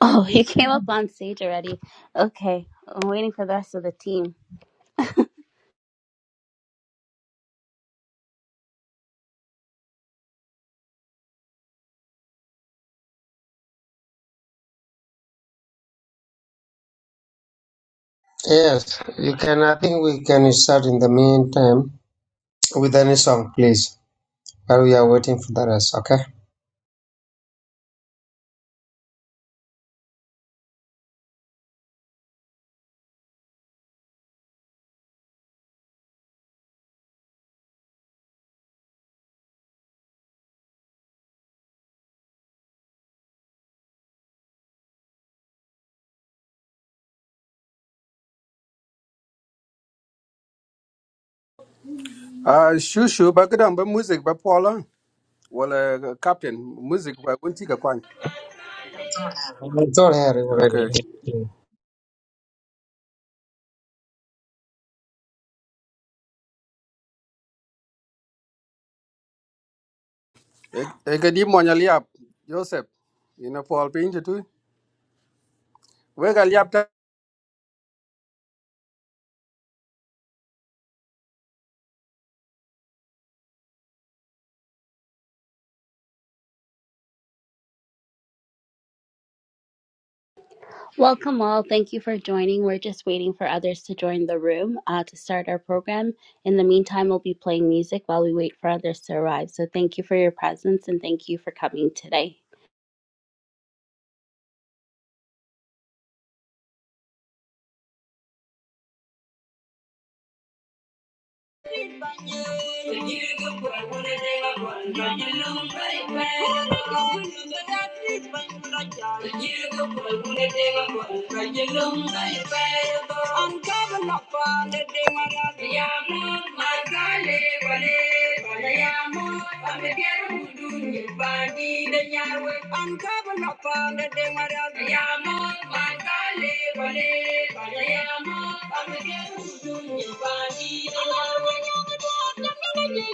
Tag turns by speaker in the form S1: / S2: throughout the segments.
S1: Oh, you came up on stage already. Okay, I'm waiting for the rest of the team.
S2: Yes, you can. I think we can start in the meantime with any song, please, while we are waiting for the rest, okay?
S3: Ah, shushu ba kadang ba music ba pola wala eh, captain music ba gunti ka kwan.
S2: I'm here already.
S3: Okay. E ka di mo nya liap Joseph. Ina pol pin tu. We ga liap ta.
S1: Welcome all. Thank you for joining. We're just waiting for others to join the room uh, to start our program. In the meantime, we'll be playing music while we wait for others to arrive. So thank you for your presence and thank you for coming today. Uncover the fun, the day my love, yeah, my darling,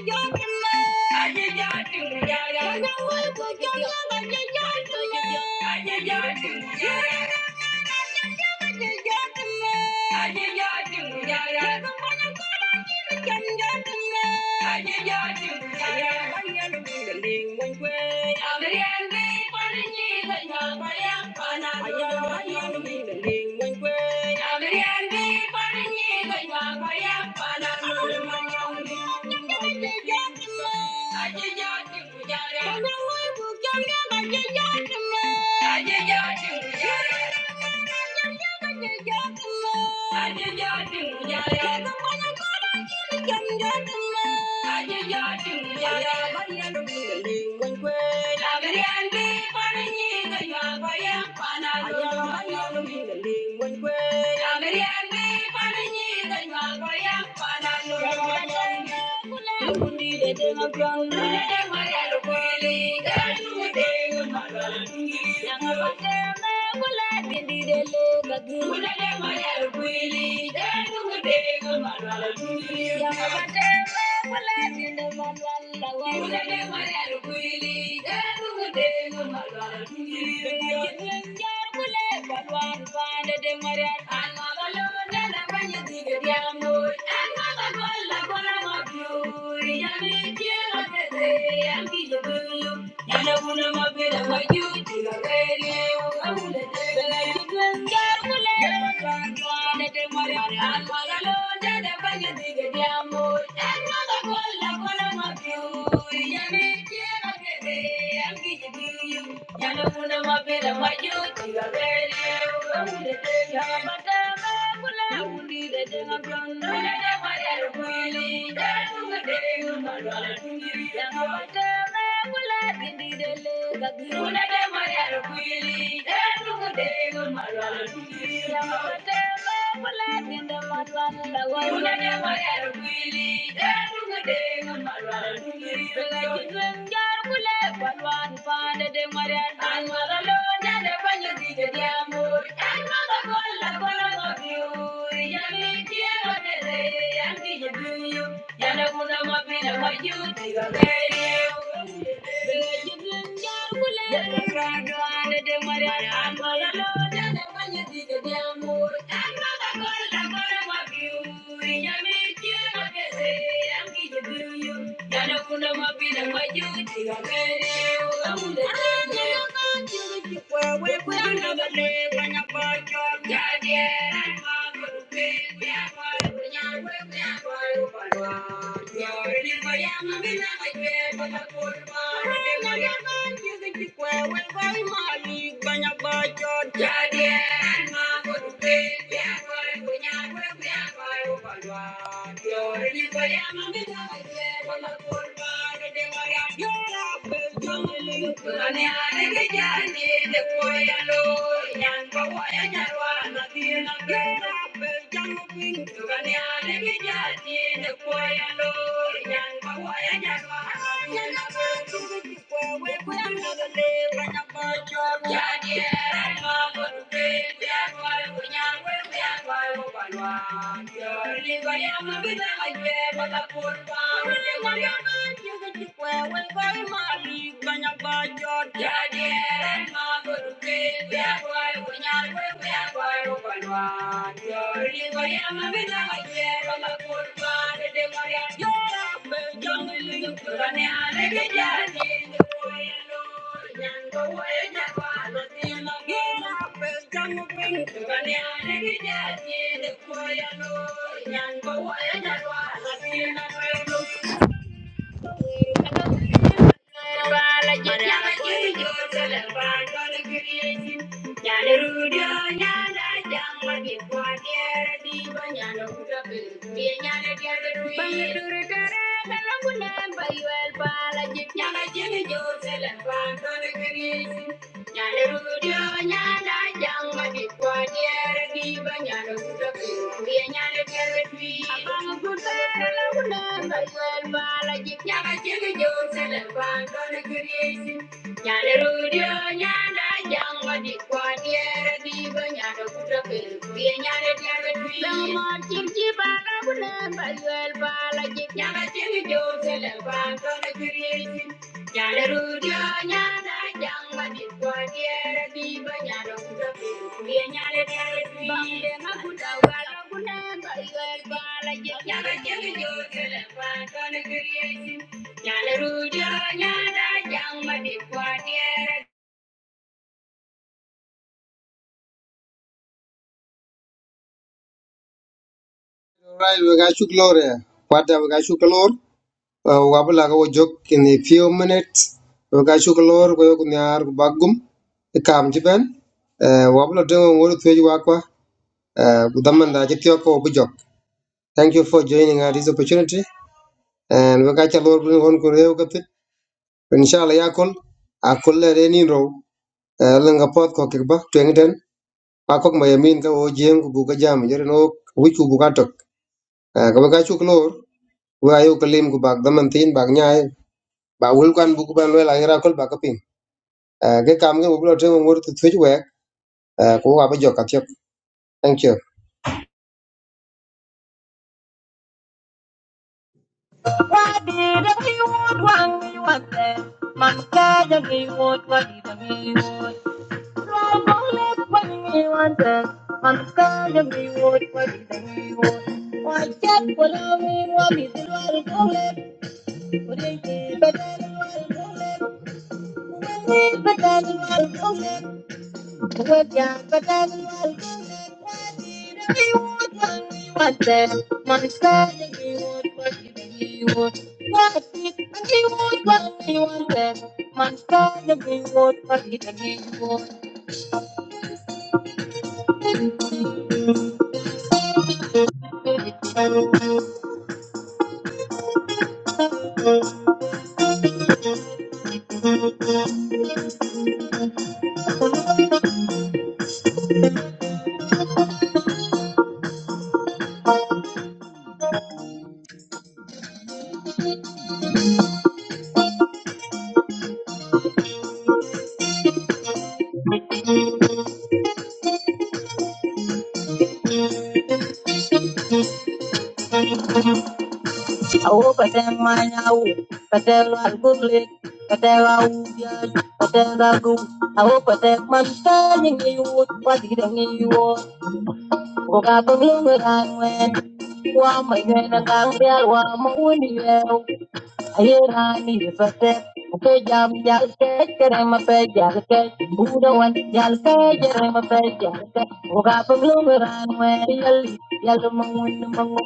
S1: I'm Thank you. Thank you. Thank you. Thank you. Thank you ya no una más pera mayuti gavere amule te ya madame kula undi de de ngabion na de mare kwili ya tunga de ngalo tungi ya madame kula dindi de le gagi una de mare kwili ya tunga de ngalo tungi ya madame kula dindi madwan la wa una de mare kwili ya tunga de ngalo tungi ya Thank you. I'm not marian an magalo na de banyo dige de amor an magago la kola Thank you. Yeah, yeah. I'm a good baby, I'm a good young woman. Yo, I'm a young little girl, and I'm a young little boy. Thank you. Nyana jene jo sele pa tole kiriesi Nyana chiri jo sele pa to ne kiri
S2: Alright, we got you, Gloria. What have we got you, Gloria? Uh, Wabula go joke in a few minutes. We got you, Gloria, we are going to have Bagum, the Kamjiban. Wabula doing what to you, Aqua. Gudamanda, Jetioko, Bujok. Thank you for joining us this opportunity. And we got your Lord, we inshallah yakul akul le renin ro lenga pot ko kikba twengden akok mayamin ka o jem ku buka jam jere no wi ku buka tok Eh, ka ba ka chuk lor wa ayo kalim ku bak daman tin bak nyaay ba wul kan buku ban le la ngira kol bak ping Eh, ke kam ge ublo te ngor tu thuj we ko wa ba joka tyok thank you
S4: Why did he want what he wanted. My God, and he what he me would. Why can we love me when we do our only? Would he be better than our only? Would he be Awo kadang manyawu, kadang algurlik, kadang awujan, kadang lagu. Awo kadang mantan yang ngiyut, pati dan ngiyut. Oka paglo ngang wek, wa mayen ngang bial wa mawuni yeo, ayera ni fete, oke jam jal ke kere ma pe jal ke, buda wan jal ke kere ma pe jal ke, oka paglo ngang wek, yal yal mawuni mangu,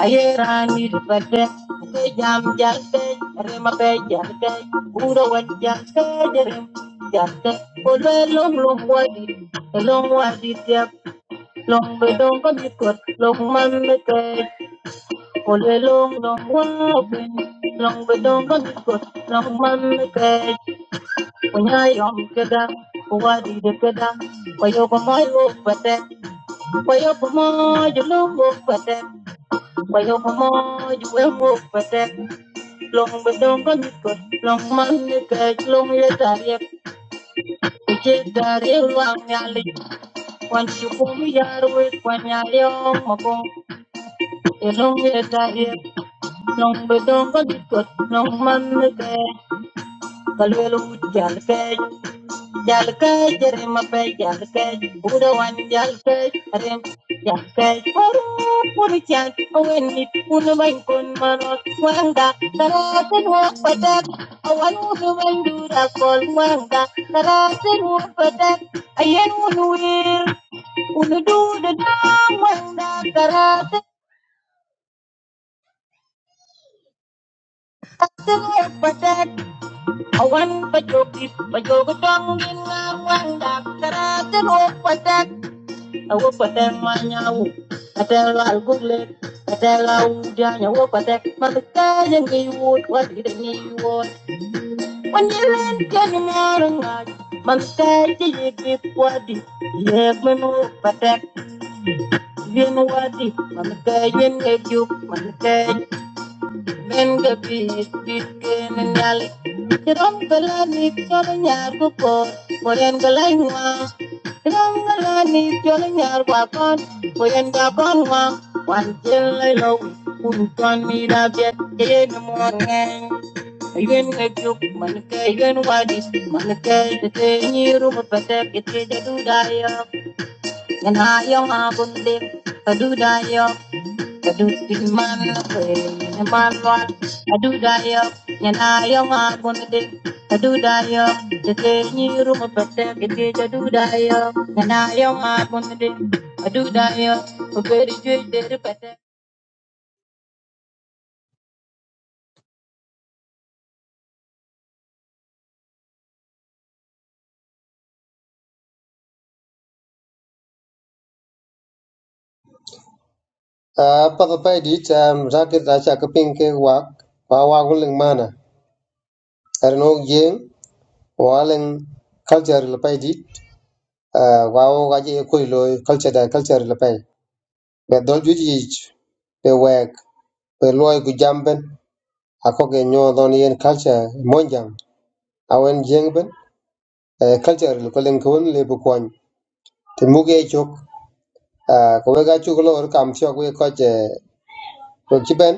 S4: ayera ni fete, oke jam jal ke kere ma pe jal ke, buda wan jal ke kere ma jal ke, olwe lom lom wadi, lom wadi tiap. Long ba dong co di cuot, long man me gay. Co le long dong wa bin. Long ba dong co di cuot, long man me gay. Quan gia long ke da, quan di ke da. Bao yo co moi luoc bat, bao yo co moi duoc bat, bao yo co moi yeu huoc bat. Long ba dong co di cuot, long man me gay, long ye da ye, ye da ye long nha li. Quan yo co moi ruot, quan gia long mo co, ye long ye da ye. Long Nong balikot nong manate kalwelo jalke jalke jerema pe jalke udawan jalke rem jalke paru puri chan awen nit un bain kon manot wanga taraten wa patak awan un bain dura kol wanga taraten wa patak ayen un wir un du de dang wanga Awan pajogit, pajogotong ginawang daktaratan o patak. Awo patak manyaw, atela alguglet, atela udanya wo patak. Magkaya ngayon, walit ngayon. Wanyalan ka ng marangay, magkaya yigip wadi. Yag man wo patak, yun wadi. Magkaya ngayon, magkaya Men ga pis dit ken nyali Ram gala ni nyar ko ko Bolen gala ngwa Ram gala ni nyar ko kon Bolen ga kon ngwa Wan jel lai lo Kun biet Ye ni ngeng Yen ga juk yen wadis Man ke te te ni ru mo pete Ke te jadu da I do this man in a man what I do die up and I am on one day I do die up the day you room up the day I do die up and I am on one day I do die up a very good day
S2: pa pa pa dit raket da cha ka ping ke wa pa wa ko ling mana er no jem wa leng culture le pa di wa o ga ji ku lo culture da culture le pe be do ju ji pe wek pe lo ku jamben a ko ge nyo don yen culture mon jam a wen jeng eh, culture le ko len ko le bu kon te mu ge chok ah, ko we ga chu lo or kam chok we ko je ko ji ben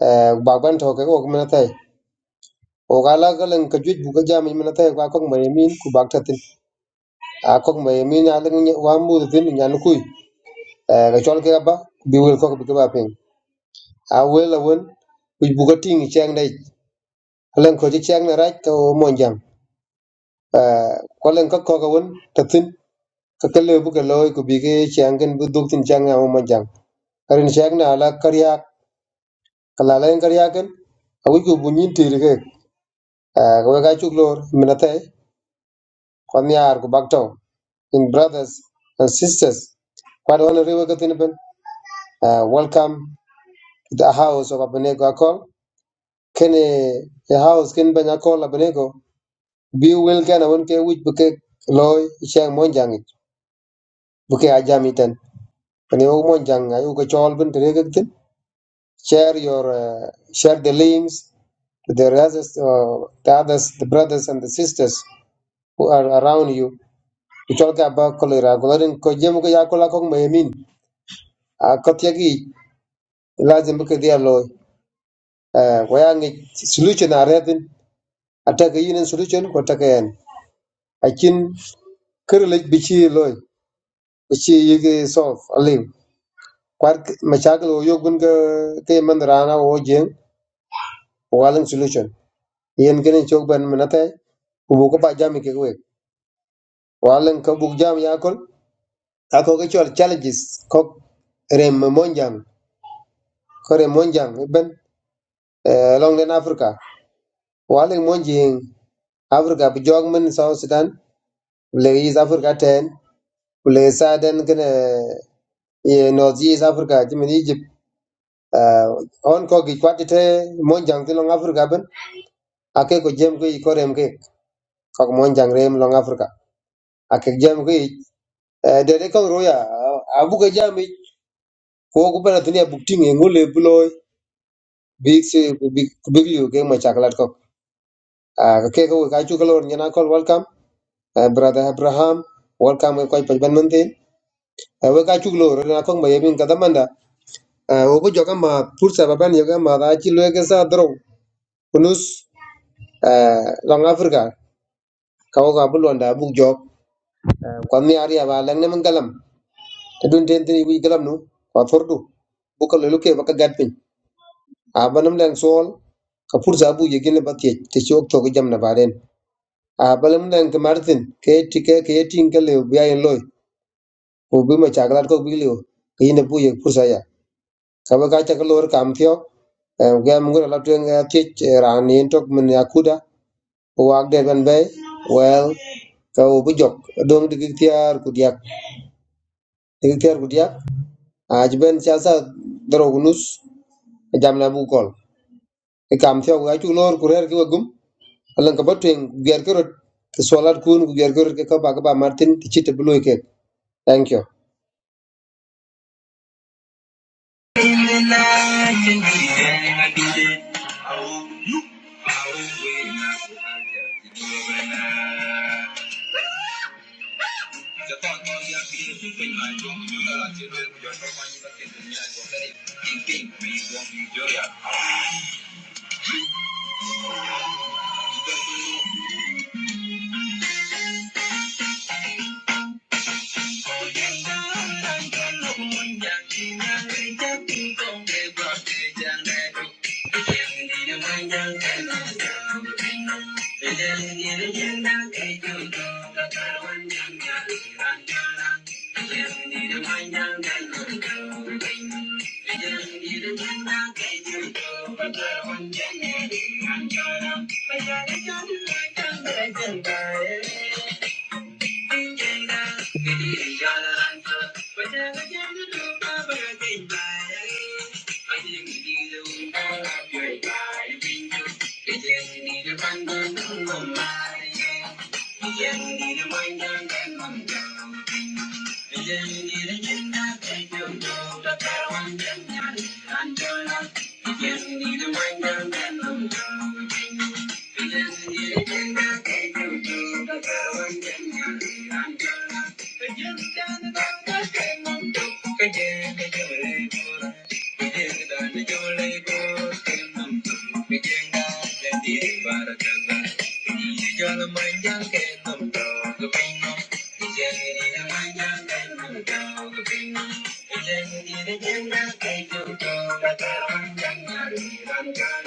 S2: eh, ba ban to ke ko men te o ga la ga len ko ju bu ga jam men te wa ko me min ku bak ta tin a ko me min a len wa mu tin nya nu ku ga chol ke ba bi wel ko bi ga ba piny. awel awen wic buka ting i ceng dei alen ko ci ceng na raj ka o monjam ko len ka kok awen tathin ka ka lebu ka loy ku bi ke ceng ken bu duk tin ceng na o monjam karin ceng na ala karyak ka la len karyak ken awic ku bu nyin tiri ke Ah, ka we ka cuk lor mina thay kon yar ku bak tau in brothers and sisters kwad wan rewe ka tin ben Ah, welcome to the house of abenego akol kene the house ken ben akol abenego bi wel ken won ke wich bu ke loy chang mon jang bu ke Ajamitan, iten ne o mon jang ay u ke chol bin tere ke tin share your uh, share the links to the others uh, the others the brothers and the sisters who are around you u chol ka ba kolera golarin ko jem ko ya kola ko memin a kotya gi lazim bu ke dia loy uh, waya ngi solution a retin ataka yin solution ko taka yan akin kirlek bi ci loy bi ci yige solve aliu kwat machakil wo yogun ga ke man rana wo jeng walang solution yen gene chok ban manata ubu ko ba jam ke we walang ka buk jam yakol ako ga chol challenges ko rem monjang ko rem monjang ben eh, long den africa walang monjing africa bi jog men south sudan le is africa ten le saden gene ye north east africa jimin egypt eh, on ko gi kwatite monjang tilong africa ben ake ko jem ko korem ke kok monjang rem long africa akek jam ki de de kok roya abu ke jam i ko ko bana dunia buk ting e ngole bloy big se big big you ke ma chaklat kok ka ke ko ka chu kolor nyana kol welcome Eh, brother abraham welcome ko pa ban man tin we ka chu kolor na kok ma yemin ka damanda o bu joga ma pursa baban yoga ma da chi lo ke sa dro kunus long africa ka ko ka bulonda buk jok kwan mi aria ba lang ne mangalam edun ten ten wi galam no wa fordu bukal lo ke baka gat pin a banam lan sol ka fursa bu ye gele bakke te chok to jam na baren a balam lan ka martin ke tike ke tin ke le bi ay loy o bi ma chaglar ko bi le ke ne bu ye fursa ya ka ba ka ta ka lor kam thio ga mu la tuen ga ti ran yin tok men ya kuda o wa de ben bay well ka o bu jok dong dik tiar ku diak dik tiar ku diak a ben cha sa dro gunus jam na bu kol e kam fiog ga chu lor kurer ki wagum alan ka batwen ger kerot solar kun ku ger kerot ke ka ba ka ba martin ti chite bloy ke thank you
S1: Thank you. Thank you. Thank you.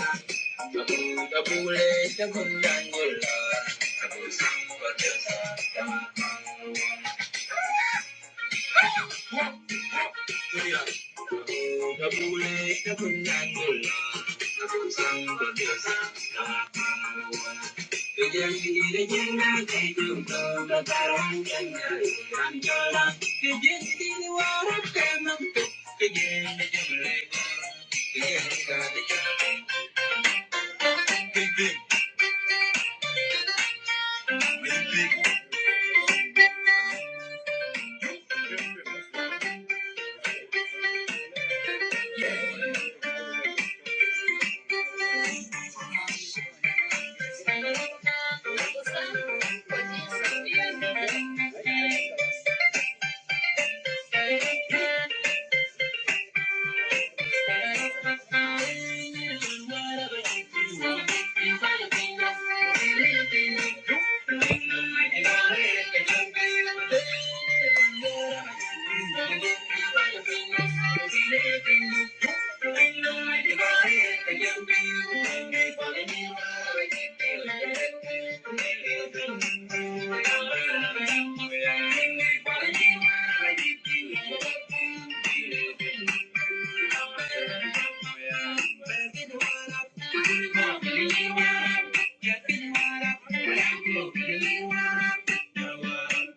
S1: Big, big. Thank you. Thank you.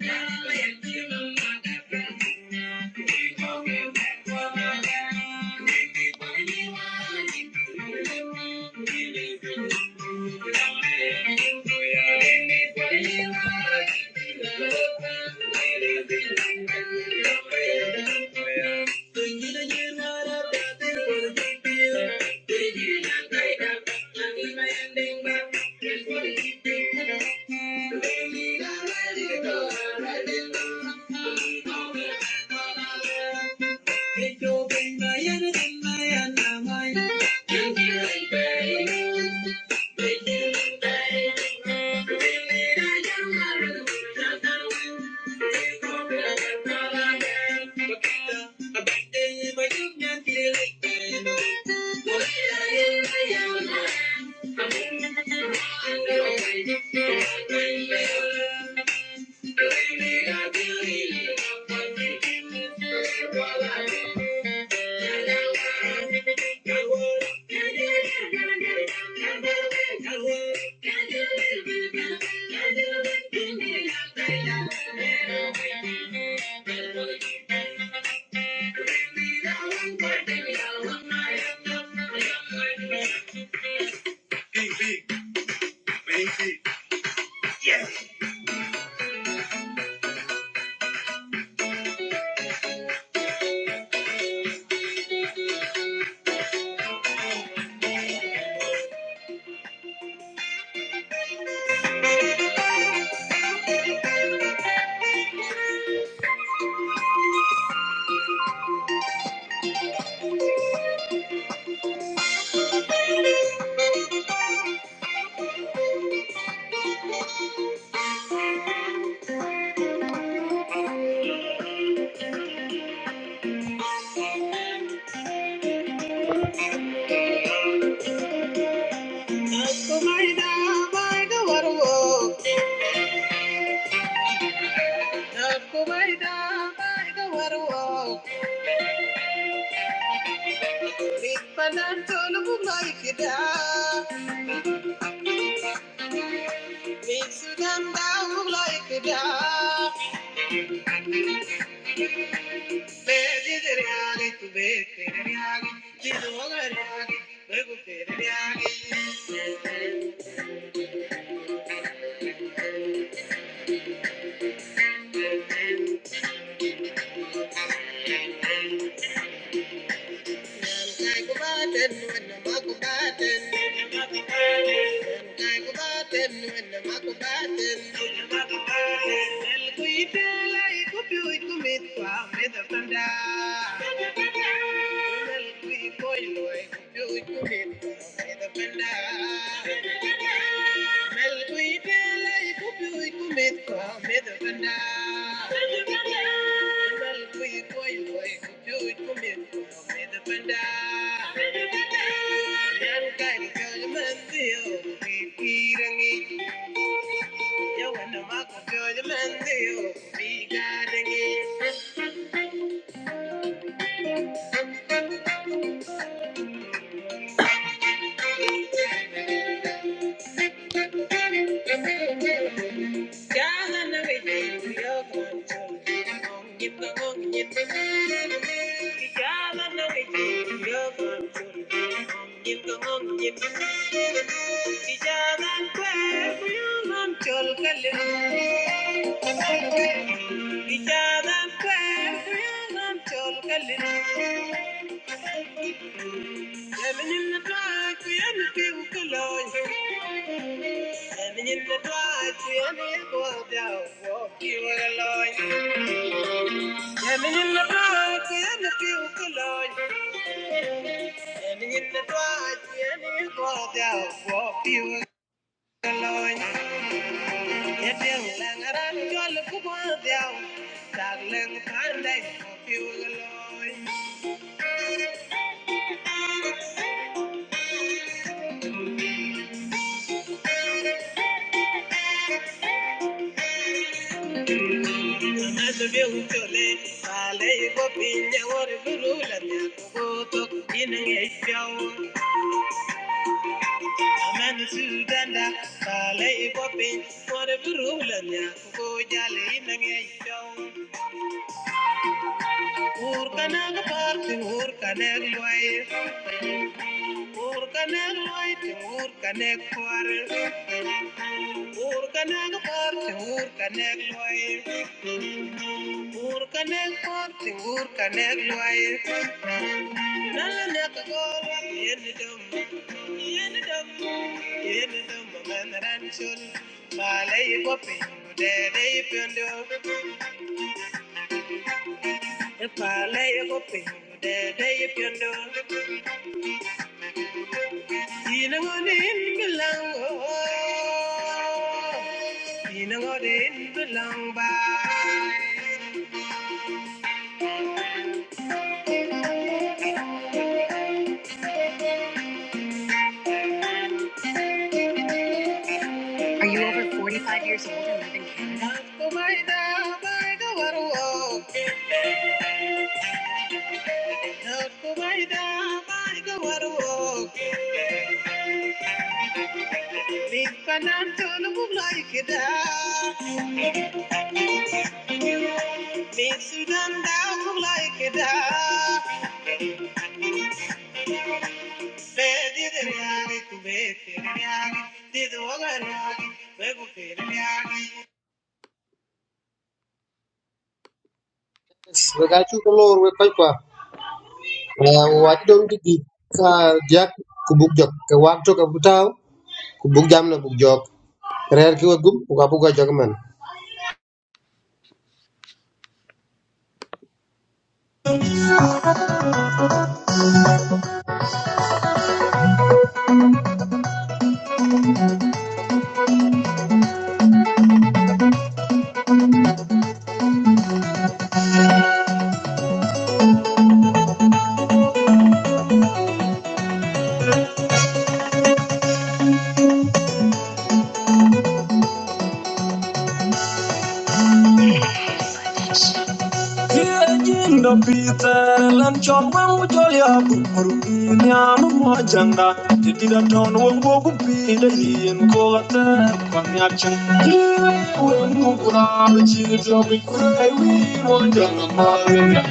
S1: Thank you. Make you believe, make you believe, make me a hero. I'm gonna make it now. Brother, brother, girl, what kinda a bad thing if I you can't feel it? Oh, baby, baby, I'm not done. I'm gonna find a way to make it right. I'm gonna give it all to you, baby. I'm gonna give it all to you, baby. Kumarida, Kumarida, Kumarida, Me Me be i i Thank you. Thank you. Ijadan kwe kuyunam chol kalin. Ijadan kwe kuyunam chol kalin. Eminin na twa kuyan piu kaloy. Eminin na twa kuyan iwa diao wo kiwa kaloy. Eminin na twa kuyan piu kaloy. Eminin na twa kuyan iwa diao wo kiwa kaloy. Yadeng langaran jol kubwa diao. Taglang pandai wo kiwa kaloy. Urkanek party, urkanek loy, urkanek party, urkanek loy. Not go by the by the world. Midbanan tulum like like da. Be did niyagi tu be fir
S2: we ga chu lor we pa pa wa ti dom ti di ka diak ku buk jok ke wa to ka butaw ku buk jam na buk jok rer ki wagum ku ka bu ga jok man
S4: Yinda Peter and John Mamutoya Burmiam Mojanga did a ton will walk be the Ian Colata Panyachan. When you grab a chili job, we could I will Mojanga.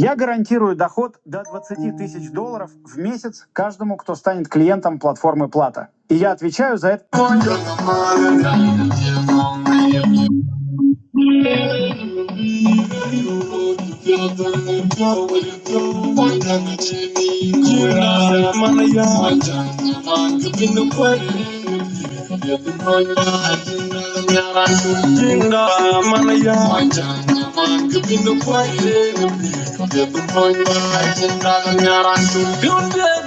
S4: Я гарантирую доход до 20 тысяч долларов в месяц каждому, кто станет клиентом платформы Plata, и я отвечаю за это. Oye, la madre, dale, dale, dale, dale, dale. Yunde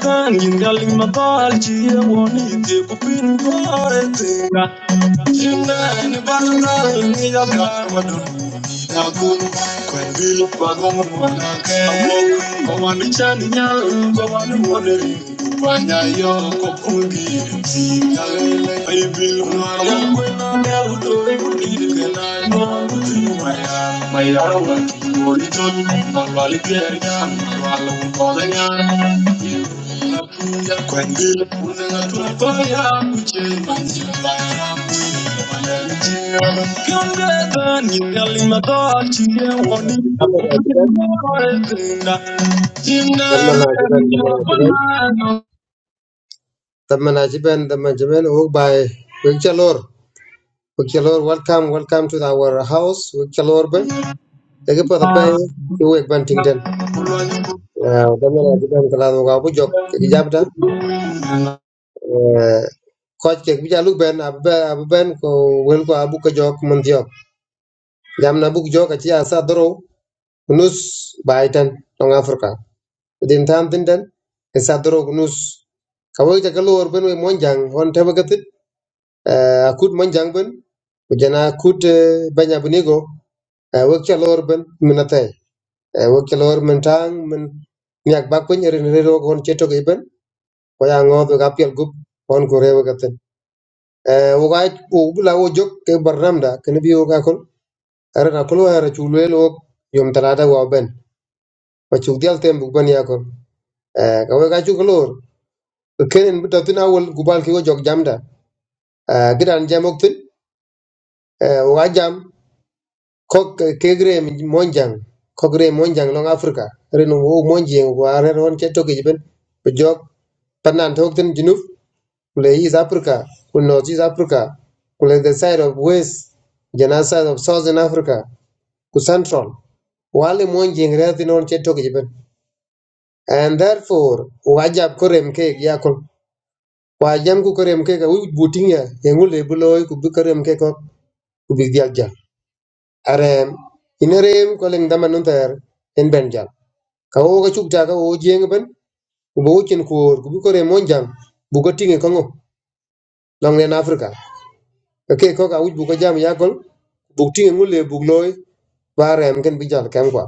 S4: gangi ngaling mabalji yewoni te kupin gore tinga Nina ni balna ni da garwadun Nakuru, Kwendil, Pagong, Manake, Omanichan, Yan, Goman, Moneri, Panyayo, Kokundi, Zikale, I will not have when I have to read the line. No, to my hand, my hour, your return, Malvalitarian, Malam, Kodanyan. Kwendil, Unanga, Tulapaya, Uche, Manjilaya,
S2: apa da ti ben tamna na ti ben tamna na ti ben tamna na ti ben tamna ti ben o bai we chalor we chalor welcome welcome to our house we chalor ben Jadi pada pay iwek ban ting ten. Dami la jiban kala no ga bujok ki jabta. Koch kek bija lu ben abbe abbe ben ko wel ko abu ko jok mun jok. Jam na bu jok ci asa doro nus baitan tong Afrika. Din tam tin ten asa doro nus. Kawo ta kalo or ben we monjang on tebe gatit. Akut monjang ben. Kujana akut banya bunigo. Wek cha lor ben minatay. e wo kelor men tang men nyak ba kun rin re ro kon cheto ke ben ko ya ngo do gapel gup kon ko rewa gaten e wo ga wo bula wo jok ke barnam da ken bi wo ga kon ara na kolo ara chu le lo yom talada wo ben ko chu dial tem bu ben ya kon e ka wo ga chu kelor kenen bu tatina wol gubal ki wo jok jamda e gidan jamok tin e wo ga jam ko kegre monjang ko gre monjang long africa reno wo monji en wa re ron ke toke ben be jog tanan tok ten junub kule east africa kule north east africa kule the side of west jana side of southern africa ku central wale monji en re tin ron ke toke ben and therefore wajab korem ke yakol wajam ku korem ke ka wi buting ya engule buloy ku bi korem ke ko ku bi dial arem ina rem ko leng daman nun ter en ben jam ka wo ga chuk ta ka wo jeng ben ku bo chen ko ku bi ko re mon jam bu ko tinge ko ngo long len afrika ka ke ko ka uj bu ko jam ya kol bu tinge ngule bu loy ba rem ken bi jal kem kwa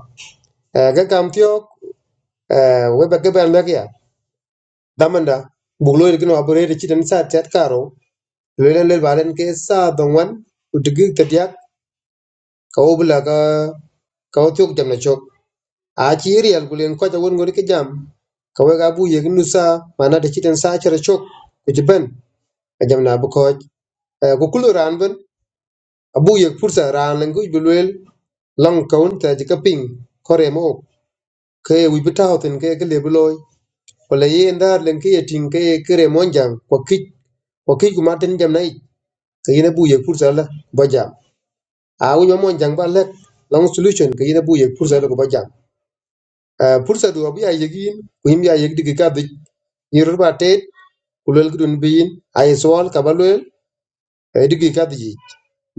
S2: Eh, ga kam tiok eh, we ba ke ben lek ya damanda bu loy kin wa bore ci den sa tet karo le len le baren ke sa dongwan ku digi tet yak ka wo bla ka ka wo tiok jam na chok achi real gulen ko jawon ngor ki jam ka we ga bu ye gnu sa mana da kiten sa chara chok ku jiban ka jam na bu koj ko ku kulu ran ban abu ye fursa ran lan ku bulwel long kaun ta jika ping kore mo ok. ke wi bita hoten ke ke lebuloy wala ye ndar len ke yetin ke kere monjang ko kik ko kik kuma ten jam nai ke yene bu ye fursa la ba jam a wi monjang ba lek long solution ke yene bu ye fursa la ko ba jam Eh, fursa do abu ya yegin ku yim ya yegdi ke ka yiru ba tet ku lel ki dun bin ay sol ka ba lel e digi ka di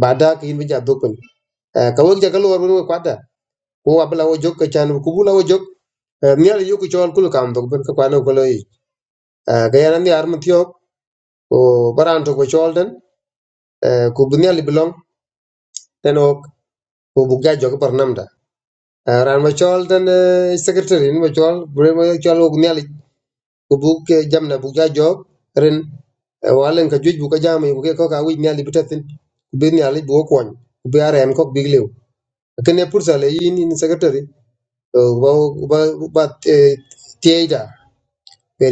S2: ba da ki bin ja dokun ka wo ja ka lor wo kwada ko wa bla wo jok ka chan ku bula wo jok mial yu ku chol kul kam dok ben ka kwano ko loyi ga yana ni ar mutyo o baran to ko chol den ku bunyal bilong den ok ku bu jok par ran ma chol den secretary ma chol bre ma chol ku kubuk ke jamna buk ja job ren eh, walen ka juic bu ka jama yugu ke ko ka wic mial ibi tethin ku bi nialic bu arem kok bik liu kene pursa le yin in secretary to ba ba ba eh, tieida be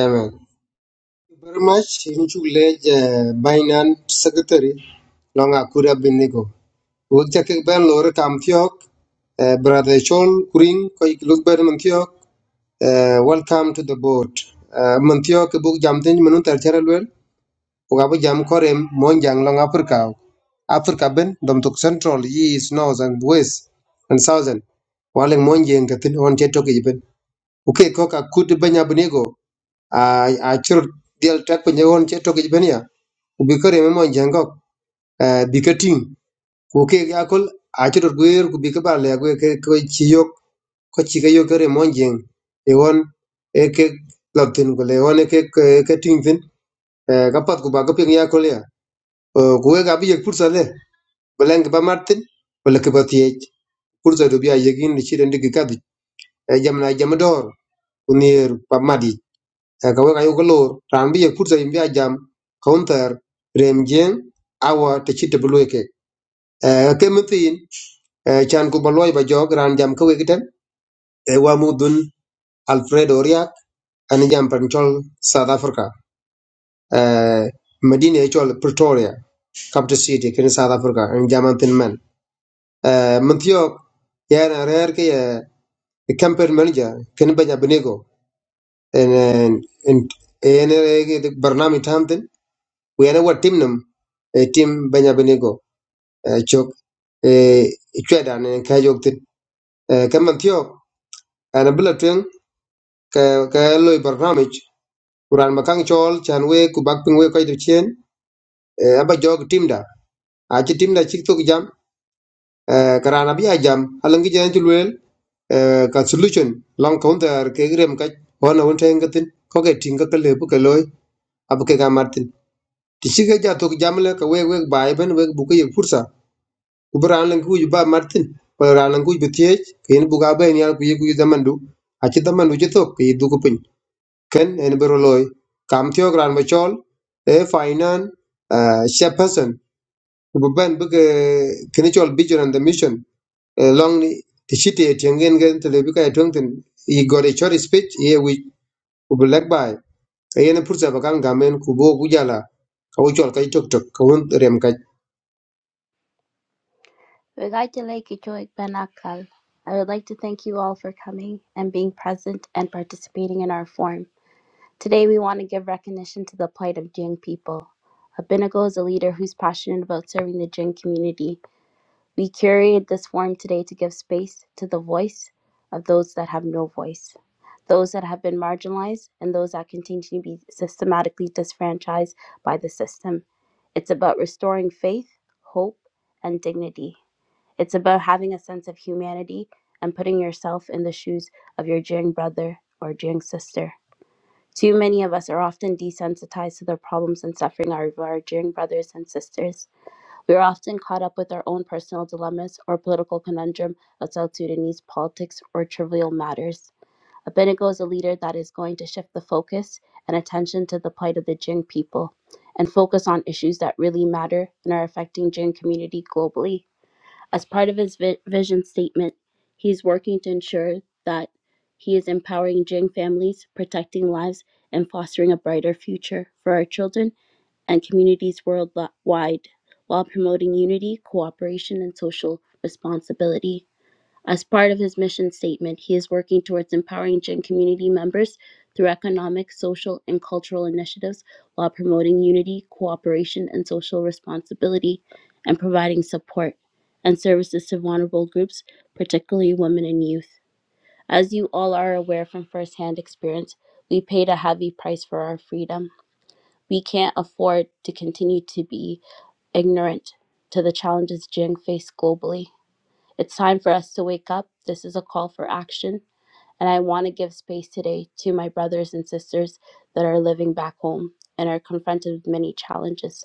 S2: amen very much in chu le binance secretary long akura binigo wuk ja ke ben lor kam thiok eh, brother chol kuring ko ik luk ben man thiok Uh, welcome to the boat. Uh, man ke buk jam tin manun ter chere Uga bu jam korem monjang jang long Africa. Africa ben dom tok central, east, north and west and southern. Waling mon jeng ke tin on che toke jiben. Uke koka kut banya bunego. A a chur dial tak penya on che toke jiben ya. Ubi mi mo jengok bika ting ku bikabal ya gue ke yakol achot gwer ku bika ba le gwer ke ko ko ci ga yo kere mon jeng e won e ke lab tin ko le won e ke ke ting tin eh, ka pat ko ba ko ping ya ko le ko ga bi ye pursa le belen ba martin wala ke ba tie pursa do bi ya ye gin ni ci den digi kadi e jam na jam dor unir pa madi Eh, ka we ga yo ko lor ram bi ye pursa yim bi ya jam counter rem jeng awa te ci te bu ke Eh, ke mutin Eh, chan ku ba ba jog ran jam ko wegiten e wa mudun alfredo ria an jam chol South Africa uh, Medina chol Pretoria capital city kin South Africa an jam an uh, man tiyo ya na rer ke eh, the campaign manager kin banya benego en en en en eh, ke dik barnami tamten we ana wat team nam eh, team banya benego eh, chok eh, chweda ne ka jok tin Eh, ka man tiyo ana bila twen ka makang chol chanwe we ku bak ping we ko eh, aba jog team timda achi timda chik tok jam eh, karana bi jam alangi jan ci luel eh, ka solution long counter ke grem ka hona won ten gatin ko ke tinga ka lebu ke loy ab ke ga martin ti chike ja tok jam le ka weg weg bai ben weg bu ke ye fursa ku bran lan ku ba martin ko ran lan ku bi tie ken bu ga ben yar ku ye ku zamandu achi zamandu ci tok ke du ko pin ken en bero loy kam tiok ran ma chol e finan shepherdson kububan bike kini chol vision and the mission eh, long ni ti chiti tiangen gen te lebi ka etong ten i got a short speech ye wi ku black by ye ne pursa ba kan gamen ku bo ku jala ka wo chol kai tok tok ka won rem ka
S1: I would like to thank you all for coming and being present and participating in our forum. Today, we want to give recognition to the plight of Jing people. Abinago is a leader who's passionate about serving the Jing community We curated this forum today to give space to the voice of those that have no voice, those that have been marginalized, and those that continue to be systematically disfranchised by the system. It's about restoring faith, hope, and dignity. It's about having a sense of humanity and putting yourself in the shoes of your jeering brother or jeering sister. Too many of us are often desensitized to the problems and suffering of our jeering brothers and sisters. We are often caught up with our own personal dilemmas or political conundrum of South Sudanese politics or trivial matters. Abednego is a leader that is going to shift the focus and attention to the plight of the Jing people and focus on issues that really matter and are affecting Jing community globally. As part of his vi- vision statement, he is working to ensure that he is empowering Jing families, protecting lives, and fostering a brighter future for our children and communities worldwide while promoting unity, cooperation, and social responsibility. As part of his mission statement, he is working towards empowering Jin community members through economic, social, and cultural initiatives while promoting unity, cooperation, and social responsibility and providing support and services to vulnerable groups, particularly women and youth. As you all are aware from firsthand experience, we paid a heavy price for our freedom we can't afford to continue to be ignorant to the challenges Jing face globally. It's time for us to wake up. This is a call for action. And I want to give space today to my brothers and sisters that are living back home and are confronted with many challenges.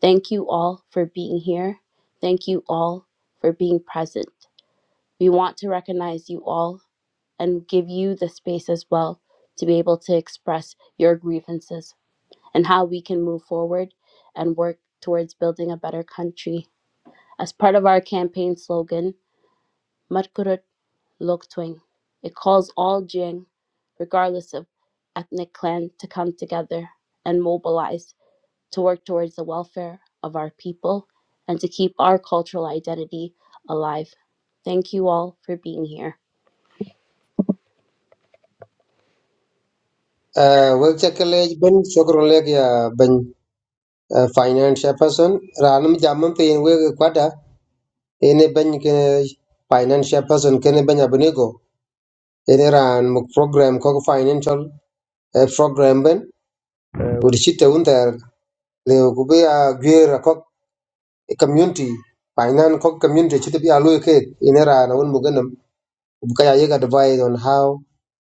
S1: Thank you all for being here. Thank you all for being present. We want to recognize you all and give you the space as well to be able to express your grievances and how we can move forward and work towards building a better country. As part of our campaign slogan, Matkurut Loktuing, it calls all Jing, regardless of ethnic clan, to come together and mobilize to work towards the welfare of our people and to keep our cultural identity alive. Thank you all for being here.
S2: wel chakale ben chokro lek ya ben uh, financial person ranum jamam te yen we kwada ene ben ke financial person kene ben abnego ene ran muk program ko ko financial eh, program ben ku chiti un liu ku bi a gwer ko community painan ko community chit bi a lu ke inera na un muganam ku ka ya ye ga advise on how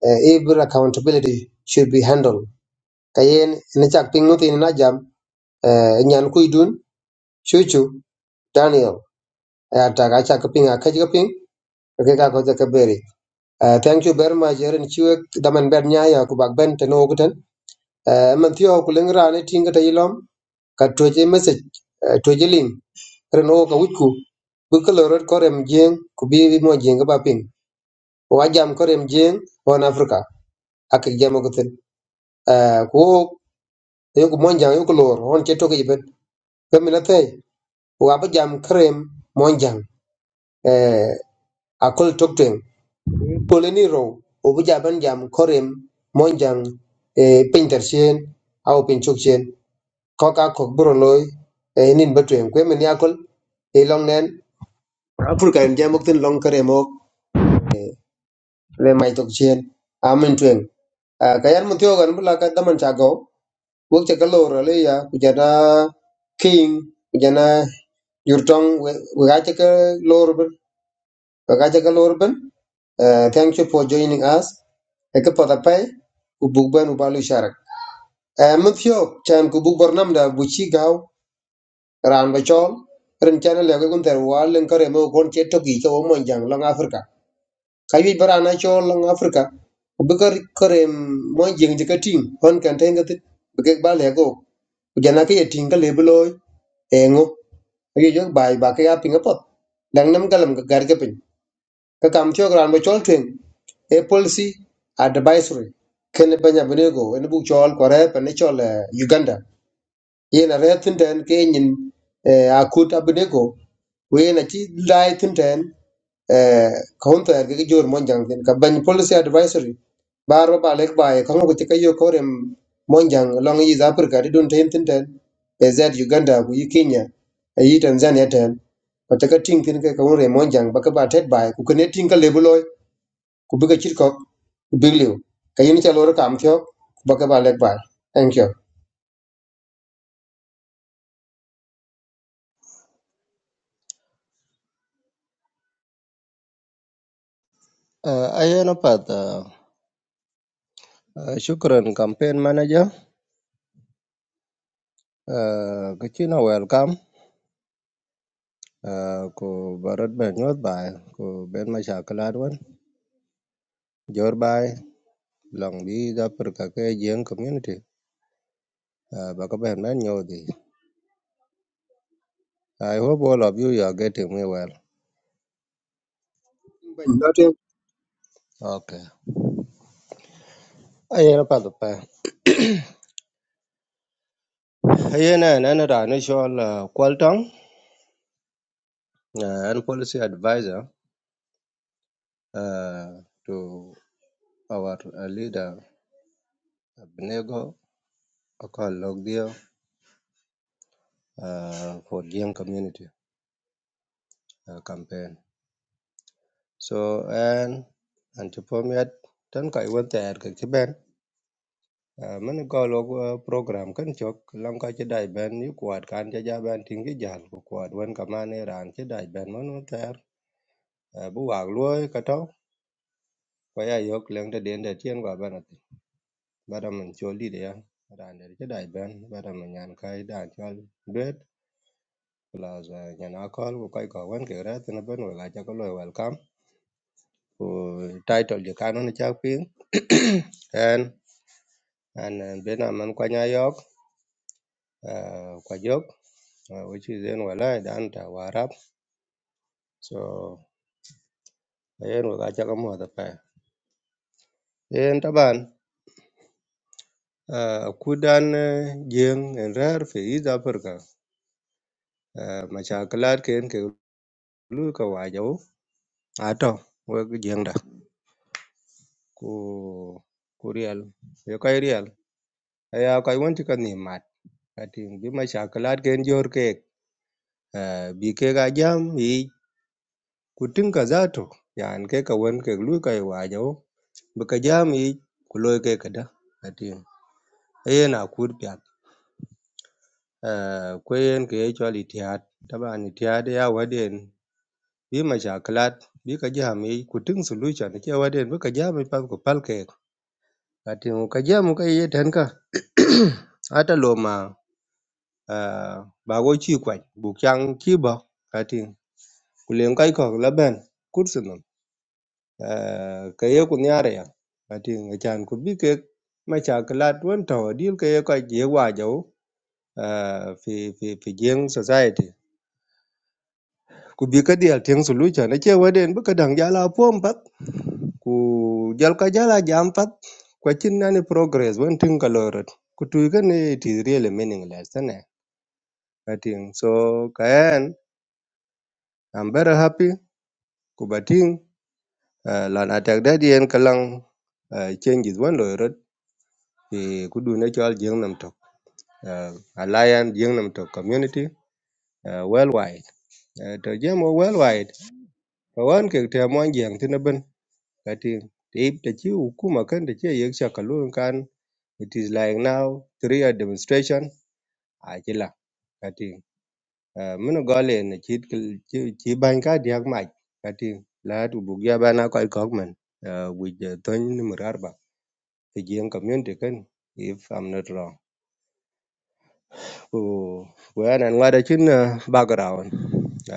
S2: uh, every accountability should be handled kayen ne chak ping tin na jam eh, nyan ku dun chuchu daniel ya ta ga chak ping a ka ji ping ke ka ko ka beri Eh, thank you very much yerin chiwe daman ber nya ya ku bak ben teno guten man thio ku lengra ne tinga ta ilom ka toje message toje link ren wo ka wich ku bi kelo rot ko rem jeng ku bi mo jeng ka ba ping wa jam ko rem jeng on africa ak jam ko tin ku wo yo ku mon jang yo ku lor on che to ke ben ke mi na te wa ba jam krem mon jang eh akol tok ten ko le ni ro o bu ja ban jam ko rem mon e pin chen au pin chuk chen ko ka ko bro loy e nin ba tuen mi ni akol e long nen africa en jam ko tin long krem ok le mai tok chen amen twen ka yan mu tyo gan bula ka daman cha go wok te kalo le ya ku king ku jana yurtong we ga te ka lor ben we ga te ka lor ben Eh, thank you for joining us e pada pai ku buk ben u balu sharak Eh, mu tyo chan ku buk bor nam da bu chi gaw ran ba chol ren chan le ga gun ter wal len kare mo kon che to gi to mo jang long africa ka yuc bara na cho lang africa ku bi ka karem mon jeng je ka ting hon kan ten ka tit bi ke ba le go ku jana ke ye ting ka le bi loy e ngo yu jo bai ba ke ya ping pot dang nam kalam ka gar ke pin ka kam cho gran ba chol twen e policy advisory ken banya bonego en bu chol ko re pa ne chol eh, uganda yen a re tin ten ke nyin eh, a kut abide ko wen a chi dai tin ten eh, kaun ta ga jor mon jang ten ka ban policy advisory bar ba ba lek ba e kaun ko ti ka yo ko rem mon jang long yi za Africa di don ten tin ten e z Uganda ku yi Kenya e yi Tanzania ten ko ta ka ting tin ke ka kaun re mon jang ba ka ba tet ba e, ku ka ne ting ka lebuloy ku bi ka chit kok ku bi liu ka yin cha lor kam thyo ba ka ba lek ba thank
S5: Uh, ayana pat uh, uh, shukran campaign manager uh, kichina welcome uh, ku barot ben nyot bai ku ben mashakalat wan jor bai long bi da perka ke jeng community uh, baka ben ben nyodi I hope all of you, are getting me well.
S2: you
S5: Okay. Ayana pat pa. Ayana nana da ni shol uh, Kwaltong uh, and policy advisor uh, to our uh, leader Abnego Okal Logdio uh, for Jiang community uh, campaign. So and and to permit tan kai wan ter ke ben uh, man go log uh, program kan chok lang ka che dai ben yu kwat kan ja ja ben ting ge jal ko kwat wan ka man ne ran che dai ben man wan ter uh, bu wag luoi ka to ko ya yok leng de den de tien gwa ben ati bara man cho li de ya ran de che dai ben bara man nyan kai da chol duet plus uh, nyan akol ko kai ko wan ke ra tin ben wa ga cha ko lo welcome của title the canon cha ping and and uh, bên nam man kwanya yok uh, kwa jok uh, which is in wala dan ta warap so ayen wa cha kamo da pa en taban uh, kudan uh, jeng en rar fe is africa uh, machakalat ken ke lu ka wajo ato wa jeng da ku ku real yo kai real aya kai won ti kan ni mat ating bi machakalat ken jor kek Ah, bi kega jam yi ku tinka zato yan ke ka wen ke cái kai wajo bi ka jam yi ku loy ke kada atin ayen a kur pya ko yen ke chol itiad taban itiad ya waden bi ma shaklat bi ka jam yi ku ting solution ke waden bi ka jam yi pal ku pal ke atin cái jam ka yi ten ka ata lo ma ah, ba go chi kwai bu kyang chi ba atin ku len kai ko laben ka ye ku niare ya ati nga chan ku bi ke ma cha ka lat won to dil ke ye ka je wa jo fi fi fi jeng society ku bi ka dial teng solution ne che waden bu ka dang jala pom pat ku jal ka jala jam pat kwa chin na ni progress won tin ka lorot ku tu ka ne it is really meaningless ne ating so kaen i'm very happy ku bating uh, lan atak da dien kalang uh, changes won lo the kudu natural jeng nam tok uh, alliance jeng nam tok community uh, worldwide uh, to jemo worldwide For one kick to wan ke te mon jeng tin ben kati tip te chi hukuma kan te chi yek shakalun kan it is like now three a demonstration a chila kati uh, mino gole ne chit kel- chi chi ban ka diak mach kati la tu bugya bana ko ko men uh, with the ton number arba the jeng community kan if i'm not wrong Ku- kuyan an ŋwada chin ah, background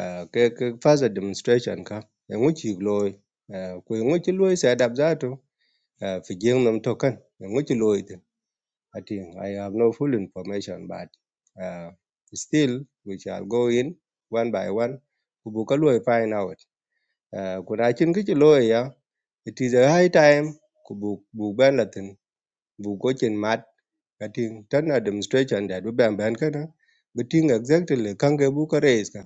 S5: Ah, ke ke fasa demonstration ka e ŋuci loy uh, ku i ŋuci loy se adab zatu ah, fi jeŋ nam token e ŋuci loy tin atin i have no full information but ah, still we shall go in one by one Kubu bu ka loy find out Ah, ku na chin kichi loy ya it is a high time Kubu bu bu ban latin bu ko chin mat Kati tan administration that be ban ban kana be ting exactly kange bu ka raise ka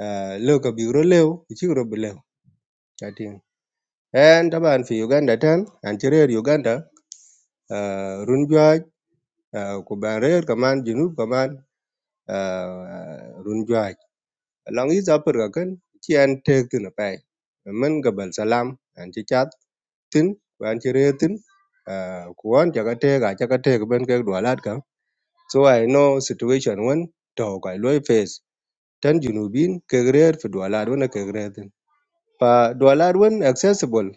S5: Ah, leu ka bigro leu ichigro be leu and, en taban fi Uganda tan an chirer Uganda ah, run jwaj ku ban rer kaman junub kaman ah, long jwaj along is upper ka kan chi an tek tin pai men gabal salam an chi chat tin ku an chirer tin ah, ku an chaka tek a chaka tek ben ke dwalat ka So I know situation wan to kai loy face tan junubin kegrer fi dualar wana kegrer din. Pa dualar wan accessible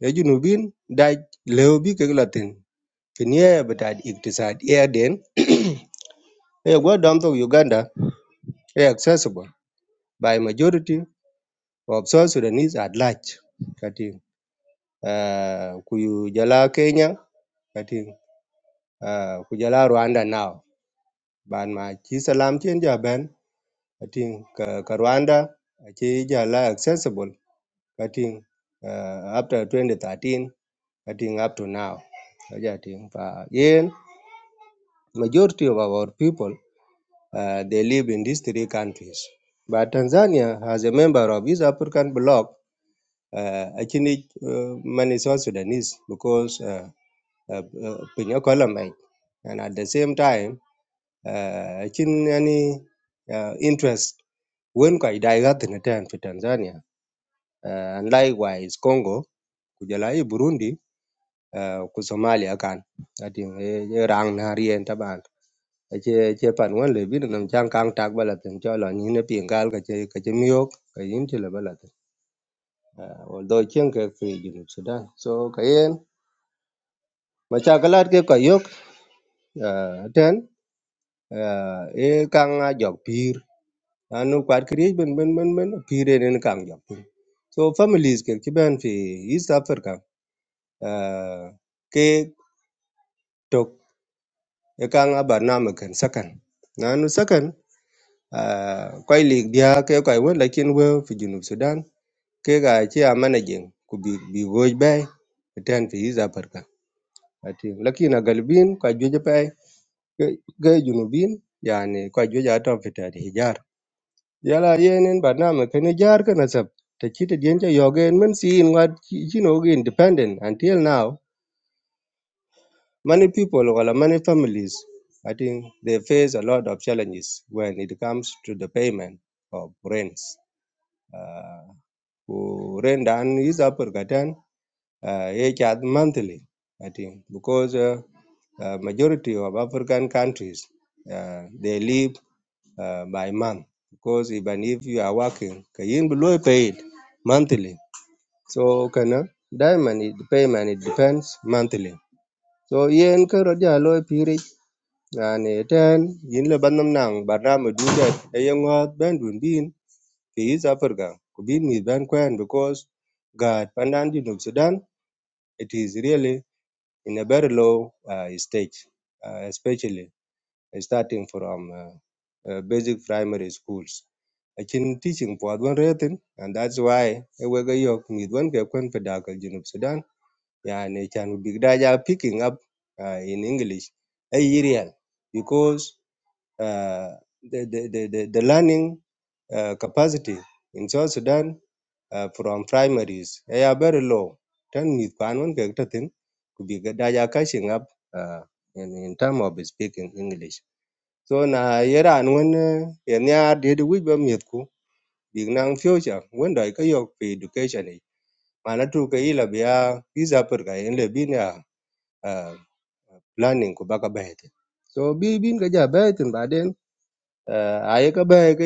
S5: ya junubin da leo bi keglatin. Finye betad iktisad air den ya gwa dam to Uganda ya accessible by majority of South Sudanese at large. Kati uh, kuyu jala Kenya kati uh, kujala Rwanda now. Ban ma chi salam chen ja ben Kating ka, ka Rwanda achi jala accessible kating uh, after 2013 kating up to now. Kaja ting pa yen majority of our people uh, they live in these three countries. But Tanzania, as a member of East African Bloc, uh, actually uh, many South Sudanese because uh, uh, uh, Pinyo Kolomai. and at the same time uh, chin any uh, interest wen kwa idaiga tinatan fi Tanzania uh, and likewise Congo kujala Burundi uh, ku Somalia kan ati e, e rang na rien taban che che pan wan le bin nam chang kang tak bala tin cho lo ni ne pingal ka che ka che miok ka yin che la bala tin uh, although chen ke fi Junub Sudan so ka yen ma cha kalat ke ka yok uh, ten uh, e kang a jok pir lanu kwat kirye ben ben ben ben pire nen kang jam piny. so families ke ki ben fi east africa ah, ke tok e kang a barname ken sakan nanu sakan ah, kwai lik dia ke kwai wen lakin we fi junub sudan ke ga chi a managing ku bi bi goj bai e ten fi east africa ati lakin a galbin kwa joje pai ke ke junubin yani kwa joje atom fi tari hijar yala yenen ba na me kene jar kana sab te chite dien cha yogen men si in wat you know gi independent until now many people or many families i think they face a lot of challenges when it comes to the payment of rents uh, who rent and is upper gatan uh, each other monthly i think because uh, uh, majority of african countries uh, they live uh, by month because even if you are working you kayin below paid monthly so kana diamond it- payment it depends monthly so yen ka roja loy piri yani ten yin le banam nang barnam du det e yengot ben dun bin ke is africa ko bin mi ben kwen because god pandan di of sudan it is really in a very low uh, stage uh, especially starting from uh, uh, basic primary schools Achin teaching puat wan retin and that's why e wega yok mith wan ke kwen pe dakal junub Sudan yani chan big daja picking up uh, in English e real because uh, the, the, the, the, the learning uh, capacity in South Sudan uh, from primaries they are very low. Then with Panon Gagtatin could be Gadaya catching up uh, in, in terms of speaking English. So na yera an when yenya did we be mitku big nang future wanda cái yok về education này, mà mana tu cái ila biya visa per ka en le bin ya ah, planning ku baka bahete so bi bin ka ja bahetin baden uh, aye ka bahe ka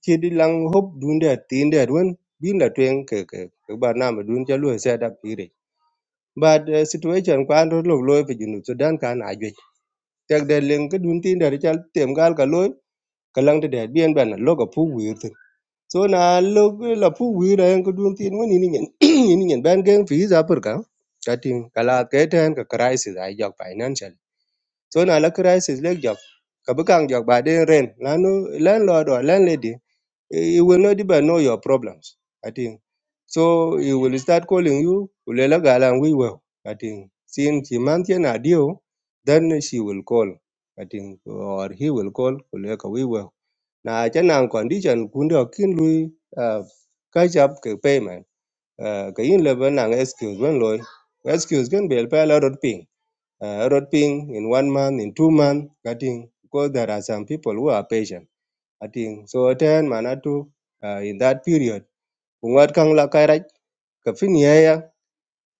S5: chidi lang hop dunde tinde wen bin la twen ke ke ke nam na ma dun cha xe đạp đi ire but uh, situation kwan ro lo lo pe junu sudan kan ajwe chắc de leng cái dun tinde ri chal tem gal cả lối, lo ka để de de bien là lo ka phú wir so na lo la pu wi ra en ko dun tin woni ni nyen ni nyen ban gen fi za pur ka ka tin kala ke ten ka crisis ai jok financial so na la crisis le jok ka bu kang jok ba den ren la no landlord or landlady eh, you will not even know your problems i think so he will start calling you ulela gala we well i think since he maintain a deal, then she will call i think or he will call ulela we well na cha nang condition kundo kin lui uh, catch up ke payment uh, ke yin le ban nang excuse ban loy excuse kan bel pa la rot ping uh, rot ping in one month in two month cutting because there are some people who are patient i think so ten manatu uh, in that period kungat kang la kai rach ka fin ye ya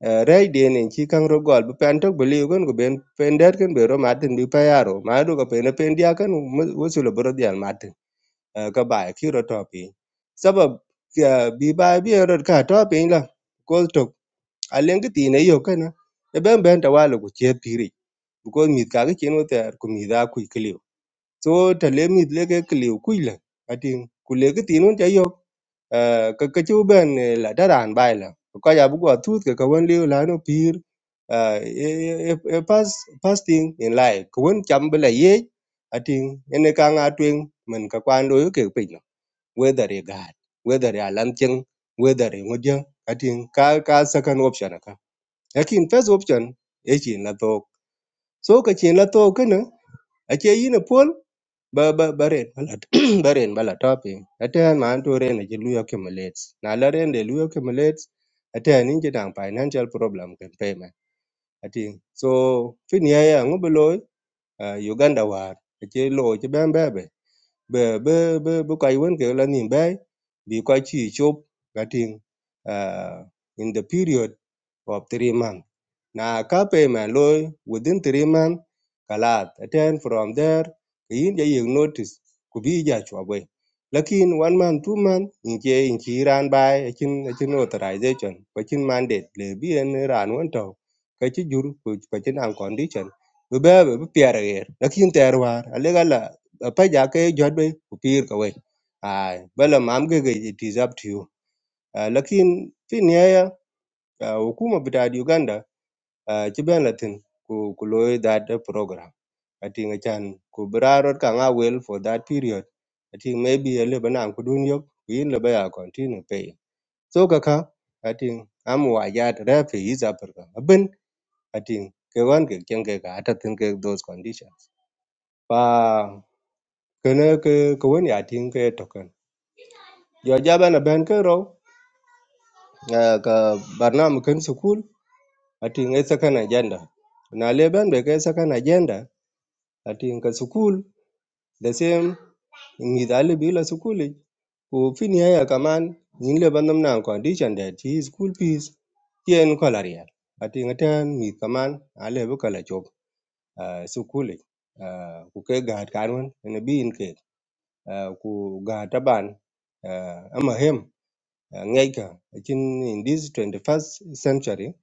S5: uh, rai de nen chi kang ro gol pen tok believe kan go ben pen der kan be ro matin bi pa yaro ma do ka pen pen dia kan wusul bro dial mat eh, ka bai ki ro to pi sabab eh, bi bai bi ro ka to pi la ko to a leng ti ne yo ka na e ben ben ta wa lo ku che pi ri ko mi ka ga chen wo ta ku mi da ku ki liu so ta le mi le ke ki liu ku la ati ku le ki ti nun ta yo eh, ka ka chu ben eh, la ta ran bai la ko ya bu ko tu ke ka wan liu la no pir uh, past fasting in life kuwen chậm với lại ye atin ene ka nga truyền mình ka kwan đối với kiểu whether you got whether you lanting whether you ngojang atin ka ka second option ka lakin first option e chin la to so ka chin la to kana a che yin pol ba ba baren balat baren balat topi aten man to ren ji luyo kemlets na la ren de luyo kemlets aten in ji dang financial problem ken payment atin so fin ya ya ngobeloy uh, uganda war a che lo che ben bebe bè bê bê bê kwai wen ke la nim bai bi kwai chi chop ga ting uh, in the period of 3 months na ka payment loy within three month kalat attend from there yin ja yek notice ku bi ja chwa bwe lakin one month two month in che in chi ran bai chin a chin authorization ko chin mandate le bi en ran won to ka chi jur ku ko chin an condition be be be pier ger lakin ter war ale gala pa ja ke jot be ku pir ka we ai bala mam ge ge it is up to you Ah, lakin fin ya ya hukuma bita Uganda Uh, ci ben latin ku ku loy that uh, program I think I can ku brarot ka nga well for that period I maybe a leba nan ku dun yok ku yin leba ya continue pay so kaka I think am wa ya refi is africa abin I think ke wan ke chen ke ka ta tin ke those conditions pa kene ke ko wen ya tin ke token yo ja bana ben ke ro eh, ka barnam ken school I think it's second agenda na leben be ke second agenda atinka sukul the same ngidali bila sukuli ko fini haya kaman nyin le bandam nan condition that his school fees yen kolarial atinga tan mi kaman ale bu kala chop ah, sukuli ah, ku ke gaat kanwan ene bin ke ah, ku gaat taban ah, ama hem ah, ngai ka akin in this 21st century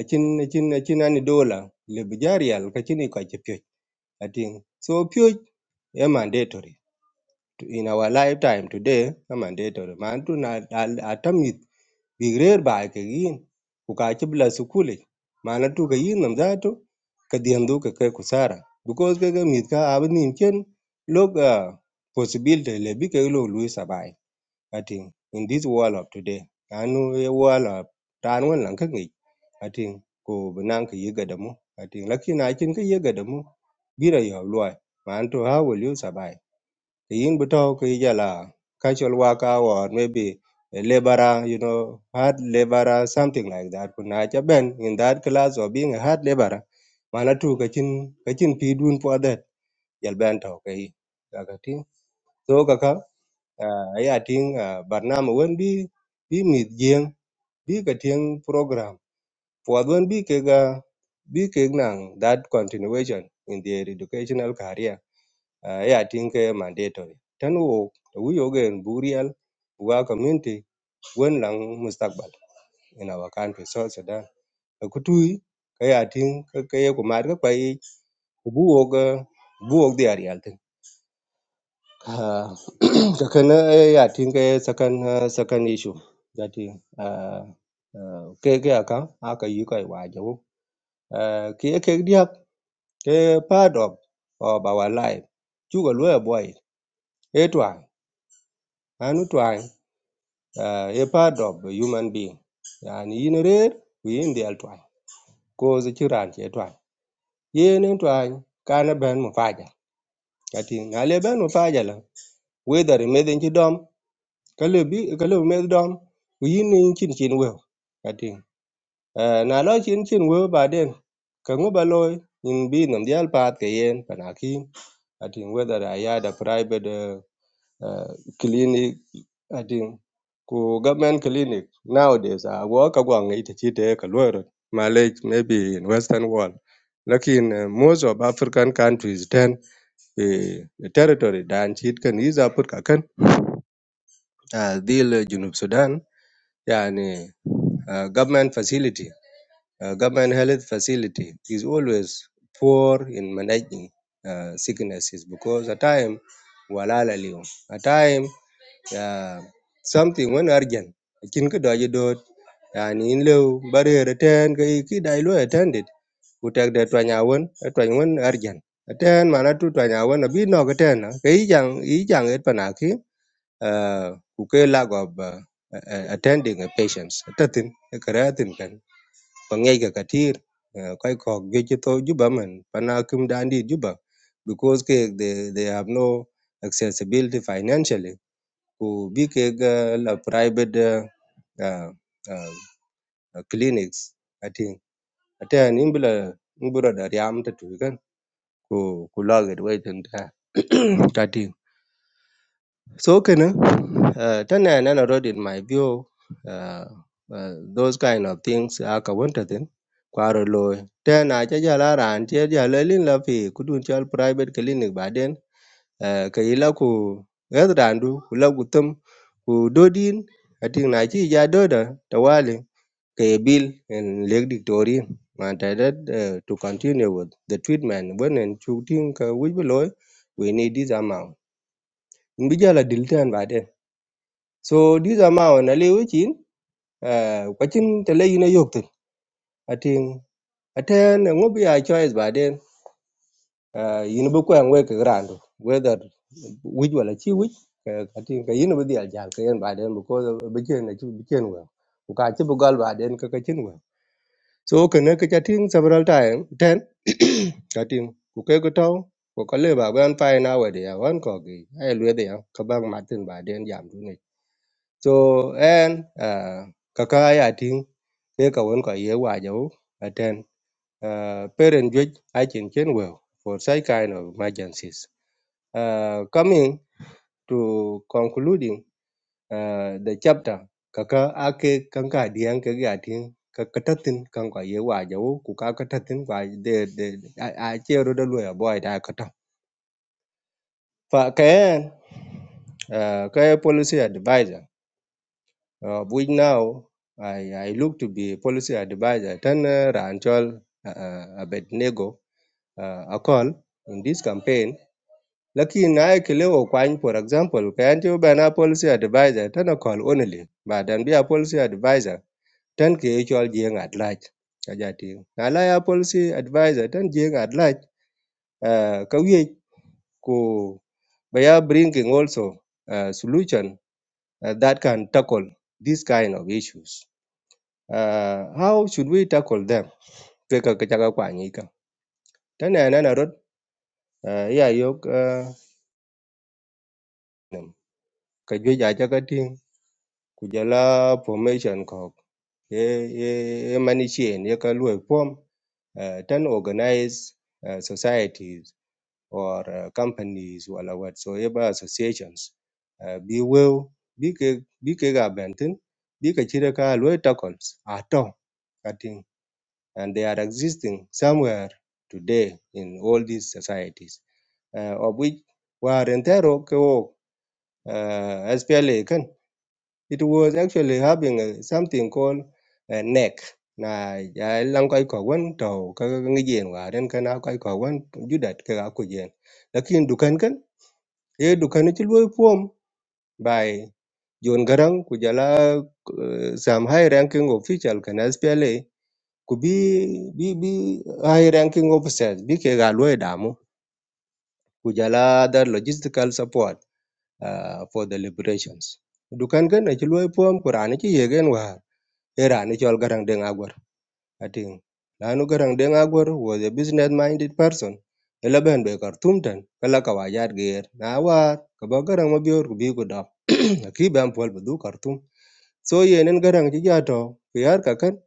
S5: akin akin akin ani dola le bujarial kachini kwa chepyo ating so pyo e mandatory in our lifetime today amandetor man tun atamit big rare ba ke yin ku ka ci bla sukule mana tu ka yin nam zato ka diandu ka kai kusara because ka ga mit ka abin ken log uh, possibility le bi ka lo lui sabai i think in this world of today anu ye world of tan wan lan ka ngi i think ko banan ka yi gadamu i think lakina kin ka yi gadamu bira yo loy man to ha will lui survive yin bi to ki jala casual worker or maybe a laborer, you know, hard laborer, something like that. Kuna cha ben in that class or being a hard laborer. Mana tu kachin kachin pi dun po that yal ben to kai kaka ting. So kaka uh, ay ating uh, barnama wen bi bi mid jeng bi ka ting program. Po wen bi ke ga bi ke nang that continuation in their educational career uh, yeah, I think uh, mandatory. Then wo we again burial wa community when lang mustaqbal in our country so Sudan. The kutui kaya ting kaya kumar ka kwai buog uh, buog di arial ting. Ah, Kakana eh, yeah, I think uh, second uh, second issue that is uh, uh, ke ke aka aka yi kai wa jawo. Uh, ke ke diak ke part of of our life. Chuga lawyer boy. Etwa anu twa uh, a part of a human being yani yin rer ku yin del twany ko ze ci ran che twany yen en twany kana ben mu faja kati ngale ben mu faja la whether i meden ci dom kale bi kale med dom ku yin in chin chin we kati uh, na lo chin chin we ba den ka ngu ba loy in bi nam dial pat ke yen panakin kati whether ayada private eh, uh, clinic I think ku government clinic nowadays a go ka gwang ita ci te ka lawyer malej maybe in western world lakin uh, most of african countries then the uh, territory dan ci kan is africa kan uh, dil eh, junub sudan yani uh, government facility uh, government health facility is always poor in managing uh, sicknesses because at time walala leo at time yeah, something when urgent kin ki do ji do yani in lew barrier ten ki ki dai lo attended ku tek de twanya won twany won urgent ten mana tu twanya won bi no ga ten ke i jang i jang et panaki uh, ku ke lack of uh, uh, attending a patients tatin karatin kan pangai ga katir uh, kai ko ge ji to juba man panakim dandi juba because ke they they have no accessibility financially ku bi ka yaga la private uh, uh, uh, clinics atin ate an imbula imbura da yam ta tu kan ku ku logit wai tin ta ta tin so kana uh, tana nana road in my view uh, uh, those kind of things aka wanta tin kwaro loy tena cha jala ran che jala lin la fi kudun chal private clinic baden eh, ka yila ku ghét ràndu ku lo ku tum ku dô din a tiŋ na chi ja dô da tawali ka bil in leg diktorin ma ta that eh, to continue with the treatment when in chuk tin ka wij bi loy we need this amount in bi jala dil ten ba de so this amount na le wichin eh, kwa tele te le yin a yok tin a tiŋ a ten ngo choice ba Ah, yin bi kwen we ke grandu whether wij wala chi wij ke kati ke yin bi dial jal ke yen baden because bi chen na chi bi chen we ku ka chi bi gal baden ke ke chen we so ke ne ke chatin several time ten chatin ku ke ko taw ku ka le ba ban pai na we dia wan ko gi ai lwe dia ka bang martin baden jam tu ni so en ah, ka ka ya tin ke ka won ko ye wa jo ten ah, parent judge i chen chen we for such kind of emergencies Uh, coming to concluding uh, the chapter, kaka ake kanka diyan ke gatin kakatatin kanka ye wajawu kuka katatin kwa de de a a chero de loya boy da kata. Fa kayan uh, kaya policy advisor, uh, which now I, I look to be policy advisor, Tana Ranchol uh, uh, Abednego uh, a call in this campaign Looking Naikele Okwan, for example, can you ban a policy advisor, Tana call only, but and be a policy advisor, ten KHL Jing at large. Ajati. Nala a policy advisor, ten Jing at large, uh, Kawi, ko, we are bringing also a solution uh, that can tackle this kind of issues. Uh, how should we tackle them? Kweka kachaka kwa nyika. Tana nana rot, uh, yeah, yok, uh, kajwe jaja kating, kujala formation ko ye manishin ye ka luo form uh, ten organized uh, societies or uh, companies wala whatsoever associations uh, bi weu be ke bi ke ga benten bi ke chire ka luo tackles ato kating and they are existing somewhere today in all these societies uh, of which warentero ke wo uh, SPLA It was actually having a, something called a neck na ya lang kai ko wan to ka ngi jen wa den kana kai ko wan judat ka ko jen lakin dukan kan e dukan ti loy pom by John Garang ku jala uh, some high ranking official kan SPLA ku bi bi bi high ranking officers bi ke ga loy damu ku jala other logistical support uh, for the liberations dukan kan ti loy pom kurani ti yegen wa era ni chol garang deng agwar ating lanu garang deng agwar was a business minded person ela ben be kartum tan kala ka wajat ger na war ka ba garang ma bior ku bi ku dap ki ben pol bu du kartum so yenen garang ji jato ku yar ka kan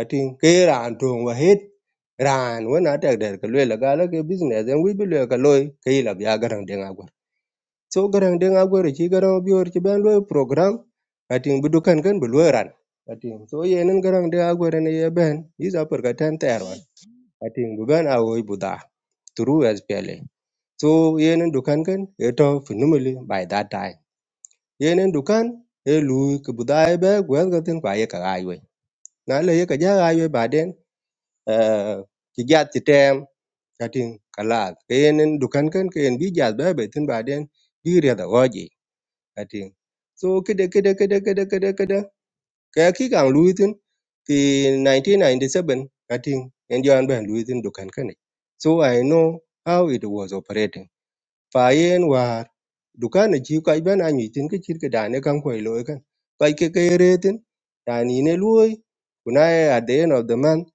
S5: ating ke ran tong wa het ran wona tak der ka le la gala ke business en wi bi le ka loy ke ya garang deng agwar Sogran den a gwe garan biwar ki ben lo program atin bi dukan kin bi lo so yenin garan den a gwe ne ye ben yi za pur ka ten ter wan atin bi turu as pele so yenin dukan kin e to by that time yenin dukan e lu ki buda e be gwe ga tin kwa ye ka ga ywe na le ye ka ja ga ywe ba den eh, ki jat ki tem atin kala yenin dukan kin ken bi jat be be tin bi re da goji I think. So kada kada kada kada kada kada kaya ki kang luitin fi 1997 I think and you ban luitin dukan kane. So I know how it was operating. Fa yen war dukan ji ka ban a nyitin ke chir ke dane kan ko lo kan. Kai ke ke retin tani ne lui kunai at the end of the month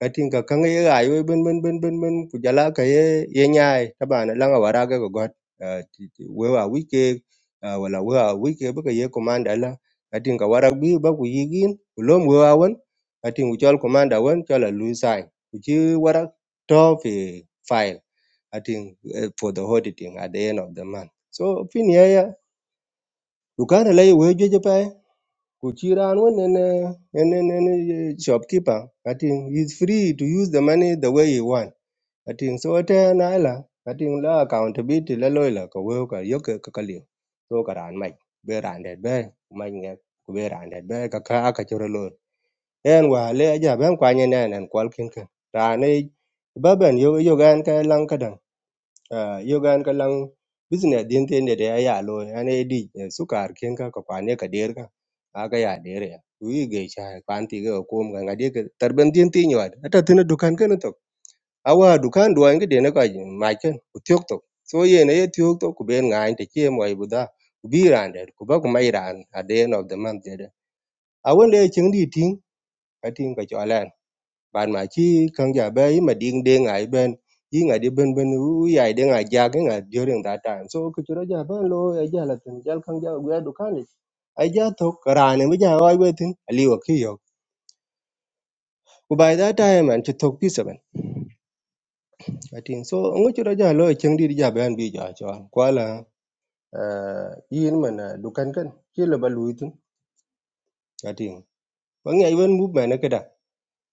S5: ka tinga kaŋ ye rayuwa bun-bun-bun ku jala ka ye ɲyai taban laŋa waraga ga gwat ah, ti- wewa wike ah, wala wewa wike bä ko ye kumanda la a tinga warak bi ba ku yigin ku lom wewa wan a tin ku chol kumanda wan chol a lu sign ku chi warak to fi file a eh, for the auditing at the end of the month so fin yaya dukana la ye we jojo pa Kuchiran one and uh, and and, and uh, shopkeeper. I think he's free to use the money the way he want. I think so. At naila. I think la accountability la loila ka weo ka yok ka kaliu. So ka ran mai be ran det be mai nge ku be ran det be ka ka ka choro lo. En wa le aja ben kwa nyen en en kwal kin ka. Ra ne baben yo yo gan ka lang ka Ah, yogan ka lang business din te ne de ya lo ane di eh, sukar ken ka ko kwane ka der ka aga ya der ya wi ge cha kwan ti ga ko ga ga de ka tarban din ti nyawad ata tin dukan ken to awa dukan duan ga de na ka ma ken ku tyok to so ye ne ye tyok to ku ben ngai te che mo ibu da ku bi ran de ku ba ku mai ran at the end of the month de de awen le ching di ting ka ting ka cho bạn mà chi kan ja be ma ding de ngai ben yi ngai de ben ben u ya de ngai ja ge ngai jo den da tan so ku chura ja ben lo giờ là la tin jal kan ja we du kan ai ja to kara ne mi ja wai we tin ali wa ki yo ku bai da ta man chu to pi seven i think so ngu chura ja lo chang đi ja ben bi ja cho quá là kwa la yin man du kan kan chi la ba lu tin i think wa ngai wen mu ma cái đó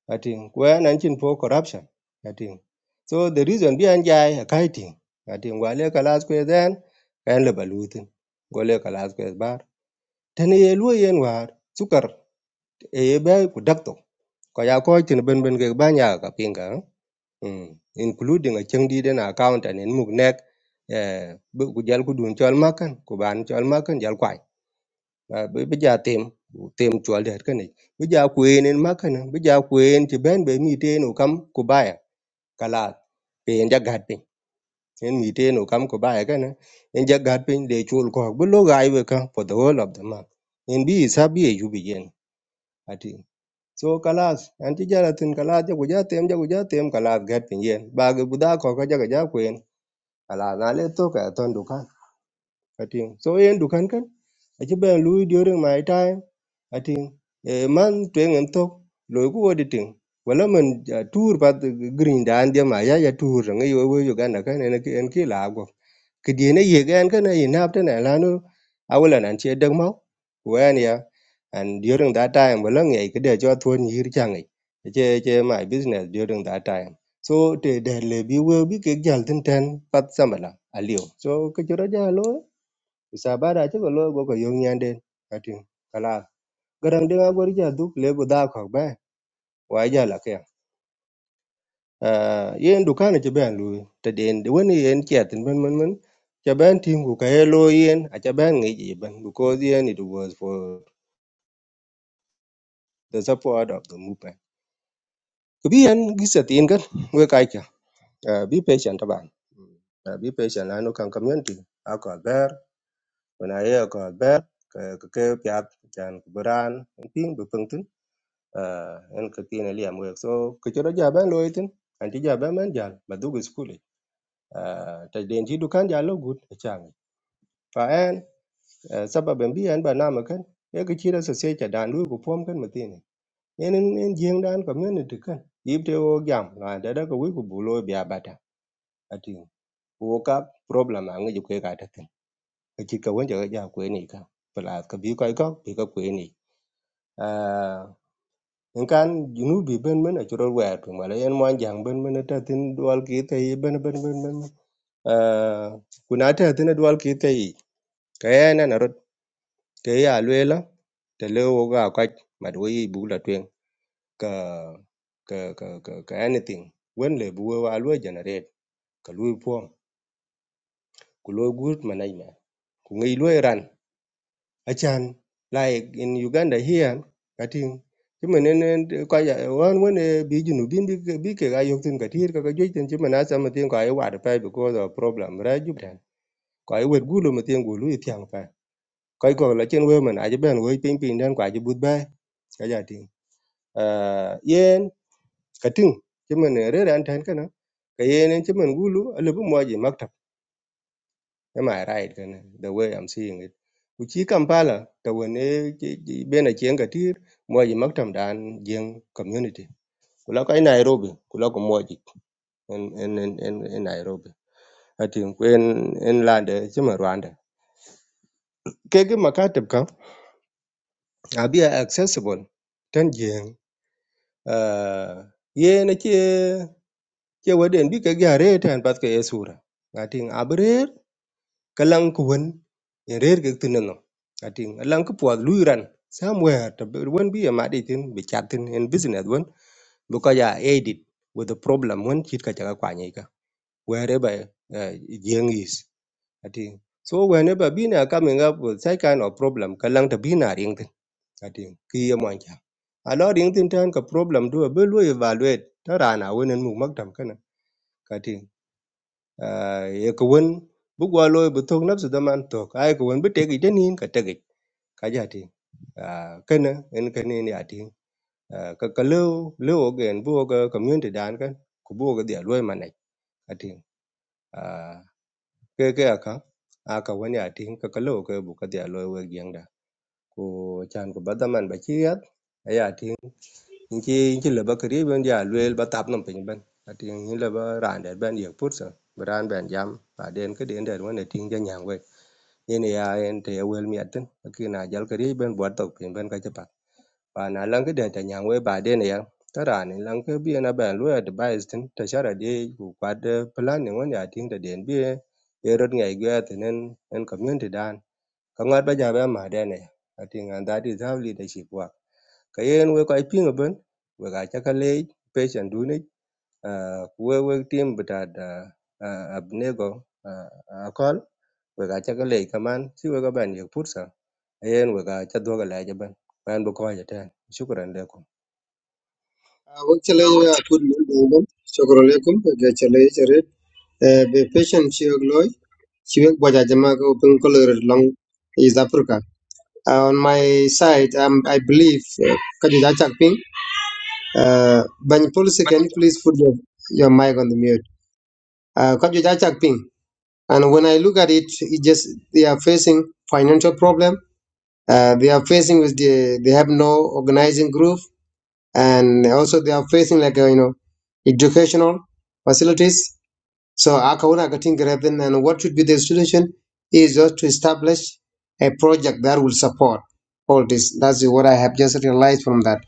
S5: I think when and chin for corruption. I think so. The reason behind jai a kiting. I think wale kalas kwe then and le balutin. Wale kalas kwe bar. Tene ye lu yen war sukar e ye be kudakto. Ko ya ko tin ben ben ke banya ka pinga. Mm. Including a cheng di den account and in mug neck. Eh, bu ku jal ku dun chol makan ku ban chol makan jal kwai. Bây bây giờ tìm tìm chùa được cái này bây giờ quên nên mắc này bây giờ quên thì bên bên mi tên ổ cắm của bài kalat pe en jagat pin en miten o kam ko bae kana en jagat pin de chul ko bu lo gai we ka for the whole of the month en bi sa bi e yubi yen ati so kalas an ti jara tin kalas jago ja guja tem jago ja guja tem kalas gat pin yen ba ge bu da ko ka jago ja kwen ala na le to ka ton du ka I think. So yen du kan kan. Achi ben lui during my time. I think. Eh, man tuyen en tok. Loi ku wadi ting. Wala man ja, tour pat green dan dia ma ya ya tour ngi yo yo Uganda kan en ki en ki la go. Ki di ne ye gan kan ye nap tan la no. Awala nan che dag mau. Wen ya. And during that time wala ngi ke de jo thon yir changi. Che che my business during that time. So te de le bi we bi ke jal tin ten pat samala Alio. So ke chura jalo isabada ci ko lo go ko yong nyanden atin kala garang de ngor ja du le bu da ko ba wa ja la ke ah yen du kana ci ben lu te den de woni yen chatin ben men men ca ben tim ku ka lo yen a ca ben ngi ji ben because yen it was for the support of the movement ku bi yen gisatin kan we kai ka bi patient taban Ah, be patient la no kan community a ko ber wana ye ko ber ke ke piat jan ku beran ping bu anh kể tin lấy em vậy, sau khi cho ra job em lo ấy tin, anh đi job em vẫn dám, bắt đầu đi school đi, từ đi ăn chia được ăn dám luôn good, chắc anh, sau ba mươi anh ba năm mốc anh cứ nghĩ ra suy chế đàn luôn cuộc phong cách mà tin này, anh anh riêng đàn có mấy người thích anh, youtube giảm, là đã có người có bộ lo biabada, anh tin, bóc ra problem anh ấy chụp cái cái đó tin, chỉ có quen chơi chơi quen này cả, phải không, cái việc của anh chỉ có quen này. in kan junubi ben men a churot wer tu mala yen mwan jang ben men ta tin dual ki te yi ben ben ben ben uh, kuna ta tin dual ki te yi ka ya na na rot ke ya lwela te le wo ga kwaj ma do yi bu la twen ka ka ka ka, ka anything wen le bu wa lwe generate ka lwe pom ku lwe gut management ku ngi lwe ran Achan, like in Uganda here, kating chimen en en ko ya wan wan bi junu bin bi ke- bi ke ga yok tin katir ka joi tin chimen asa ma tin ko ai war pa because of problem ra jubran ko ai wet gulo ma tin gulu i tiang pa ko ko la chen we man a ben we ping ping dan kwa ji but ba ka ja tin eh yen kating chimen re ran tan kana ka yen chimen gulu lebu mo ji Am I right? Can the way I'm seeing it. Uchi Kampala, the one been a chiang katir, Mwaji Maktam Dan Jing community. Kulaka in Nairobi, Kulaka Mwaji in in in in in Nairobi. I think when in land Jima Rwanda. Kegi Makatab ka abi accessible tan jing uh ye na che che waden bi ka gare tan pat ka esura. I think abre Kalang ku wen in rer ke tin no ating alang ku puat luiran somewhere to be when be a madi tin be chatin in business when because ya edit, with the problem when chit ka jaga kwa nyika wherever uh, jeng is ating so whenever bina coming up with such kind of problem kalang to bina ring tin ating ki ye mon cha a lo ring tin tan ka problem do be lu evaluate ta rana wenen mu maktam kana Ah, ye ko won bu gwa loy bu tok nafsu daman tok ay ko won bu tegi denin ka tegi ka jati Ah, kana en kana en yati Ah, ka ka lew lew ogen bu ga community dan kan ku bu ga dia loy manai ati Ah, ke ke aka aka wani ati ka ka lew ka bu ka dia loy we gyang da ku chan ku badaman ba chiyat in chi in chi leba kri ben ya luel ba tap nam pin ben atin in leba ran der ben ye put sa ran ben jam ba den ke den der wan atin ja nyang we yen ya en te wel mi atin ki na jal kri ben bwa tok pin ben ka cha pak pa na lang ke den ta nyang we ba den ya ta ran in lang ke bi na ben luel advice tin ta shara de ku kwad plan ni wan ya tin ta den bi ye rot ngai ge tin en en community dan ka ngat ba ja ba ma den ya atin and that is how leadership work kayen we ko ipiŋö bön wek a jakale pesiyen dunit aa wewe tim butad aa a binego aa akol wek a jakalei kaman si we ko 'ban yek pursa a yen wek a ja dwokelej ben man bi koje ten shukran lekom
S2: Awak chale ya kun mun dongom shukro lekum ge chale chere be patient chiok loy chiok boja jama ko pun color long is africa Uh, on my side um, i believe uh, kan ja chak uh, ban policy can you please put your, your mic on the mute uh, kan ja chak and when i look at it it just they are facing financial problem uh, they are facing with the they have no organizing group and also they are facing like uh, you know educational facilities. So Akauna getting Graben and what should be the solution is just to establish a project that will support all this. That's what I have just realized from that.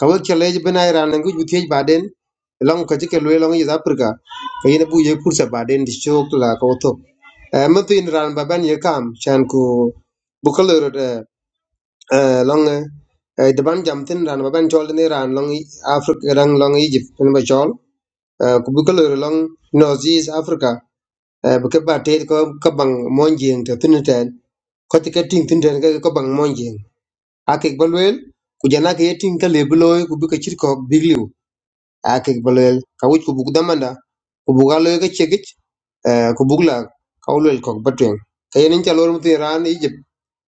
S2: Kawal challenge ben Iran language with H baden along ka jike lwe long is Africa ka yin bu ye kursa baden di chok la ka oto. Eh, Mutu in ran baban ye kam chan ku Eh, long eh, eh, the ban jam tin ran ban chol ni ran long i- africa rang long egypt ni ba chol Eh, ku bu ko long north east africa Eh, bu ke ba te ko ko bang mon jing te tin ten ko te ke ting tin ten ke ko bang mon jing a ke balwel ku jana ke ye ting ka le bloy ku bu ke chir ko bigliu a ke balwel ka wuj ku bu ku damanda ku bu ga lo ke chegich eh, ku bugla ka ulwel ko batwen kayen in chalor mutin ran Egypt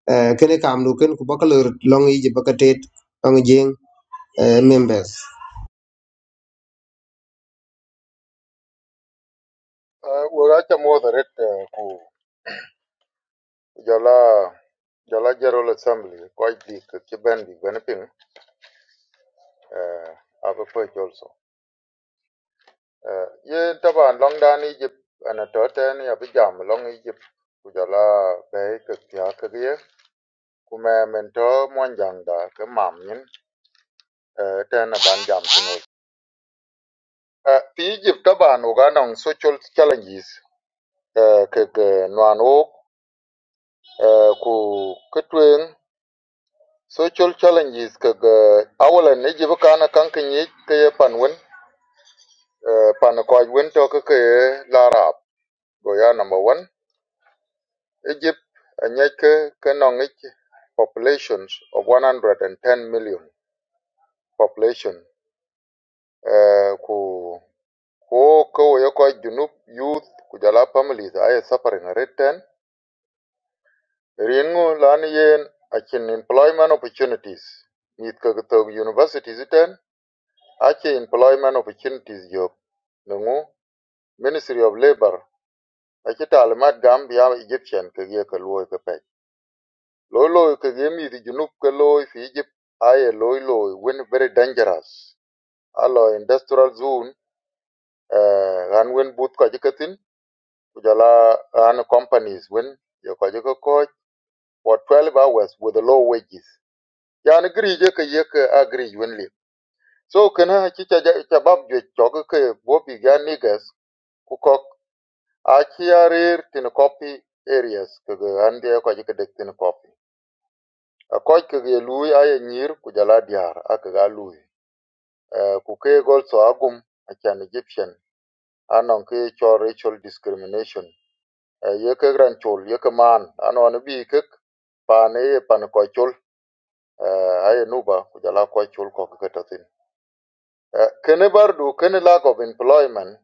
S2: Eh, kene kam du ken ku bakalor long ije bakatet long jeng eh, members
S6: Uh, well, I can moderate uh, ku jala jala General Assembly quite big ke bendi benepin uh, have a poch also. Uh, ye taban long dan Egypt ana toten ya bijam long Egypt ku jala be ke tia ke ye ku me mento monjang da ke mam nyin uh, ten a ban jam tino. Uh, pi Egypt taban uganong social challenges uh, ke ke nuan ok uh, ku ketuen social challenges kaga awalan ne jibu kana kankan yi kaya panwen eh, pan kwaj wen to ka kaya larab go number one egypt anyai ka populations of 110 million population eh, ku ko ko ya ko junub youth kujala jala families ay suffering rate ten ringu lan yen akin employment opportunities mit ka ka to universities ten Ache employment opportunities yok nungu Ministry of Labor Ache talimat gam Egyptian kege ke loy ke pek loy loy kege di junub ke loy fi Egypt aye loy loy when very dangerous alo industrial zone gan uh, when boot kajikatin jikatin kujala ran companies when yo ko coach for 12 hours with the low wages yani agree je ke agree when li so kana chi cha ja- cha bab je bobi ga niggas kukok Achiarir tin copy areas kaga ande ko ji kedek tin copy. A koj kaga ye lui aye nyir ku diar a kaga lui. Eh, Ku ke also agum a chan Egyptian anon ke cho racial discrimination. Eh, Ye ke gran chol ye ke man anon bi kek pan ye pan koj chol eh, aye nuba ku jala koj chol ko ke tatin. Kene bardu kene lack of employment.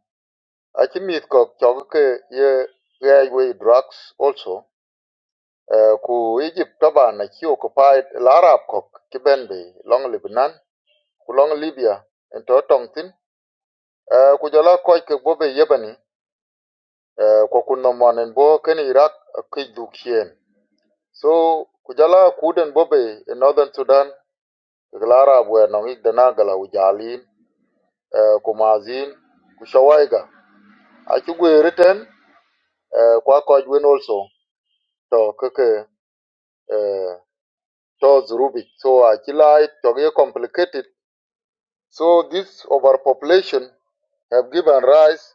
S6: Achi mit ko chok ke ye railway drugs also. Eh, ku Egypt taban ci occupied l'arab kok ci ben long Lebanon ku long Libya ento tongtin tong Eh, ku jala koy ke bobe yebani eh, ko kun no monen bo ken Iraq eh, ke dukien so ku jala kuden bobe in northern Sudan ke l'arab we no ik gala ujalin eh, ku mazin ku shawaiga a ci gwe riten eh, kwa koy wen also to ke ke eh, to zurubik so akilai to ge complicated So this overpopulation have given rise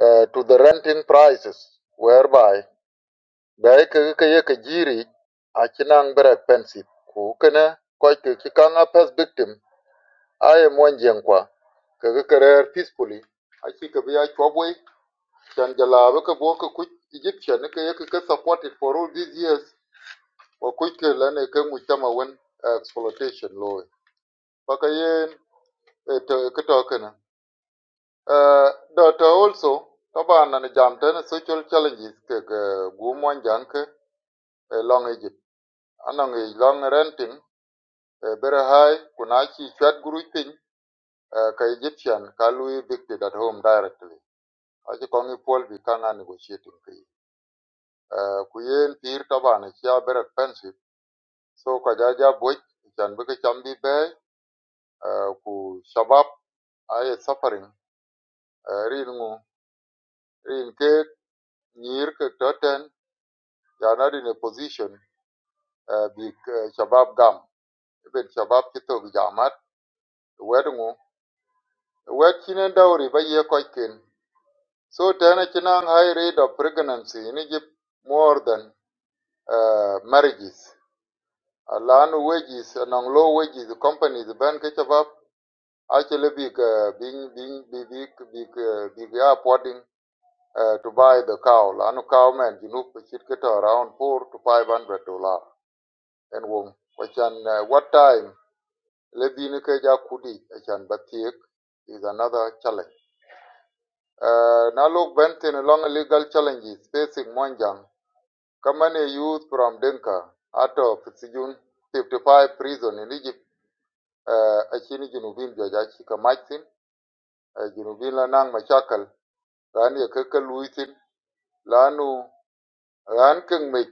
S6: uh, to the renting prices, whereby bai ka ka ye ka jiri a kinang very Ku kana koi ka ki victim aye mon jeng kwa ka ka ka rer peacefully a ki ka biya chobwe chan jala ba ka bo ka kuch Egyptian ka ye supported for all these years wa kuch ka lane ka mu chama wen uh, exploitation loe. Paka yen eh, ta- ka Uh, Dr. also, Taban and Jamten, social challenges, Gumon Janke, along Egypt. Anong a long renting, very high, Kunachi, Chat Guru Ping, eh, ka Egyptian, ka evicted at home directly. Aji Kongi Paul Vikanga negotiating fee. Kuyen Pir Taban, e Chia very expensive. So Kajaja Boy, Janbuka Chambi Bay, Ku Shabab, I suffering, Ringu, Rin Kate, Nir Totten, they are not in a position uh, bi eh, shabab gam ibet shabab kitok jamat wedngu wed chine dowry ba ye koikin so tena chinang high rate of pregnancy in Egypt more than uh, marriages lan wages nang low wages companies ban ke shabab actually big uh, being being big big big uh, big are putting uh, to buy the cow lanu cow man you know it get around 4 to 500 dollar and wo- which and uh, what time Lebini ke ja kudi echan bathiek is another challenge. Uh, na lok along legal challenges facing Monjang, Kamane youth from Denka out of Sijun 55 prison in Egypt, uh, achini junubin joja chika uh, junubin lanang machakal, lani akeke luitin, lanu ranking mech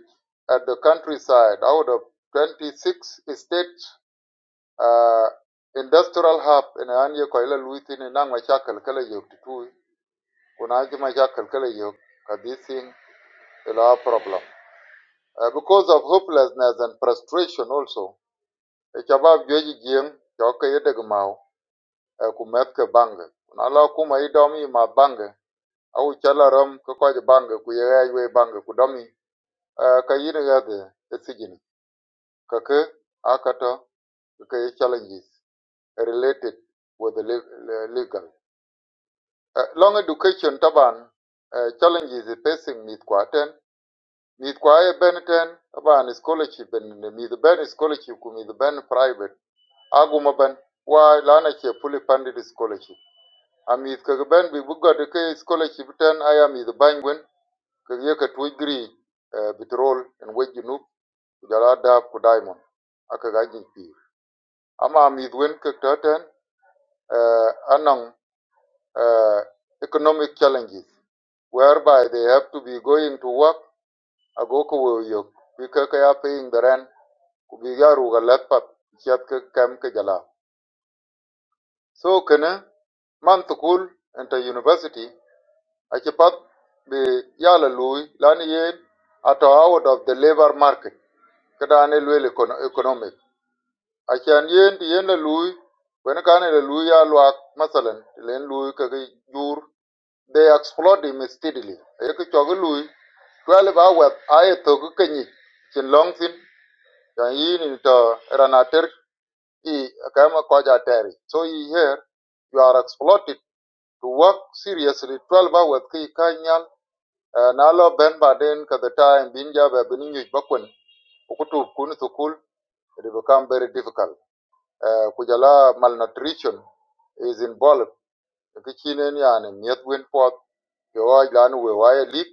S6: at the countryside out of 26 states uh, industrial hub ina an ye ko ila luiti ni nang ma chakal kala yo tutu kuna ji ma chakal kala yo ka this thing ila problem uh, because of hopelessness and frustration also e chabab joji jien jo ka yede gmao e ku met ke bange kuna la kuma i domi ma bange au chala ram ko ko bange ku ye ay we bange ku domi uh, ka yire ga de e sijini ka ke akato ka ke challenges related with the le- le- legal Uh, long education taban uh, challenges facing mid quarten mid kwae beniten taban scholarship and mid ben scholarship ku mid ben private aguma ben wa lana che fully funded scholarship a mid ka ben bi buga de ke scholarship ten aya mid bangwen ka ye ka tu gri uh, bitrol en wejinu nu jala da ku diamond aka ga pi ama mid wen ka taten uh, anang uh, economic challenges whereby they have to be going to work ago woyok, because they are paying the rent ku bi ya ru ga lat kam ka jala so kana man to kul enta university achipat be yala la lui la yen ato out of the labor market kada ane lwe economic a yen yen la lui wen ka ne la lui ya lwa masalan len lui ka jur They explored him steadily. Eke choge lui, 12 hours aye togu kenyi, chin long thin, chan yin into ranater i kama koja teri. So you here, you are exploited to work seriously 12 hours ki kanyal, na lo ben baden ka the time binja ba bininyu bakwen, ukutu kun sukul, it become very difficult. Uh, kujala malnutrition is involved. Kichinen yani, miet win pot, yo ay lan we waye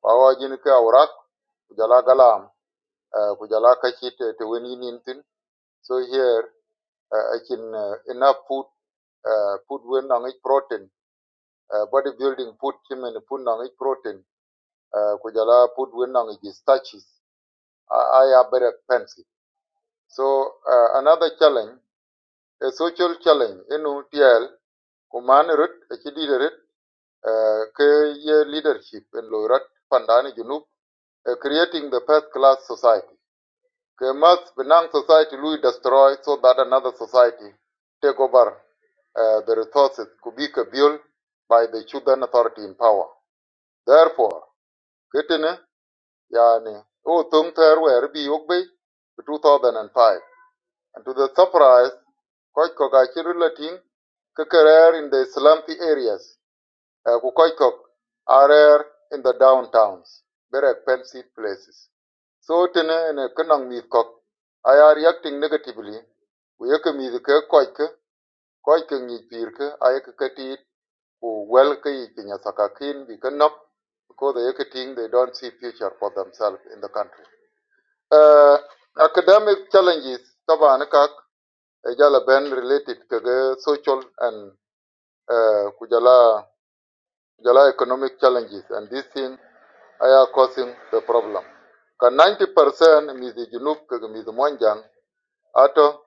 S6: Power ke aurak, kujala galam, uh, kujala kachit te weni nintin. So here, uh, I can uh, enough food, uh, food wen nang ich protein, uh, body building food chimen food nang ich protein, uh, kujala food wen nang ich starches. I, have are very expensive. So uh, another challenge, a social challenge, inu tiel, kuman rut, a leader, uh, ke ye leadership in loirat pandani junub, uh, creating the first class society. Kemas Benang society will destroy so that another society take over uh, the resources could be built by the children authority in power. Therefore, Kitene Yani O Tung Ter were be Yogbe 2005. And five. And to the surprise, Koch Kogachi relating Kakarer in the slumpy areas. Eh, ku Koikok are rare in the downtowns, very expensive places. So tene ne kenang mith kok I are reacting negatively. We yeke mith ke koike, koike ngi pir ke ayeke ketit ku wel ke ipinya sakakin bi kenok because they yeke ting they don't see future for themselves in the country. Uh, academic challenges taban kak ejala ben related to the social and uh, kujala kujala economic challenges and this thing are causing the problem. Ka 90% mithi junub kaga mithi mwanjang ato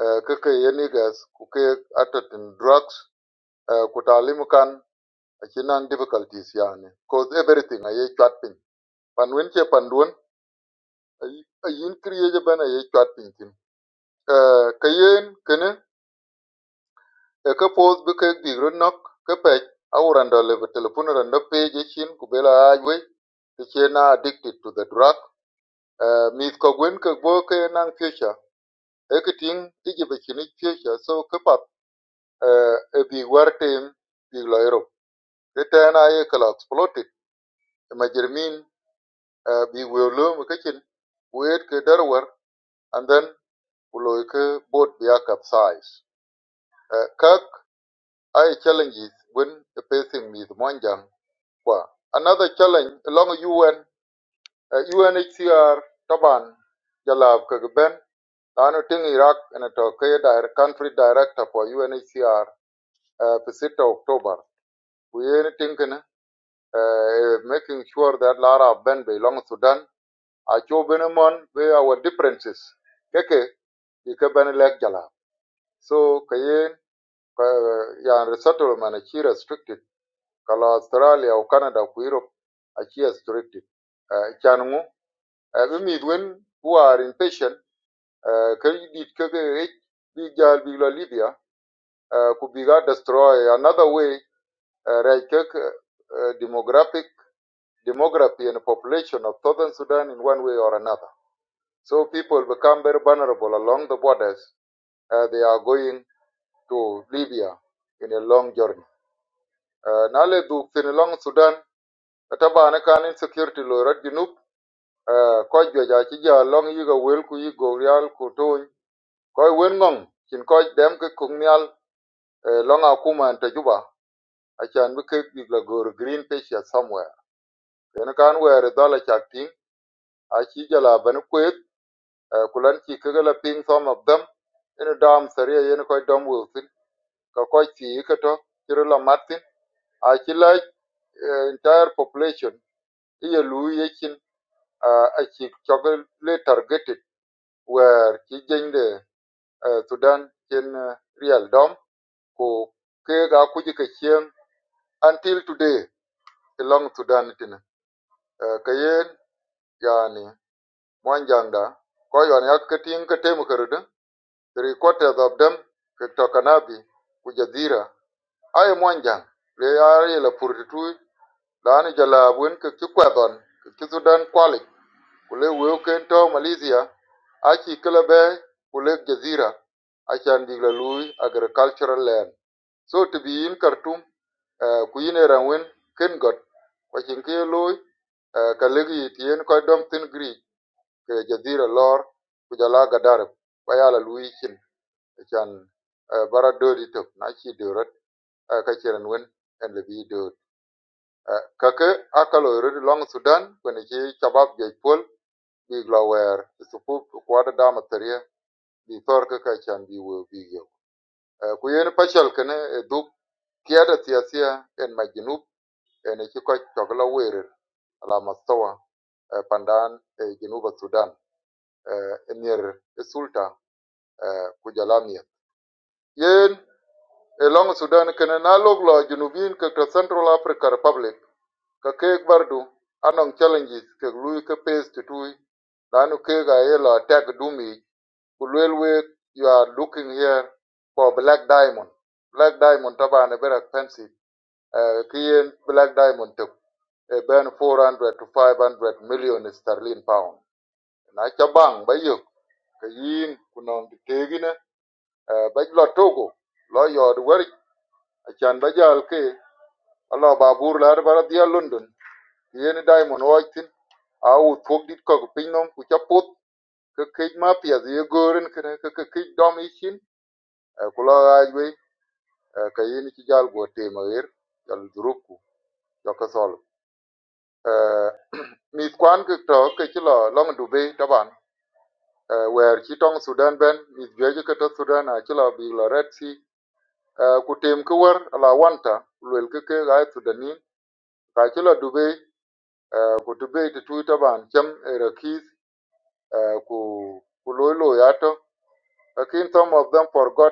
S6: eh, kaka yenigas kuke ato tin drugs eh, kutalimu kan achinan difficulties yani cause everything aye chatpin. piny panduan wen che pan duon ay- ayin kriyeje ben aye chatpin piny tin Eh, ka yen kene e ka pos bi kek dik rot nok ka pec awurando lebe telefon rando peje chin kubela ajwe tichena addicted to the drug mith Kogwin gwen ko gbo ke nang pyecha e ke ting so ke pap eh, e bi war tem bi lo ero I ta na ye ke lo exploited e ma jermin eh, bi we lo mu ke and then u lo ke boat bi a capsize Eh, kak challenges when facing mith monjang another challenge along UN eh, UNHCR taban jalab ke لأنه تين Iraq أنا توقيت country director for UNHCR uh, October. We أكتوبر uh, making sure that Lara Ben belong Sudan أشوف بنمون where our differences كيكي can لك جلا so كيين uh, يعني resettlement أشي restricted كلا أستراليا أو كندا أو يوروب أشي restricted uh, كانوا uh, بميدوين who are impatient uh, كيديد كيكي بيجال بيلا ليبيا uh, could be got destroyed. Another way, uh, Raikik, uh, uh, demographic demography and population of southern Sudan in one way or another. So people become very vulnerable along the borders. Uh, they are going to Libya in a long journey. Uh, Nale duk thin along Sudan, ataba ne kan insecurity lo rat junub, uh, koj jwaja chi ja long yiga wel ku yigo rial ku tuny, koj wen ngong, chin koj dem ke kung nial, uh, long akuma and tajuba. acan bi kek bik la goro green patient somewhere kene kan wɛɛr dhɔl acak tiŋ aci jala bɛni kuet ku lan ci keke la piŋ some of them ini daam tharia yeni kɔc dɔm weu thin ka kɔc thii ketɔ cï la mat thin aci la eh, entire population i ye luu yecin aci cɔki le targeted wɛɛr ci jeny de eh, thudan cin eh, riɛl dɔm ku keek akuc kecieŋ until today i lɔŋ thudan tini Eh, ka yen yani Mwanjangda, Koyon Yat-Kitting Kitemkerda, three quarters of them Kitokanabi, Kujadhira, Aye Mwanjang, le are la Purtui, Lani Jalabun Kikwadon, Kisudan Kwali, Kule Wilkento Malaysia, Achi Kilabe, Kule Jazira, Achan Agricultural Land. So to be in Khartoum, uh, Kuyine Rangwin, Kingot, uh, Kalegi Tien Kodom Thin Greek ke jazira lor ku jala gadarib ba chan eh, bara dodi na chi dorot eh, ka chiran wen en le bi dod Eh, kake akalo rid long sudan kwen chi chabab je pol bi glawer supu kwada dama teria bi tor ka ka chan bi wo bi yo Eh, ku yen pachal kene eh, duk kiada siasia en majinub en chi ko chogla werer ala mastawa eh, pandan eh, jinuba sudan eh, emir sulta eh, ku yen e sudan kene na lok lo junubin ke central africa republic ka kek bardu anong challenges ke lui ke pes tutui lanu kek a ye lo attack dumi ku you are looking here for black diamond black diamond taban ane very expensive uh, ki black diamond to e ben 400 to 500 million sterling pound na cha bang ba kunong ka ba lo togo lo yod wari achan ba jal ke alo babur la ba dia london yen diamond o tin a u thok dit ko pin nom ku chapot ke ke ma pia ye goren ke ke ke ke dom ichin ku lo ajwe ka yen ci jal go te ma wer jal druku yo ka sol mi kwan ke to ke ci lo long du be taban Eh, wer ci tong sudan ben mi je ke to sudan a ci lo bi lo red sea Eh, ku tem ki war ala wanta ku lwel ki ke ga sudani ka ki la dube ku dube ti tui taban chem era ku ku loy loy ato some of them forgot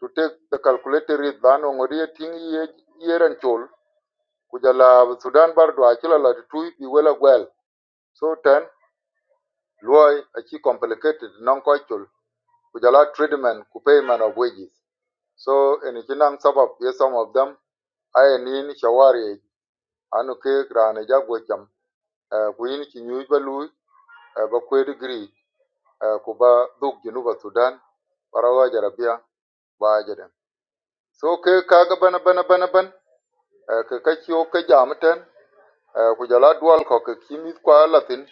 S6: to take the calculated risk ban ngori ting ye yeran chol Kujala sudan bar do akila la ti tui bi wela gwel so ten loy achi complicated non ko chol ku treatment ku payment of wages so eni kinang sabab ye some of them ayenin shawari anu ke rane jagwe cham eh, ku yin ba luy eh, ba kwe digri eh, duk junuba sudan barawa jarabia ba jaden so ke kaga bana bana bana ban eh, ke ka ciyo ke jamten eh, dual ko ke kimit kwa latin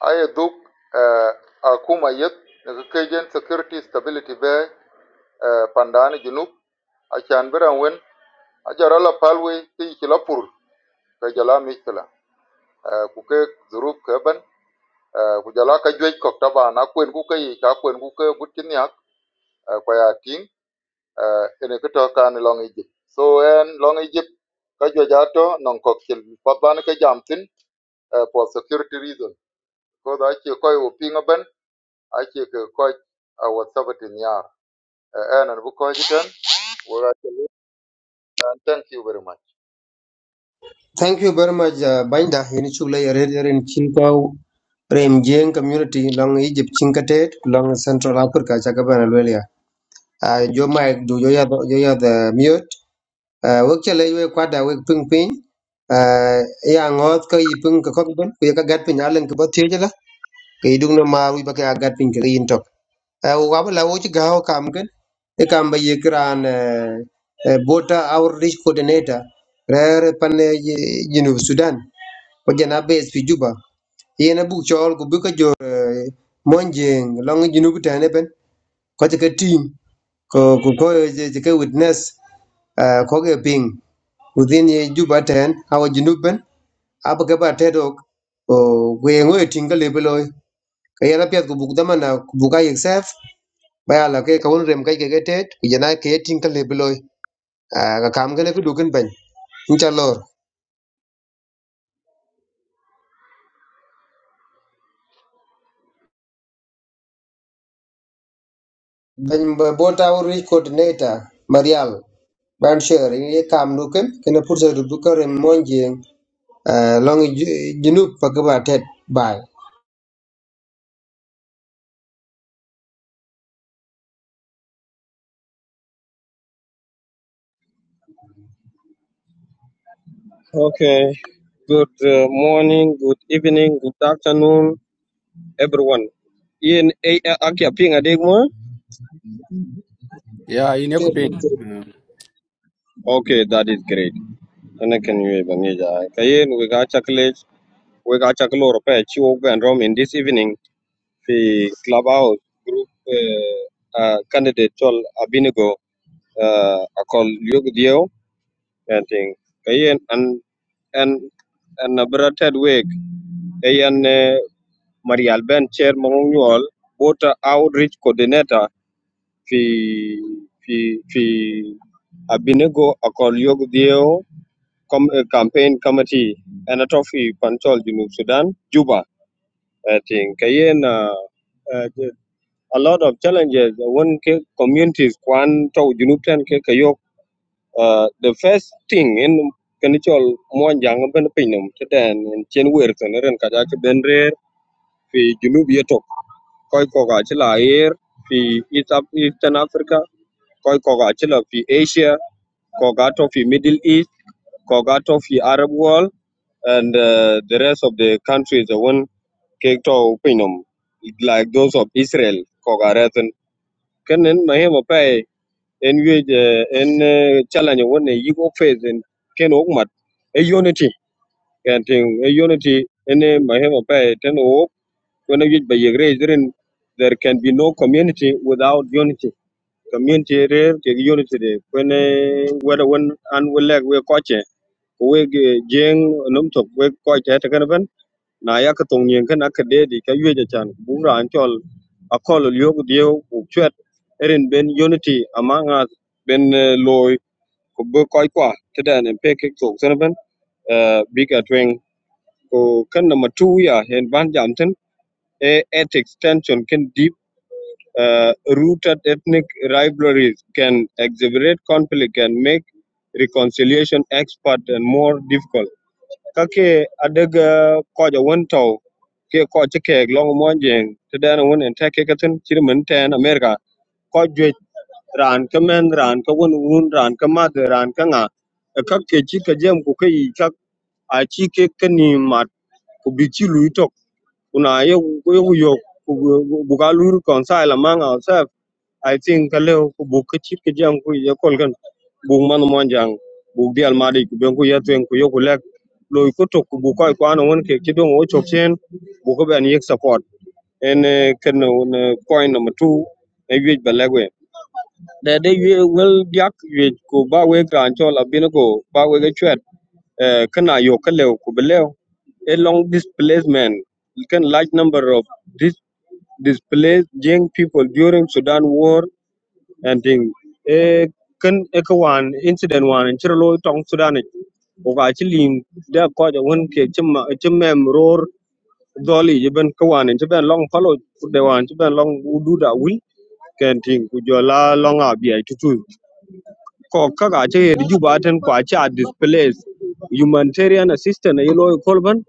S6: aye duk akuma yet daga kejen security stability be eh, pandani junub a can biran wen a la palwe ti kilapur la pur ke jala mikla ku zurub ke ban uh, ku ka juej kok taba na kwen ku ka yi ka kwen ku ka gut kin yak uh, kwa ya ting uh, ene ka to ka ni long egypt so en long egypt ka juej ato non kok chil papan ka jam tin uh, for security reason ko da che ko yu pinga ben a che ka ko a wat sabatin yar uh, en an bu ko jiten wo ga che lu and thank you very much
S2: thank you very much uh, bainda ini chule yare yare in chinkau rem jeng community long egypt chinkatet long central africa chakabana lwelia uh, jo mic du jo ya jo ya the mute uh, wek chale we kwada wek ping ping uh, ya ngot ka yipung ka kokben ku ya ka gat pin alen ka batieje la ka idung na ma wi baka ya gat pin ka yin tok. à hoặc là mỗi cái họ làm cái, cái công việc như kiểu là bộta our risk coordinator rồi phần này như Sudan hoặc là Nigeria ở Djuba, cái này book chòi, book ở Monjing, Long như Sudan này bên có cái team có có cái witness có cái ping, bên Djuba này họ như bên, à bước qua ở đâu cũng có những cái trừng cấp level, cái này là phải book đảm bảo là book cái self. baya la ke kawun rem kai ke ke tet ku jana ke tin ka lebloi ka kam gane ku dukin ban incha lor ban ba- bota wo rich coordinator marial ban sher ye kam dukin kena pursa rubu ka rem monje long ju- junub pa ka ba tet bai
S7: Okay. Good uh, morning, good evening, good afternoon, everyone. Ian A A- Akia Ping Adegmo.
S3: Ya ina ku pin.
S7: Okay, that is great. And I can you even Kayen we got chocolate, we got chocolate repair, Chiwok and Rom in this evening. The clubhouse group uh, uh, candidate Chol Abinigo uh I call Yug Dio and thing. Kayen and and and a brother Ted Wig. Marial Ben Chair Manual, Water Outreach Coordinator fi fi fi Abinego Akolyog Dio com, eh, Campaign Committee and a fi Control Junub Sudan, Juba. I think kayen uh, uh, a lot of challenges one ke communities kwan to Junub ten ke kayo uh, the first thing in kanichol mo jang ben pinum teden in chen werto neren kaja ke ben rer fi Junub yeto Koikokachila ayer fi East Eastern Africa, Koikokachila fi Asia, Kogato fi Middle East, Kogato fi Arab world, and uh, the rest of the countries, the one Kekto Pinum, like those of Israel, Kogaretan. Kenen mahema pai en yuej eh, en eh, challenge one yigo phase en ken okmat a unity and a unity en mahema pai ten O. When you by your grace, then there can be no community without unity. Community there, the unity there. When eh, whether when and we lack we coach we jeng num tok we coach at kan ban na ya ka tong yen kan ka de di ka yue ja chan bu ran chol a kol yo gu dio bu chet erin ben unity among us ben eh, loy ko bu koi kwa tedan en pe ke tok san ban eh, big at wing ko kan number 2 ya en ban jam ten e, ethics tension can deep uh, rooted ethnic rivalries can exacerbate conflict and make reconciliation expert and more difficult. Kake adaga koja wentau ke koja kek long monjeng tedana won and take katin chirman ten America koja ran kamen ran ka won wun ran ka ran kanga nga kake chi ka jem ku kai kak ke kani mat ku bichi luitok una ye ku yo bugalur konsai lamang outside I think ka leo ku buk ka chit ka jam ku ya kol kan buk man mon jang buk dial mari ku ben ku ya twen ku yo ku lek loy ku tok ku buk ko ko an won ke ti dong o chok chen buk ko ben yek support en eh, ken on point number 2 e wi ba legwe de de wi wel yak wi ku ba we kran chol abin ko ba we ga chwet eh, kana yo ka leo ku be leo a long displacement, can large number of dis- displaced young people during Sudan war and thing e kan e ka wan incident wan in chiro loy tong sudan ni o ga chi lim da ko ja won ke chim ma- chim mem ror doli je ben ka wan je ben long palo de wan je ben long u du da wil ken ting ku jo la long a bi ai tu kokka ga ce riju baten kwa ce a displace humanitarian assistance yi loyi kolban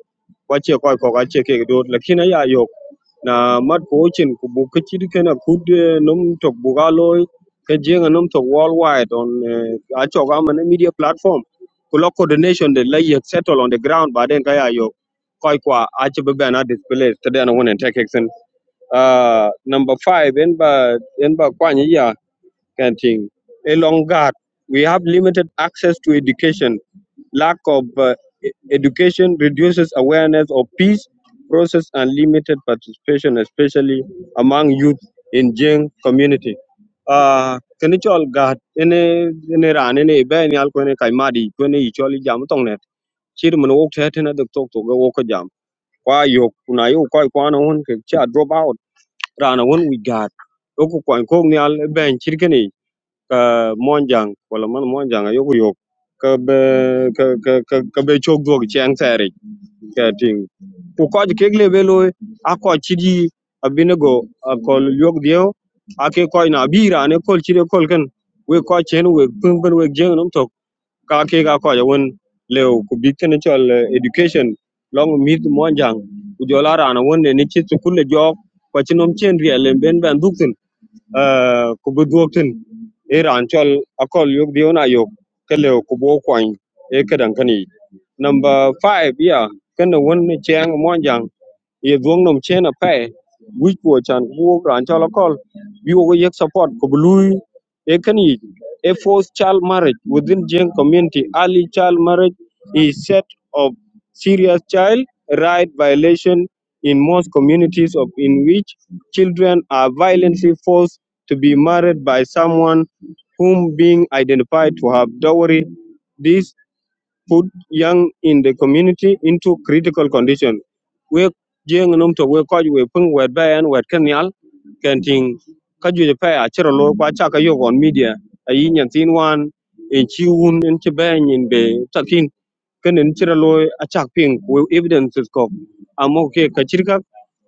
S7: kwache kwa ce koi ko ce ke do lakina ya yok na mat ko chin ku bu ke chid kud num tok bu ke jenga num tok worldwide on eh, a ga man media platform ku lo coordination de lay settle on the ground ba den yok koi kwa ache ce be na displace to den wonen take action uh number 5 en ba en ba kwa ni ya kind of thing. Along that, we have limited access to education. Lack of uh, e- education reduces awareness of peace process and limited participation, especially among youth in Jing community. Uh, kini all gat Any, any, ran ini ibe any al kweni kaimadi kweni ichol jam tong net chir mun wok the tena dok tok tok wok jam kwa yok kuna yo kwa kwa na hun ke cha drop out ran hun we gat oku kwa ko ni al ben chir ka monjang wala man monjang ayo yok ka be ka ka ka ka be chok dog chen tare ka ting ku ko ke gle be lo a ko chidi abinego a ko yok dio a ke ko na bira ne kol chide kol kan we ko chen we pung ben we jeng nom tok ka ke ga ko ja won leo ku big ten chol eh, education long mid monjang ku jola rana won ne ni chi su kul jok ko chinom chen riel ben ben duk uh, ku bi tin ir an chol akol yok dion ayok ke Kubo ku bo kwany e kedan kani number 5 ya kana won cheng monjang ye dwong nom chen a pe wi po chan wo ran cho lokol bi wo yek support ko blue e kan yi a forced child marriage within Jain community early child marriage is set of serious child right violation in most communities of in which children are violently forced to be married by someone whom being identified to have dowry This put young in the community into critical condition. We jeng num to we ko we pung we ban we kenyal kenting ka ju pe a chero lo kwa cha ka yo on media a yin yan tin wan e chi un en che ben in be takin ken en chero lo a cha ping we evidences ko amo ke ka chirka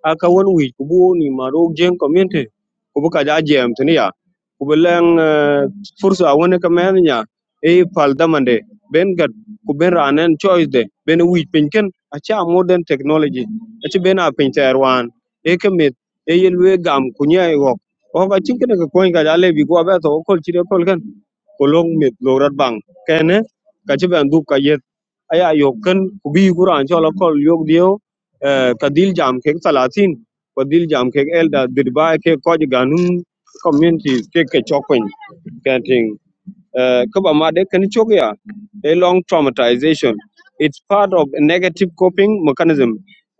S7: a ka won wi ku bu ni ma ro jeng community ku bu ka ja jem tin ya ku bu leng eh, fursa won ka men nya e pal damande ku ben ranen choice de ben wij pinken acha modern technology acha ben a pinter wan e kemet e yel gam kunya e wok o ga chinkene ko koin ga ale bi go ba to kol chire kol kan ko long met lo bang kene ka che ben du ka yet aya yo kan ku bi quran chola kol yog dio eh, ka dil jam ke 30 ko dil jam ke elda dirba ke ko ganun community ke ke chokwen kanting uh, kaba ma de kan chok a long traumatization it's part of a negative coping mechanism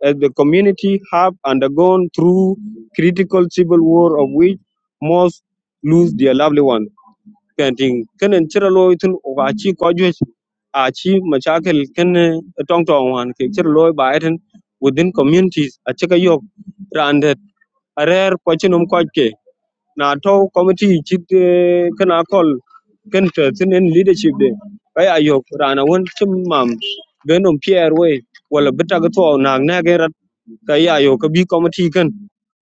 S7: as the community have undergone through critical civil war of which most lose their lovely one painting kan en chira lo itun o ga chi ko jwe a tong tong wan ke chira within communities a chika yok randet a rare Pachinum Koke na to committee chit eh, kana call kan ta tinin leadership de kai ayo rana won chim mam benom pier way wala bita ga to na na ga rat kai ayo ka bi committee kan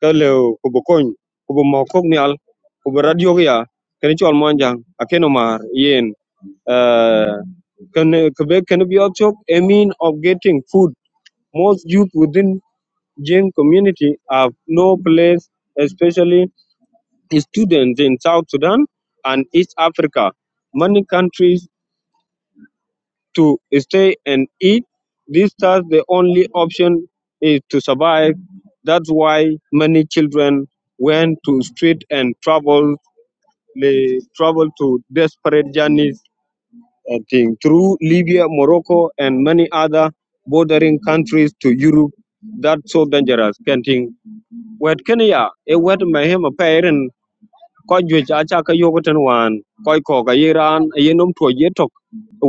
S7: ka le ko bo kon ko bo mo kok nyal ko bo radio ga ya kan chol monjang akeno mar yen eh can Quebec can be also a mean of getting food. Most youth within Jing community have no place, especially students in South Sudan and East Africa, many countries, to stay and eat. This thus the only option is to survive. That's why many children went to street and traveled they traveled to desperate journeys I think, through Libya, Morocco, and many other bordering countries to Europe. That's so dangerous. Can't think. Wet Kenya, a wet my him a pair and ko juic aca ka yogoten wan koc ko ka ye raan ye nom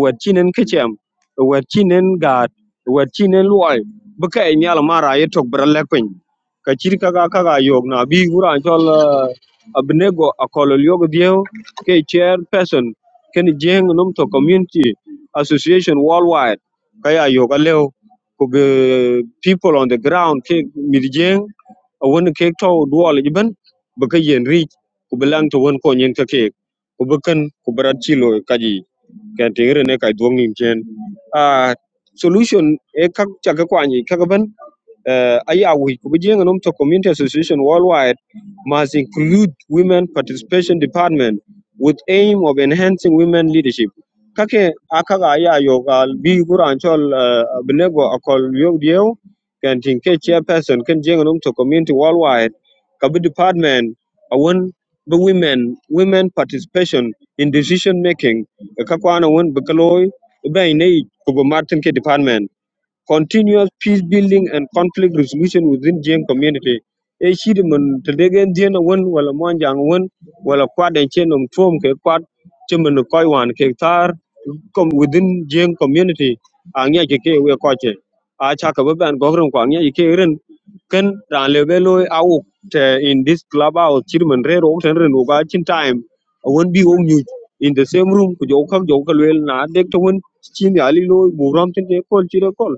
S7: wet cinen kecem wet cinen gaat wet cinen luɔi bi e mial mara ye tok bi ra lɛk piny ka cir kaka na bi ku raan cɔl abinego akɔlol yok dhieu ke chair person keni jeŋ nom to community association worldwide ka ya yok aleu ku people on the ground ke mith jeŋ awon kek tɔu duɔl ci yen ku bi laŋ won ko nyin ka kek ku bi ku bi chilo kaji ken tiŋ rene kai duoŋ nim chen a solution e kak chaka kwanyi kaka ban uh, aya which Kubujing and Umto Community Association worldwide must include women participation department with aim of enhancing women leadership. Kake akaga aya yogal bi gura anchol uh, benego akol yog dieu can tinke chairperson can jing and Umto Community worldwide kabi department awon the women women participation in decision making kakwana won bekaloy bay nei kubo martin ke department continuous peace building and conflict resolution within Jain community. E shiri mun ta degen Jain wen wala mon jang wen wala kwad en chen um tuom ke kwad chi koi wan ke tar com within Jiang community angya ke ke we koche a cha ka ba ban gogren ko angya ke ren ken ran le be lo au te in this club out chirman re ro ten ren uga chin time won bi won you in the same room ku jo kham jo ka lel na dek to won chin ya li lo bu ram tin de kol chire kol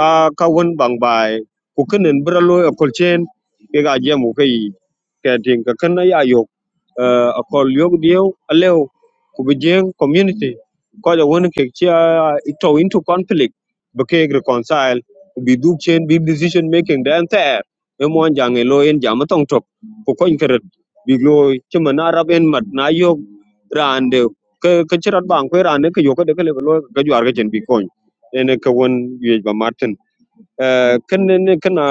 S7: ka ka won bang bai ku kenen bra lo kol chen ke ga jemu kai ke ting ka ken na ya yo a kol yo dio alew ku bi Jiang community Kaja won ke chia ito into conflict bake reconcile bi duk chen big decision making dan ter e mo jang e lo en jam tong tok ko kon keret bi lo chima na rab en mat na yo rande ke ke chirat bang ko rande ke yo ke de ke le lo ke jwar ke chen bi kon en ke won ye ba kan ne kana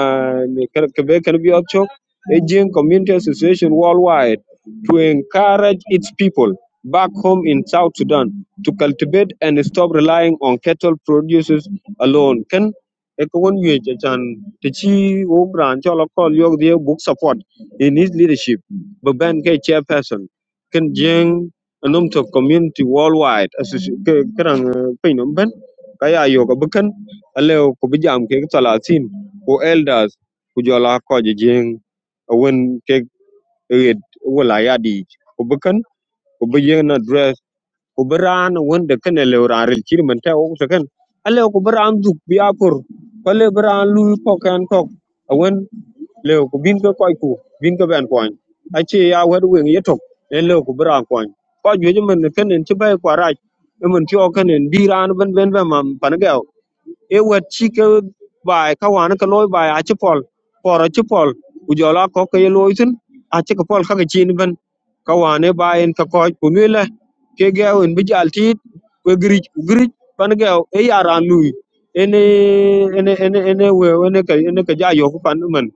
S7: kebe can be kan bi option Asian Community Association worldwide to encourage its people back home in South Sudan to cultivate and stop relying on cattle producers alone. Can Ekawon Yuchan Tichi Ogran Chola Call Yog the book support in his leadership, Baban K chairperson, Can Jing Anum to community worldwide as Kerang Pinum Ben Kaya Yoga Aleu ku bi jam kek talatin elders ku jola ko jeng wen kek red wala yadi ku bekan ku bi jeng na dress ku bi ran wen de kan lew ran rel chir man ta o kan aleu ku bi ran duk bi ko le bi ran lu ko kan ko wen lew ku bin ko koy ku bin ko ben koy a chi ya wer wen yetok ne lew ku bi ran koy ko ju man kan en chi bay ko raj e man ti o kan en bi ben ben ben man pan e wet ci ke bai ka wan ka loy bai a ci pol poro ci pol ku jola ko ke loy tin a ci ka pol ka ke chin ban ka wan e bai en ka ko ku mi le ke ge en bi jal ti ku gri gri pan ge e ya ran lui ene ene ene ene we ene ka ene ka ja yo ku pan man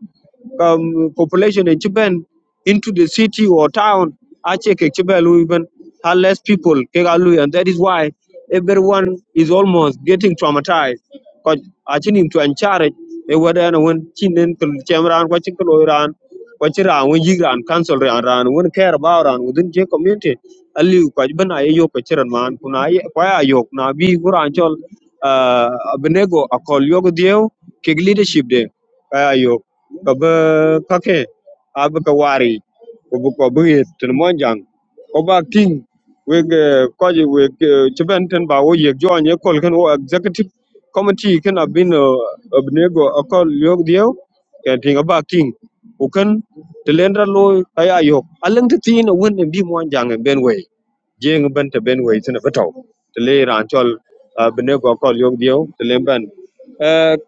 S7: um, population in Chiben into the city or town, ache ke Chiben even are less people, ke ga and that is why everyone is almost getting traumatized. Because I think him to encourage a whether and when chinen chamran, watching Koloran, watching Ran, when Yigran, Council Ran, Ran, when care about Ran within J community. Aliu kwa jibana ye yok chiran man kuna ye kwa yok na bi guranchol uh, Benego akol yogo dieu kig leadership de ka bə kake a bə ka wari ko bə ko bə yet tən monjang ko ba king we ko ji we chiben ten ba wo ye jo anye kol kan wo executive committee kan abin eh, abnego akol yog dio kan tinga ba king u kan te lendra loy yok alang te tin won bi monjang ben we jeng ban te ben we tin betaw te le ran chol abnego akol yog dio te le ban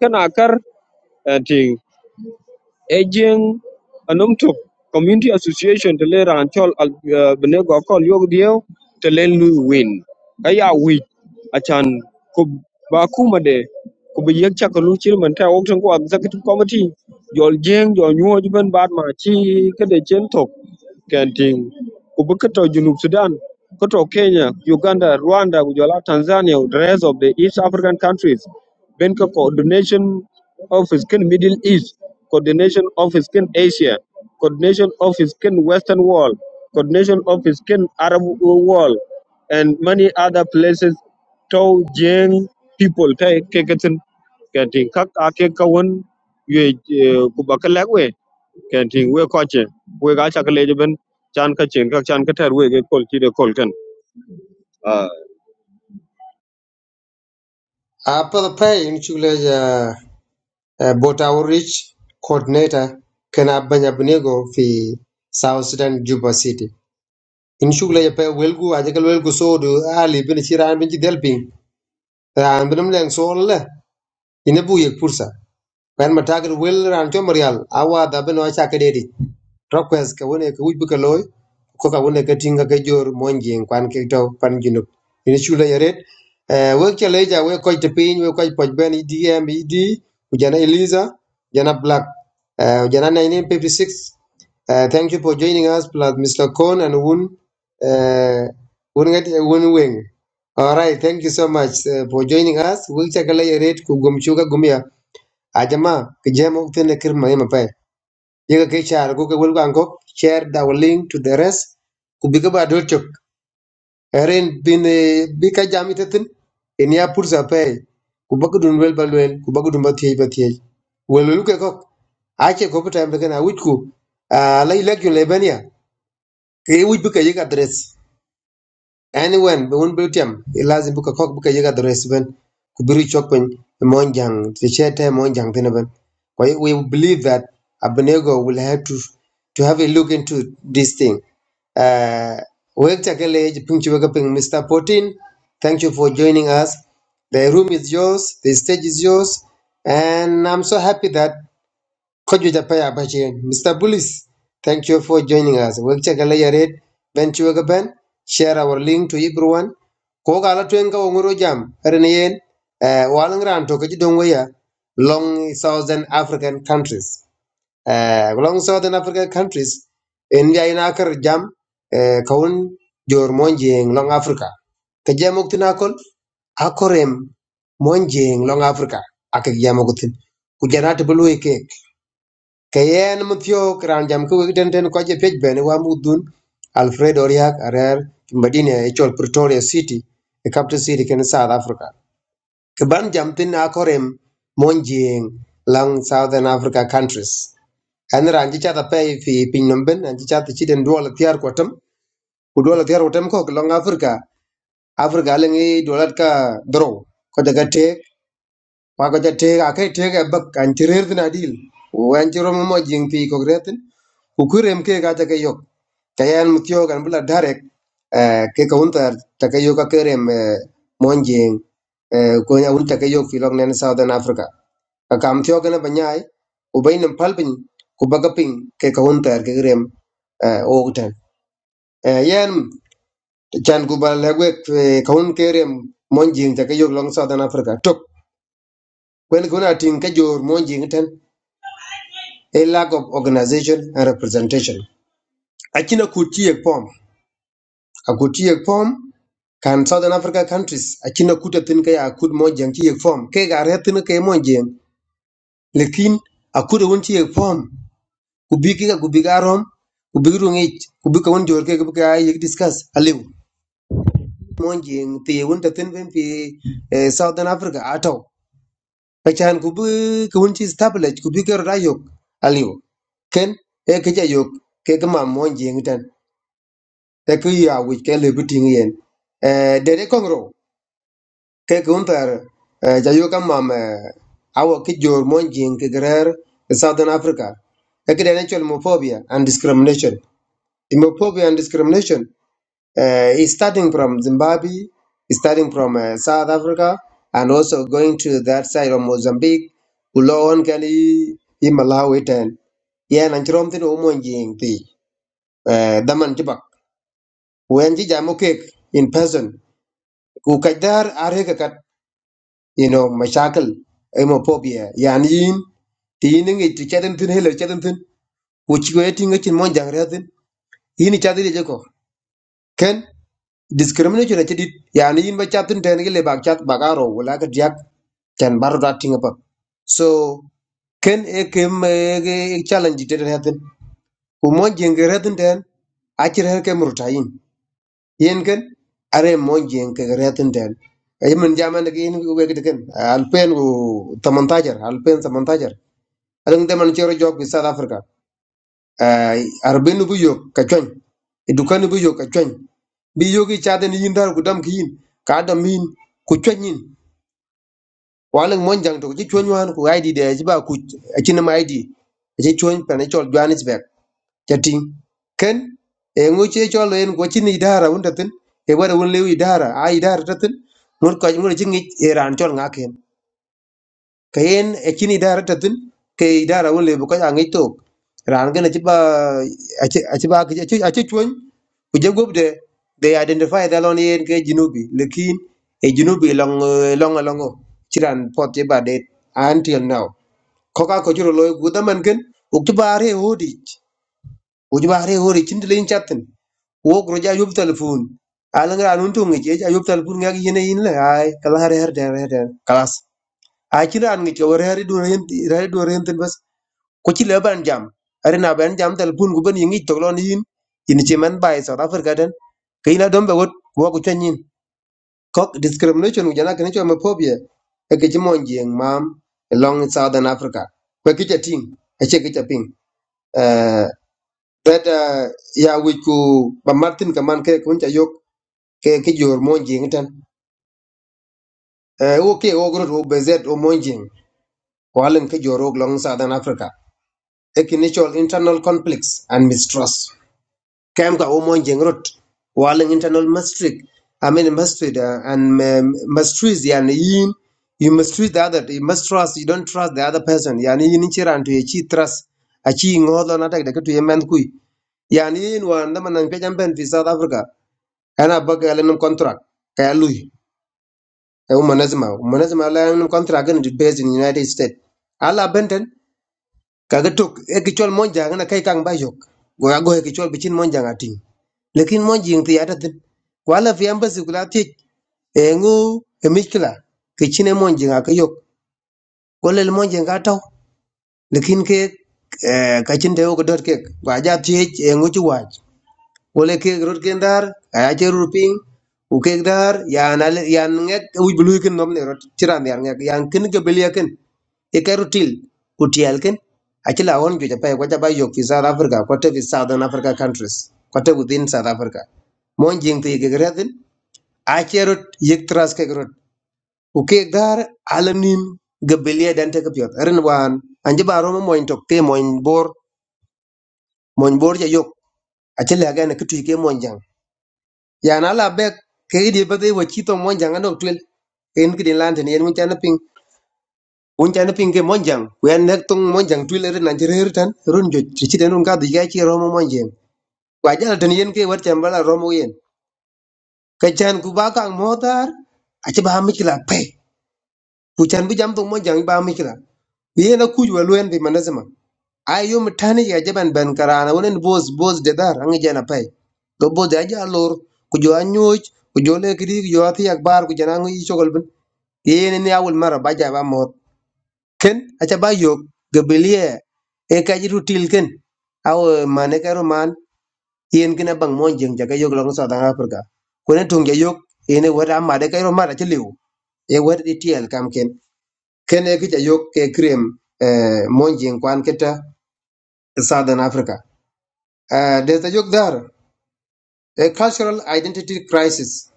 S7: kana kar ting Aging Anumtuk Community Association to lead and tell Benego call you deal to let Louis win. Kaya week Achan Kubakuma de Kubiyek Chakalu Chilman Tai Oxen Go Executive Committee. Your Jing, your new Ojiban Badma Chi Kadechen Tok Kenting Kubukato Junub Sudan. Koto Kenya, Uganda, Rwanda, Gujola, Tanzania, the rest of the East African countries. Benka Coordination Office, Ken Middle East, Coordination Office, Ken Asia, Coordination Office, Ken Western Wall, Coordination Office, Ken Arab Wall, and many other places. Tau Jeng people, Tai Kekatin, Kanting Kak Akekawan, Ye Kubakalakwe, Kanting We Koche, We Gachakalajaban, Chan Kachin, Kak Chan Katar, We Kolchi, the Kolkan.
S2: apa the pay in chule ya bota wo rich coordinator kena banya bunego fi south sudan juba city in chule ya pa welgu ajakal welgu sodu ali bin chiran bin delping Rähn bi dem längst hållet, inne bu gick pursa. kwen ma tagir wel ran cho marial awa da beno acha ke dedi request ke wone ke wujbu ke loy ko ka wone ke tinga ke jor monjing kwan ke to pan jinu ini chula yaret eh we ke leja we ko te pin we ko poj ben idm id ujana eliza jana black eh ujana 1956 Uh, thank you for joining us, plus Mr. Kon and Woon, uh, Woon Ngati- Woon Wing. All right, thank you so much uh, for joining us. We'll take a later rate Gumchuka Gumia. Ajamaa kijembe ukutende kirma yema pai. Yega ke char go ke wulga ango share the link to the rest kubiga ba dol chok. Erin bin eh, bi ka jami tetin in ya pursa pai. Kubaku dun wel ba lwel kubaku dun ba thiej ba thiej. Wel welu ke kok. Ache ko pata mbeka na wit ku. Ah, Ala ilek yun lebenia. Ke wit bi ka yega dress. anywhen be wun bil tiam i lazim bu ka kok bu ka yiga dores ben ku biru chok pen mon ti che te mon ben Kwa we believe that abnego will have to to have a look into this thing uh wek takele ping chu weka ping mr 14 thank you for joining us the room is yours the stage is yours and i'm so happy that Koju Japaya Bachian. Mr. Bullis, thank you for joining us. Wekchakalaya Red, Ben Chuagaben, share our link to everyone. Koga ala twenga wongoro jam, Renian, Walangran to Kajidongwaya, long Southern African countries. Uh, long Southern African countries, India in Akar jam, eh, Kaun Jormonjing, Long Africa. Kajamuktinakol, akorem mon jeng long africa ak ak yama gutin ku janata Keyen Muthio Kiran Jam ku ten ten ko je pej wa mudun Alfredo Riak Arer Madina e chol Pretoria City e capital city ken South Africa. Ke ban jam tin na korem monjing lang Southern Africa countries. An ranji cha da pay fi pin nomben an ji cha ti chiden dola tiar kwatam ku dola tiar kwatam ko long Africa Africa lengi dola ka dro ko daga tek kwa ko ja te ga ke te ga bak kan tirer na dil wan ti romo mo jing pi ko gretin ku kurem ke ga ta ke yok kayan mutio kan bula darek eh, ke ka unta ta ke yok ka kerem eh, mon jing eh, ko ya unta ke yok filok nen southern africa ka kam tio kana banyai u bainam palbin ku bagaping ke ka unta ke kerem ogtan yan chan ku ba lagwe ka un kerem mon jing ta ke yok long southern africa tok kwen kuna tin ke jor mon jing a lack of organization and representation. Akina kutiye pom, akutiye pom kan Southern Africa countries akina kuta tin kaya akud mojang tiye pom. Ke gare tin kaya mojang, lekin akuda won tiye pom. Kubiki ka kubika rom, kubiki rungich, kubika won jorke kubika yek discuss aliu. Mojang tiye won tatin ben pi eh, Southern Africa ato. Kachan kubi kuwon chi establish kubika rayok aliu. Ken e kaja yok ke kama mojang tan. e ke ya wi ke le biting yen eh de de kongro ke kuntar ja yo kam mam eh, awo ki jor mon jing ke grer southern africa e ke de homophobia and discrimination homophobia and discrimination uh, is starting from zimbabwe is starting from uh, south africa and also going to that side of mozambique ulon kan i i malawi ten yen an chrom tin o mon eh daman tibak wen ji in person उकेदार आर्ही का कत you know मशाल M O पॉप भी है यानी इन तीनों के ट्रीटमेंट थे लेटर ट्रीटमेंट हो चुका है तीनों चिन्मोंज ग्रहण है तो इन चारों ले जाओ कैन डिस्क्रिमिनेशन अच्छी दिल यानी इन बच्चों तो डेंगू के लेबाग्चात बगारों वो लाकर जाक चंबर डालतींग अप तो कैन एक एक एक चै yen ken are mon jen ke retin den ay man jaman de yen we ke ken alpen u tamantajar alpen tamantajar adang de man chero jog bi south africa ay arben bu yok ka chon edukan bu yok ka chon bi yogi chaden yin dar ku dam ki yin ka dam yin ku chon yin walang mon jang to ji chon wan ku id de ji ba ku akin ma id ji chon pan chol johannesburg chating ken e ngu che cho len ko chin idara un tatin e wada un lew idara a idara tatin mun ko mun chin ngi iran chol nga ken ken e chin idara tatin ke idara un lew ko ngi to ran gana ci ba a ci a ci ba ki- a ci a ci chuon ku je gob de they identify the lon yen ke jinubi lekin e jinubi long eh, long long ci ran pot je ba de until now ko ka ko juro loy ku da ken u ci ba re hodi u ci ba re hodi chin de lin wokro ja yub telepon, alang ran untu ngi je ja yub telefon ngak yene yin la ay kala har har der har der kalas a ci ran ngi ci war har du ren har du ren ten bas ko ci le ban jam ari na ban jam telepon, gu ban yingi toglon yin yin ci man bay south africa den kayina dombe wot wo ko tanyin kok discrimination gu jana kan ci ma phobia e ke ci mon jeng mam along southern africa ko ki ting e ce ki ping eh that ya wiku ba martin kaman ke kun ta yok ke ke jor mon jing tan Eh, wo ke wo gro wo bezet wo mon jing ko alan ke jor wo long southern africa ekinitual internal conflicts and mistrust kem ka wo mon jing rot ko alan internal mistreat i mean mistreat uh, and um, mistreat yani yin you mistreat the other you mistrust you don't trust the other person yani yin chiran to chi trust a chi ngodho na tek de to yemen kui yani yin wan da manan pe jamben fi south africa ana baga alan contract ka ya lui e woman asma woman asma la en contract ni based in the united states ala benten kaga tok e ki chol monja ngana kai kang ba yok go ya go e ki chol bichin monja ngati lekin monji ngti ata tin wala fi embassy kula ti e ngu e mikla ki chine monji ngaka yok go le monji ngata lekin ke eh, ka chin te go dot ke ba ja ti e ngu chi wach wala kek rot ken dar aya che rut ping u kek dar yan ale yan ngek u bulu ken nom ne rot chiran yan ngek yan ken ke belia ken e ka rutil ku tial ken achila on ju japai kwa japai yok fi south africa kwa te fi southern africa countries kwa te within south africa mon jing te ke gredin a che rot yek tras ke rot u kek dar alanim ge belia dan te ke pyot ren wan anje baro mo moin tok te moin bor moin bor ja yok achila ga ne ke tu ke mon jang ya na la be ke di ba de wo chi monjang anok twel en ki din lan en mun chan ping un chan ping ke monjang ku en nek tung monjang twel er nan jer er tan run jo chi den un ka di ga chi romo monjang wa jal ten yen ke war chan bala romo yen ke chan ku ba kang motar a chi ba mi pe ku chan bi jam tung monjang ba mi kila ye na ku ju wa luen bi manazama ayo mtani ya jaban ben karana wonen bos bos de dar angi jana pay go bos de aja lor ku jo anyoj ku jo le kidi ku jo ati yak bar ku jana ngi chokol ben yene ni awul mara baja ba mot ken acha ba yo gabelie e ka jitu til ken aw mane karo man yen kina bang mon jeng jaga yo long so dang afrika kone tung ja yo ene wada made karo mara chi liu e wada di tiel kam ken ken e kicha yo ke krem eh, mon jeng kwan keta southern africa Uh, there's a yok there, a cultural identity crisis.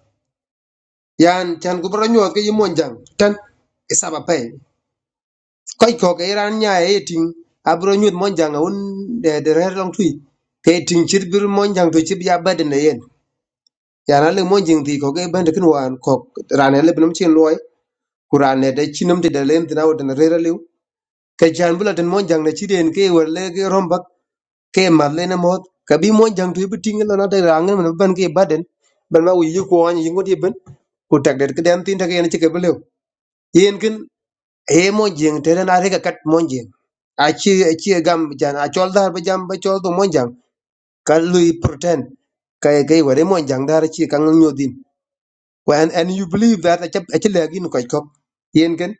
S2: Yan chan gubro nyuot ke yimon jang tan isaba pay. Koi ko ke ran nya eating abro nyuot mon jang un de de rer long tui. Ke ting chir bir mon jang to chip ya baden ne yen. Yan ale mon jing ti ko ke ban de kin wan ko ran ale binum chin loy. Kuran ne de chinum ti de lem tinaw de rer lew. Ke chan bula den mon jang ne chiden ke wer le ke rombak ke mat lene mot ka bi mon jang tu biting lo na ta rangen men ban ke baden ban ma wi ko an yingo di ben ku tak det ke dan tin ta ke ne ke belew yen kin e mon jeng te na re ka kat mon jeng a chi a chi gam jan a chol dar ba jam ba chol do mon jang ka lui pretend ka e ke wore mon jang dar chi ka ngyo din when and you believe that a chi le gin ko ko yen kin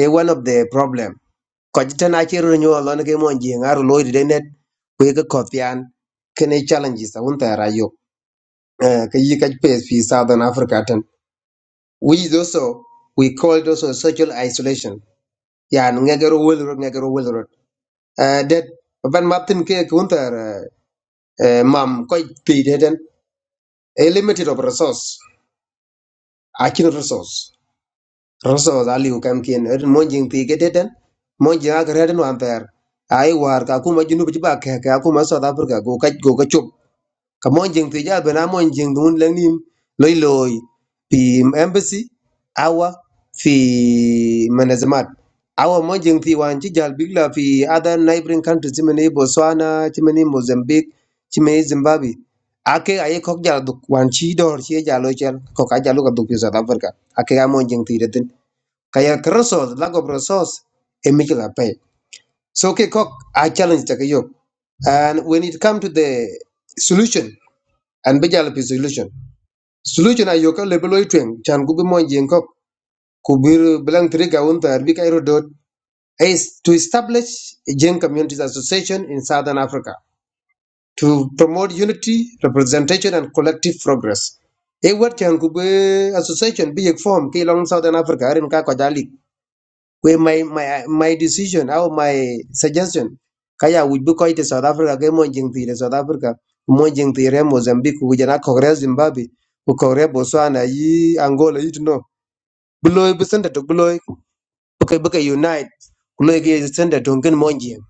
S2: e one of the problem ko jiten a chero nyo lon ke mon jeng ar loy de net we ke ko pian kene challenges un ta rayo ke yi ka pes fi southern africa tan we is also we call it also social isolation ya no ngegero wel ro ngegero wel ro that ban martin ke kun ta mam ko ti de den a limited of resource a kin resource resource ali u kam kin er mon jeng ti ke de den mon jeng ak reden wan ter ai war ka kuma junu bi ba ke ka kuma south africa go ka go ka Ka mon jeng tu ja bena mon jeng dun lang nim loy loy fi embassy awa fi manazamat awa mon jeng ti wan ci jal big la fi other neighboring countries ci mene Botswana ci mene Mozambique ci mene Zimbabwe ake aye kok jal duk wan ci dor ci jalo cel kok a jalo ka duk fi South Africa ake ga mon jeng ti retin kaya resource lack of resource e pay so ke kok a challenge take yo and when it come to the solution an bi jal pi solution solution ayo ka level oy twen chan ku bi mon jeng kok ku bir bilang tri kairo dot is to establish a jeng communities association in southern africa to promote unity representation and collective progress e wat chan association be a form ki long southern africa rin ka ko where my my my decision au my suggestion kaya wuj bi koyte south africa ke mon jing tire south africa mon jing tire mozambique ku jana ko re zimbabwe ku ko re botswana yi angola yi no bloy bi senda to bloy bu kay bu kay unite ku loy ge senda to ngen mon jing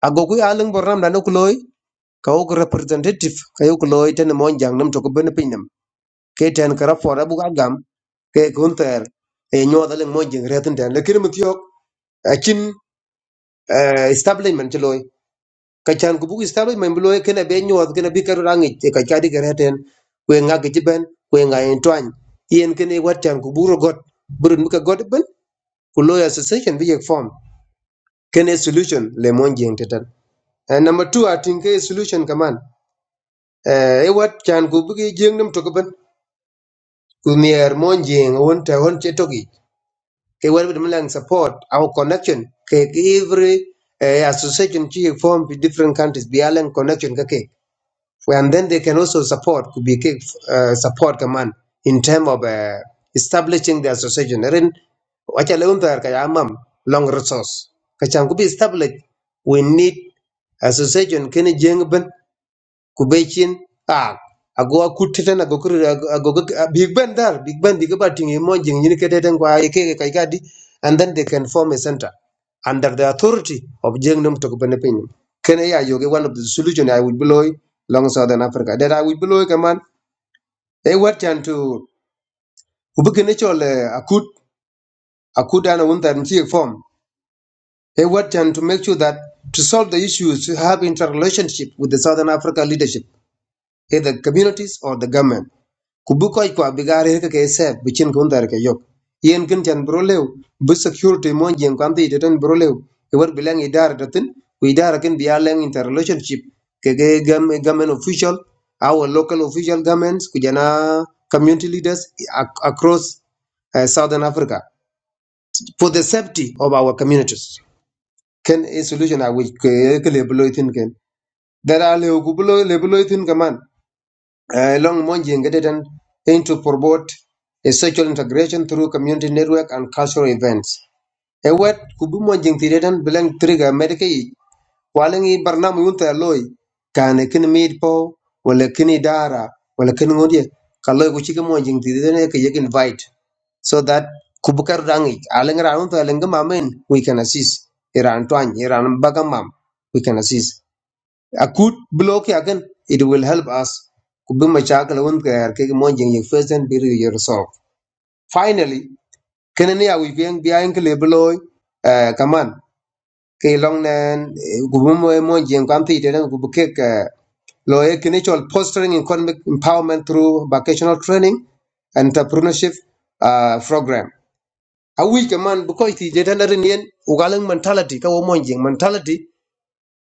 S2: ago ku alang bornam da no ku loy ka wo ku representative ka yo ku loy ten mon jang nam to ko ben pinam ke ten kara for abu gam ke kunter e nyodalen mon jing retin ten le kirmutiok eh, establishment ti loy ka chan ku buk establishment bi loy kena be nyuat kena bi karu rangi ti ka kadi ka reten kwe nga ki ben kwe nga en twany yen kene wat chan ku buro got burun muka got ben ku loy association bi yek form kene solution le mon jeng tetan Eh, number 2 atin ke solution kaman eh e wat chan ku bugi jeng nam to ben ku mier mon jeng won ta won che togi ke wat bi lang support our connection ke ke every eh, association chi yek form bi different countries bi alang connection kake and then they can also support could be uh, support command in terms of uh, establishing the association Rin, wacha leun tar kaya amam, long resource Kacham could be established we need association kene jengben kubechin a ago akutiten ago kur ago big band dar, big band big batting emerging ni kededen kwa ikeke kaikadi and then they can form a center under the authority of jengnum to benepin kene ya yoge one of the solution i would below long southern africa that i would below kaman e and to ubukene chole akut akut ana wunta mchi form e and to make sure that to solve the issues to have interrelationship with the southern africa leadership either communities or the government kubu koy kwa bigare ke ke se bichin kun dar ke yok yen kin chan bro lew bu security mon jeng kan ti ten bro lew e war bilang idar datin ku idar kin biya leng inter relationship ke ke gam gamen official our local official governments ku jana community leaders ac- across uh, southern africa for the safety of our communities ken a solution a which ke ke le blo itin ken dara le ku blo le blo itin uh, along Monji engaged and Gedetan aim to promote a social integration through community network and cultural events. A wet kubu Monji Tidetan bilang trigger medicai walang i barnam yunta loy kane kin meet po wala kini dara wala kin ngodie kalloy ku chika Monji Tidetan e kayek invite so that kubukar rangi alang ranunta alang mamen we can assist iran twang iran bagamam we can assist akut block ya kan it will help us kubin mashakal won ka yar ke mon jeng yek first and be resolve finally kene ne awi bien bien ke lebloy eh kaman ke long nen kubin mo mon jeng kan ti den kubu ke lo ye kene chol fostering economic empowerment through vocational training and entrepreneurship uh, program awi kaman bukoy ti jetan ren yen ugalang mentality ka wo mon jeng mentality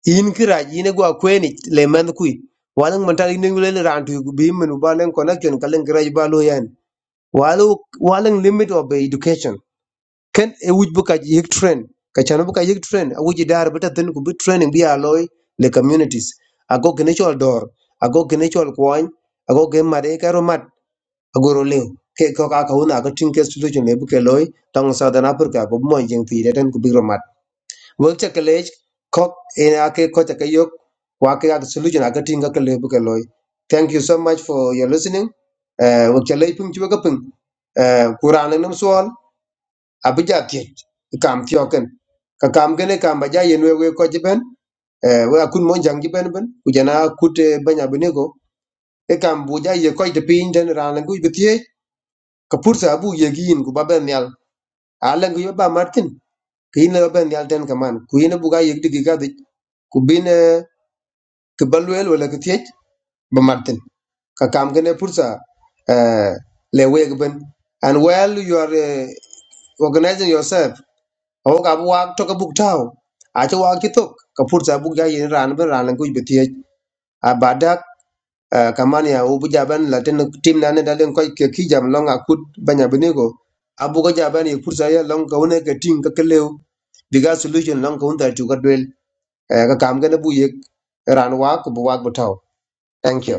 S2: in ki raj in gwa kweni le man kui walang mental in ngule ran tu bi men ba len connection ka len graj ba lo yan walu walang limit of education ken e wuj bu ka yik train ka chan bu ka yik train a wuj dar bu ta tin ku bu training bi aloy le communities ago gnechol dor ago gnechol kwan ago gen mare ka ro mat ago ro le ke ko ka ka una ka tin ke solution le bu ke loy tang southern africa ko mo jeng ti den ku bi ro work cha college ko ina ke ko cha kayok wa ke ga solution aga tinga ka lebu ka loy thank you so much for your listening eh work cha lay pung chu ga pung eh quran nam sol abija ti kam ti oken ka kam gene kam ba ja yen we we ko jiben eh we akun mon jang jiben ben ku jana kute banya benego e kam bu ja ye ko de pin den ran ngu bi ti ka pursa bu ye gi in ku ba ben yal alang yu ba martin kin lo ben yal ten kaman ku yin buga yek digi gadi ku bin ke balwel wala ke tiech ba martin ka kam gane pursa eh, le weg ben and while you are eh, organizing yourself awo ka bu wak to ka buk taw a to wak ki tok ka pursa buk ya yin ran ben ran ku be tiech a badak eh, kaman ya u buja ben la ten tim na ne dalen ko ke ki jam long akut banya benego abu ko jaban ye pursa ya long ka one ka ting ka kelew biga solution long ka unta tu ka Eh, ka kam gane bu yek ran wak bu wak bu tau thank you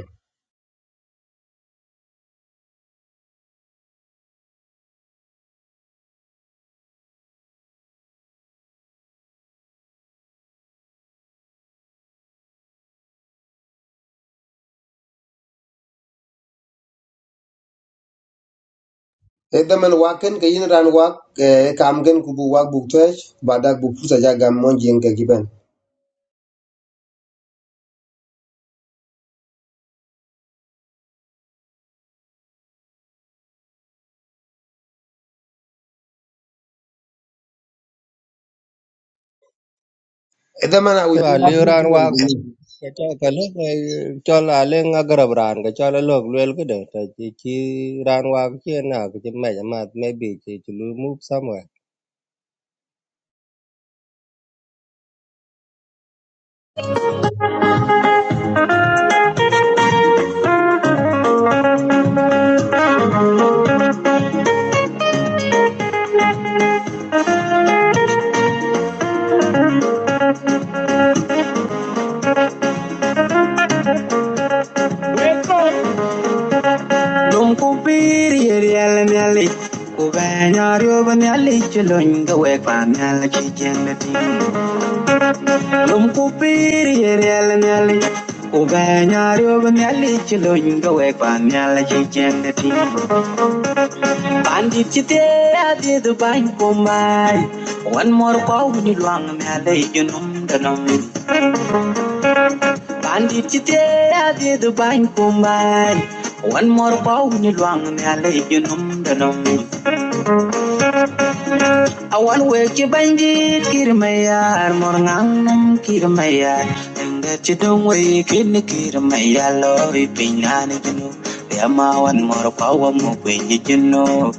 S2: e daman waken ke yin ran wak eh, kam gen ku bu wak bu tej badak bu pusa ja gam mon jeng ke giben e daman awi
S5: a liu ran wak ba ta kale chol a leŋ a garab ran ko chol a lok luel kode ta chi chi ran wak chien na ko chi mej a math maybe chi chi lu move somewhere
S4: Dum ku bir yeri el nyali ku be nyario ben nyali chulun ga we kwa nyali chi jende ti Dum ku bir yeri el nyali ku be nyario ben nyali chulun ga we kwa nyali chi jende ti Banji chite adidu ban kumbai, one more power ni luang me aley yo nom denom. Banji chite adidu ban kumbai, one more power ni luang me aley yo nom denom. A one way chibanji kira mayar mor ngang nom kira mayar, tenggech dongwe kini kira mayaloi piya ni geno, lema one more power mo piya geno.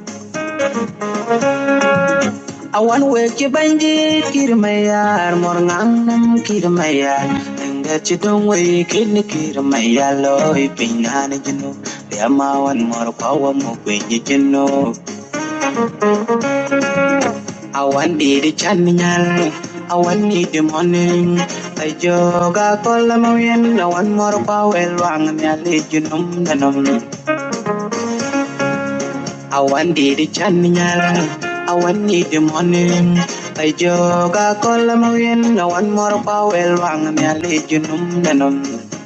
S4: A wan weke banji kirmayar mornganam kirmayar Inga chidong we kin kirmayar loy pingan jino Yama wan mor pawa mo kwenye jino A wan didi chanyal A wan nidi morning A joga kola mawin A wan mor pawa elwang nyali jinom nanom I want the chanyal, I want need the money. I joga colamarin, I want more power, wang me allegianum nanum.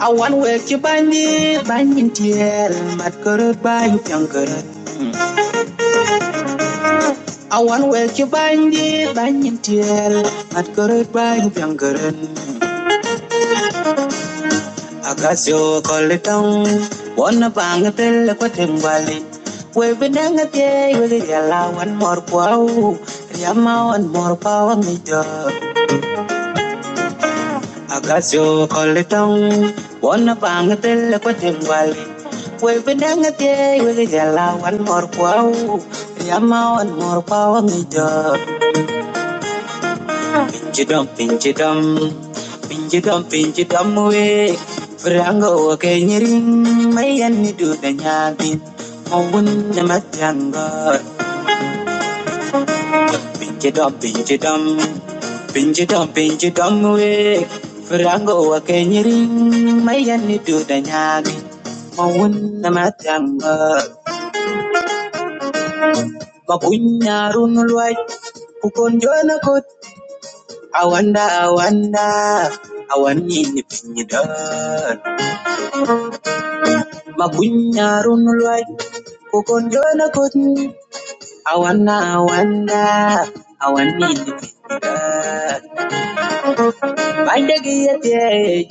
S4: I want work you bandit, banyan tiel, mat kurut bayu pyang kurut. I want work you bandit, banyan tiel, mat kurut bayu pyang kurut. Agasio koletong wana bang tel ko timbali we have been benang te we more mor kwau yamawan mor pawang ijo Agasio koletong wana bang tel ko timbali we have been benang te we galawan mor kwau yamawan mor pawang ijo Pinchidam, pinchidam, pinchidam, pinchidam we. Frango wa kenyirin, mayan ni do da nyabin. Mawun na matanga. Pinchidam, pinchidam, pinchidam, pinchidam we. Frango wa kenyirin, mayan ni do da nyabin. Mawun na matanga. Mapunyarun luwai, kukon jona kot. Awanda, awanda, awan ni ni Magunyarun luai kokondo na kun awana awana awani Bande giyate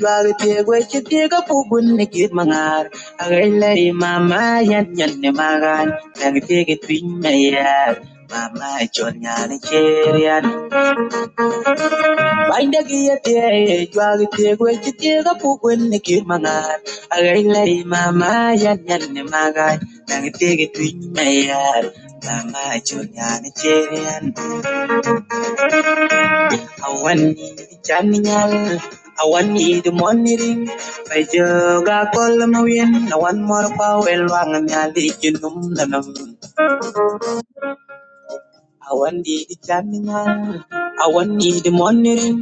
S4: jwalu te gwechi te ga pugun ne git mangar agaila mama yan yan ne magan tag te git pinya ya mama chon yan cherian Banda kia tie, juagi tie, gue tie ga pukun ni ki mangan. Agai lai mama yan yan ni magai, nang tie ki tui my Mama chunya ni cherian, awan ni chan nyal, awan ni the monitoring. Bajo ga kol mawin, awan mor pa wel wang nyali the nanam. I want not need it I want not need the money.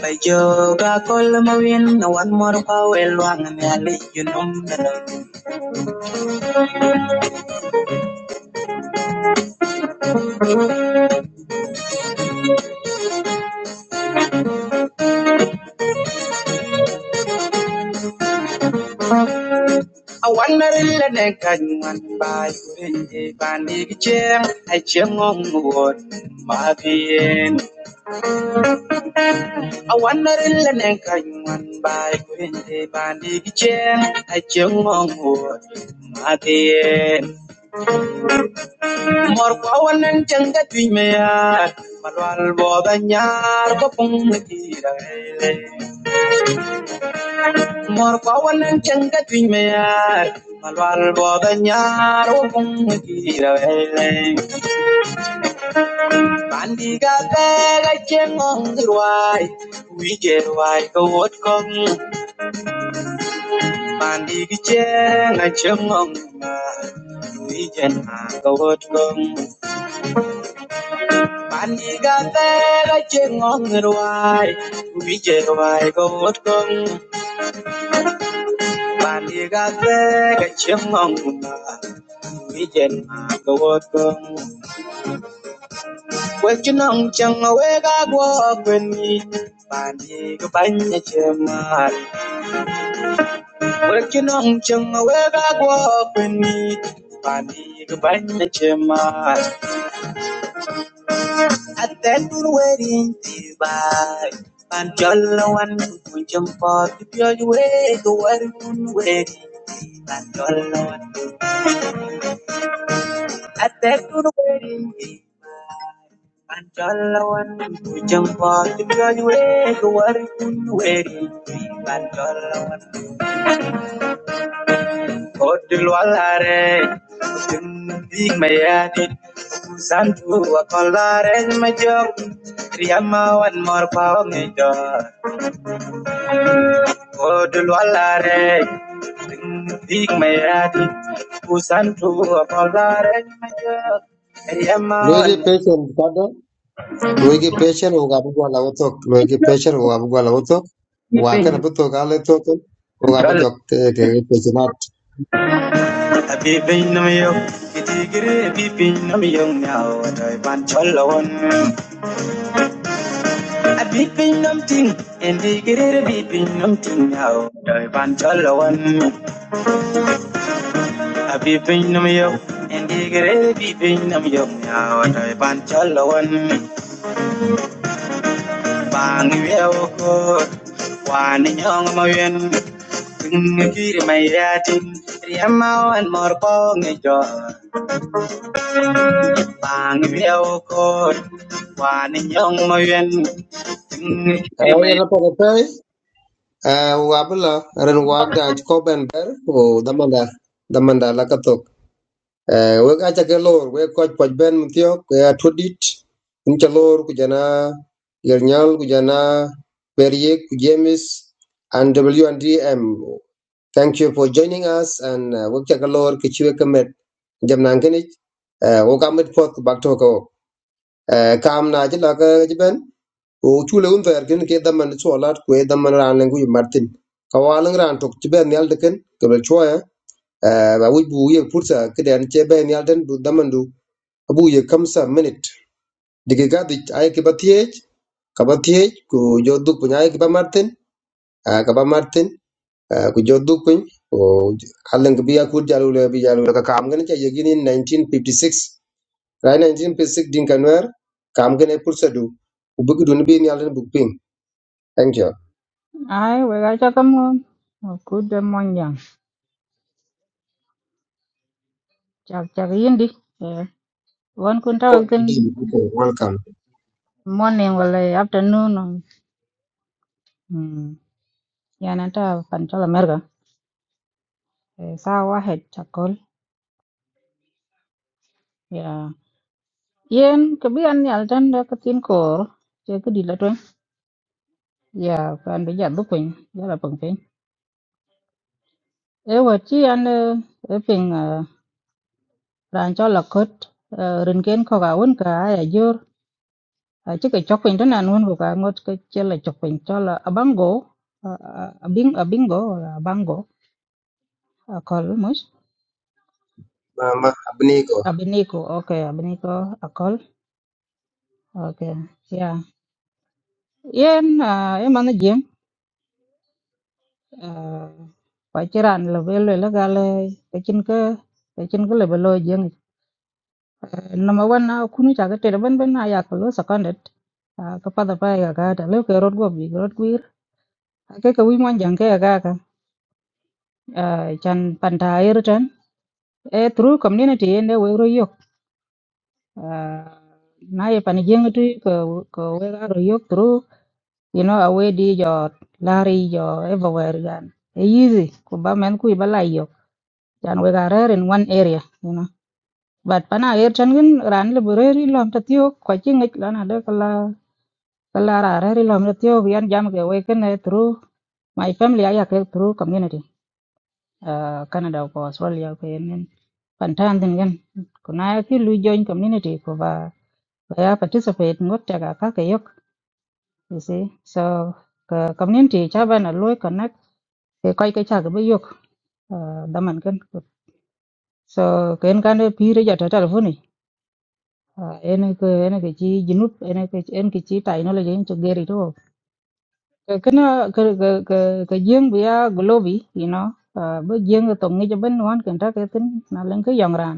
S4: By yoga, call my win. I want more power. Long and I let you know. I want a little neck and one by the bandy chair. I chang on the word. My pain. I want a little neck and one by the bandy chair. I chang on the word. My pain. Mor kawanan janga tui mea, malwal boda nyar ko pung gira ele. Mor kawanan janga tui mea, malwal boda nyar ko pung gira ele. Mandi ga pega cheng ong ruai, wi ge ruai ko wot kong. Mandi gi cheng a ma, wi gen ma ko wot kong. Bandiga tera chingong ruai, wije ruai go wotong. Bandiga tera chingong na, wije na go wotong. Wechinong chang wega go kweni, bandiga banya chemar. Wechinong chang wega go kweni, banya chemar. Atendun werin ti bai Pan jollo wan kun jam ko ti pyoj we ko warun werin ti pan jollo wan Atendun werin ti Pan jollo wan kun jam ko ti pyoj we ko warun werin ti pan jollo wan Kod lwal hare tin di mayadit Santu wa kolaren majok Riyama one more power pawang Kodulwalare, big mayadi, Busantu apalare,
S2: loege
S4: Yaman,
S2: patient kada loege patient o gabu gwa lawo tok loege patient o gabu gwa lawo tok waken bu to ga le to to o gabu jok te te patient at
S4: a baby no yo, Itigre, a baby no young now, and I want Cholon. A baby nothing, and Itigre, a baby nothing now, and I want no yo, and Itigre, a baby no young now, Bang, we are Wan young Mayan,
S2: e na pa pe e o gabu la ran wak da ko ben ber o daman da daman da la ka to eh we ga ta lor we ko ko ben mtio ko ya todit in ta lor ku jana yernyal ku jana perie ku james and wndm thank you for joining us and uh, we ta lor ki chwe kamet jam nan kini eh wo kamet pot bak to ko eh kam na ji la ga ji ben o chule un ver kin ke da man so lat ku e da man ran ngu martin kawalan ran tok ji ben yal de ken ke bel chwa eh Eh, ba wi bu ye pursa ke dan che ben yal den du da man abu ye kamsa minute digi gadi ay ki batiyej ka batiyej ku joduk pun ay ki ba martin a ka ba martin ah, ku joduk pun o halen ki biya kur jalu le bi jalu le ka kam gane cha yegini 1956 rai 1956 din kanwer kam gane pursa du u bugu dun bi ni alen bug ping thank you
S8: Ai wega cha kamon. Kude monyang. Chak chak yindi. Eh, Wan kun
S2: Paul,
S8: tawa
S2: you did
S8: kin
S2: good. welcome
S8: morning wala afternoon. or- Mm. Yana ta panchola merga. Eh, Saa wahed chakol. Ya. Yen kebian ni altan da katin kor. Che kudi la tuen. Ya kan bija dukwing. Ya la pengpeng. E wachi an eh, e ping eh, ran chola kot. eh, Rinken koga un ka ya jur. à chứ cái chọc pin đó là luôn cả ngot cái chơi là chọc pin cho là abango Ờ, ờ, abing abingo là abango à, call mới
S2: mama abni ko
S8: abinico ok abinico à, call ok yeah yên à em ăn gì à phải chơi ran là về rồi là gà lê cái chân cơ cái chân cơ là về rồi giang number one na kunu chả cái trời bên bên này à kalau seconded à cái phát phải à cái đó lấy cái road go bị road queer cái cái quý mang chẳng cái à cái à chan pan thai rồi e through community ende we ro yok uh, na ye pan jeng tu ko ko we ro yok through you know awe di jo lari jo everywhere gan e easy ko ba men ku ba lai yok jan we ga rare in one area you know but pana air chan gin ran le bureri lom ta tiok ko chi ngik lan ade kala kala ra rare lom ta tiok yan jam ke we ken e through my family aya ke through community uh, Canada ko Australia ko yemen pantan din gan kuna ki lu join community ko ba ba ya participate ngot ta ka ka yok you see so ka community cha ba na lu connect ke kai ka cha ga ba yok uh, daman gan so ken kan pi re ja ta telefoni en ko en ke chi jinup en ke en ke chi technology en to geri to kana ka ka ka ka jeng bia globi you know uh, ba jeng to ngi ben wan kan ta ke tin na len ke yang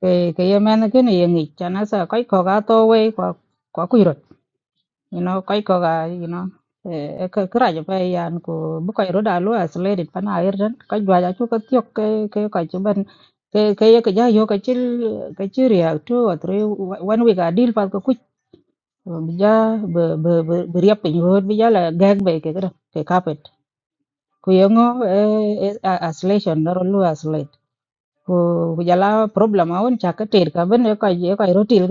S8: cái cái em anh cái này nghịch cho nó sợ cái khó gà to quay quá quá quy rồi you know cái khó gà you know cái cái ra cho phải anh cô bức cái rồi đã luôn à lấy được pana air đến cái vài giờ chú cái tiếc cái cái cái chú bên cái cái cái giờ vô cái chữ cái chữ ria two or three one week à deal phải có quýt Ờ, bây giờ bờ bờ bờ bờ riệp pin rồi bây giờ là gang về cái cái đó cái carpet cô yêu ngó isolation nó rồi luôn isolate cô bây giờ là problem à vẫn chắc cái tiền cả bên cái cái cái rồi tiền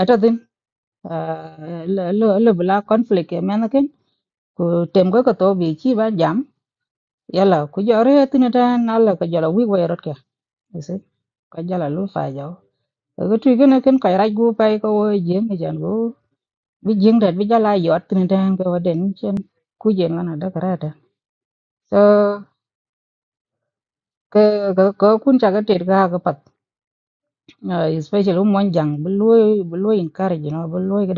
S8: atadhin lo bila conflict ya mena ken ku tem ko to bi chi ba jam yala ku jore tini ta nala ka jala wi wa rot ka ese ka jala lu fa jaw ko tu gena ken ka raj gu pai ko wo jeng ni jan go bi jeng dat bi jala yot tini ta ko den chen ku jeng na da karata so ke ko kun cha ga ter ga ga pat Eh, especially mon jang bu lo bu lo in kar jino bu lu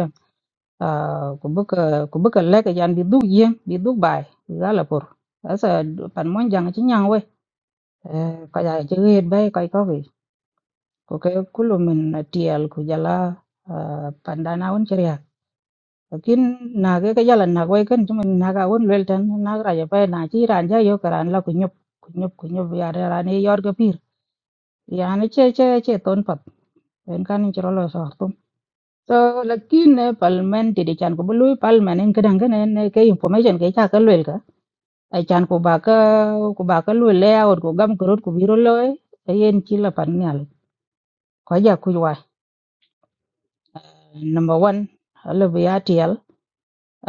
S8: Ah, ku bä ka ku bä ka lɛ kɛjan bï dhuk yen bï dhuk bɛi bï dha lapur ëka pan mwöjaŋ ëcï nyaŋ we köja ëcï ɣet ba ï köc kökï ku kë kulu mïn atyël kujala pandan awun cï ryak lakin nak ëka jal anak wëy kën cï mïn nak awun lwel tën nak raja pe na cï raan ja yo karan la kunyop kunyop kunyop yani raan ï yöt k'ëpir yani cë cë cë thon path ën kany ï cïrö lösö so lakin ne palmen ti di chan ko bului palmen en kadang kan en ke information ke cha ka lwel ka ai chan ko ba ka ko ba ka lwel le aur ko gam ko ko biro loy yen chi la pan nyal ko ja ku wa number 1 ala bi atl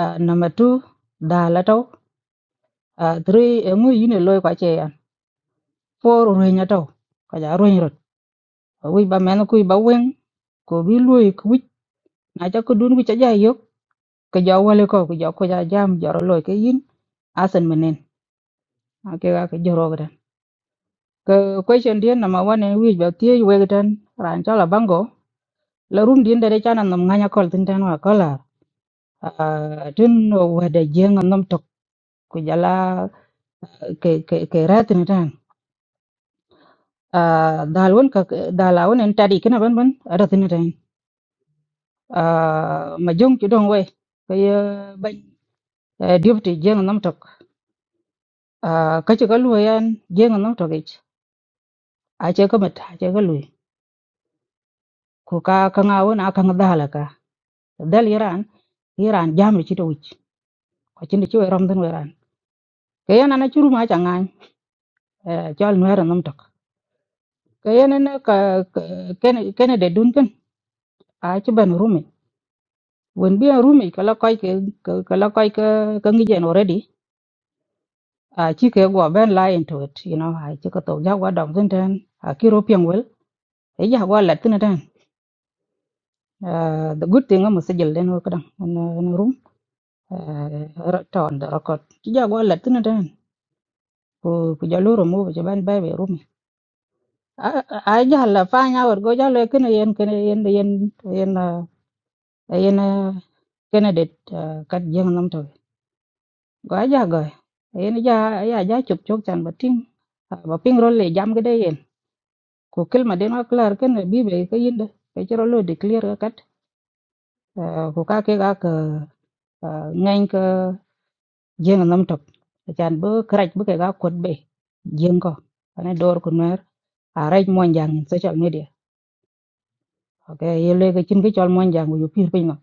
S8: uh, number 2 da la to 3 ngu yine loy ko che yan four ro nya to ko ja ro nya wi ba men ku ba wen ko bi lwel ku wi na cha ko dun ku cha ja yok ke ja wale ko ku ja ko ja jam jaro loy ke yin asen menen ake ga ke joro ga ke question dia nama wane wi ba tie we ga tan ran cha la bango la rum din da de cha na nam nganya kol tin tan wa kola a tin wa da jeng nam tok ku jala ke ke ke rat ni tan a dalwon ka dalawon en tadi kana ban ban rat ni tan a ma jong ki dong we ke ban diop ti jeng nam tok a ka cha ga lu yan jeng nam tok ich a che ka mat a che ga lu ku ka ka ngawon a ka ngadala ka dal iran iran jam ci to wich ko ci ci ram den weran ke yana na churu ma changa e chol nwera nam tok ke yana na ka ken ken de dun ken a ci ban rumi won bi rumi kala koy ke kala koy ke ka ngi jen already a ci ke go ben la into it you know a ci ko to ja wa dong den den a ki ro pian wel e ja wa la tin den Uh, the good thing amu sejel den wo kadang in, uh, in room uh, ra- to on the record ci ja wa la tin den ku ku ja lo ro mo ban bai be rum ai jalla fanya war go jalla kene yen kene yen yen yen eh, yen eh, kene det eh, kat jeng nam to go aja go yen ja ya ja chop chok chan batin ba ping rol le jam gede yen ko kel ma den aklar kene bi be ke yin de ke chero lo declare kat eh, ko ka ke ga ke ngain ke jeng nam to chan bo krach bo ke ga kot be jeng ko ane dor ku mer araj mon jang in social media okay yele ke chin ke chol mon jang go yo pir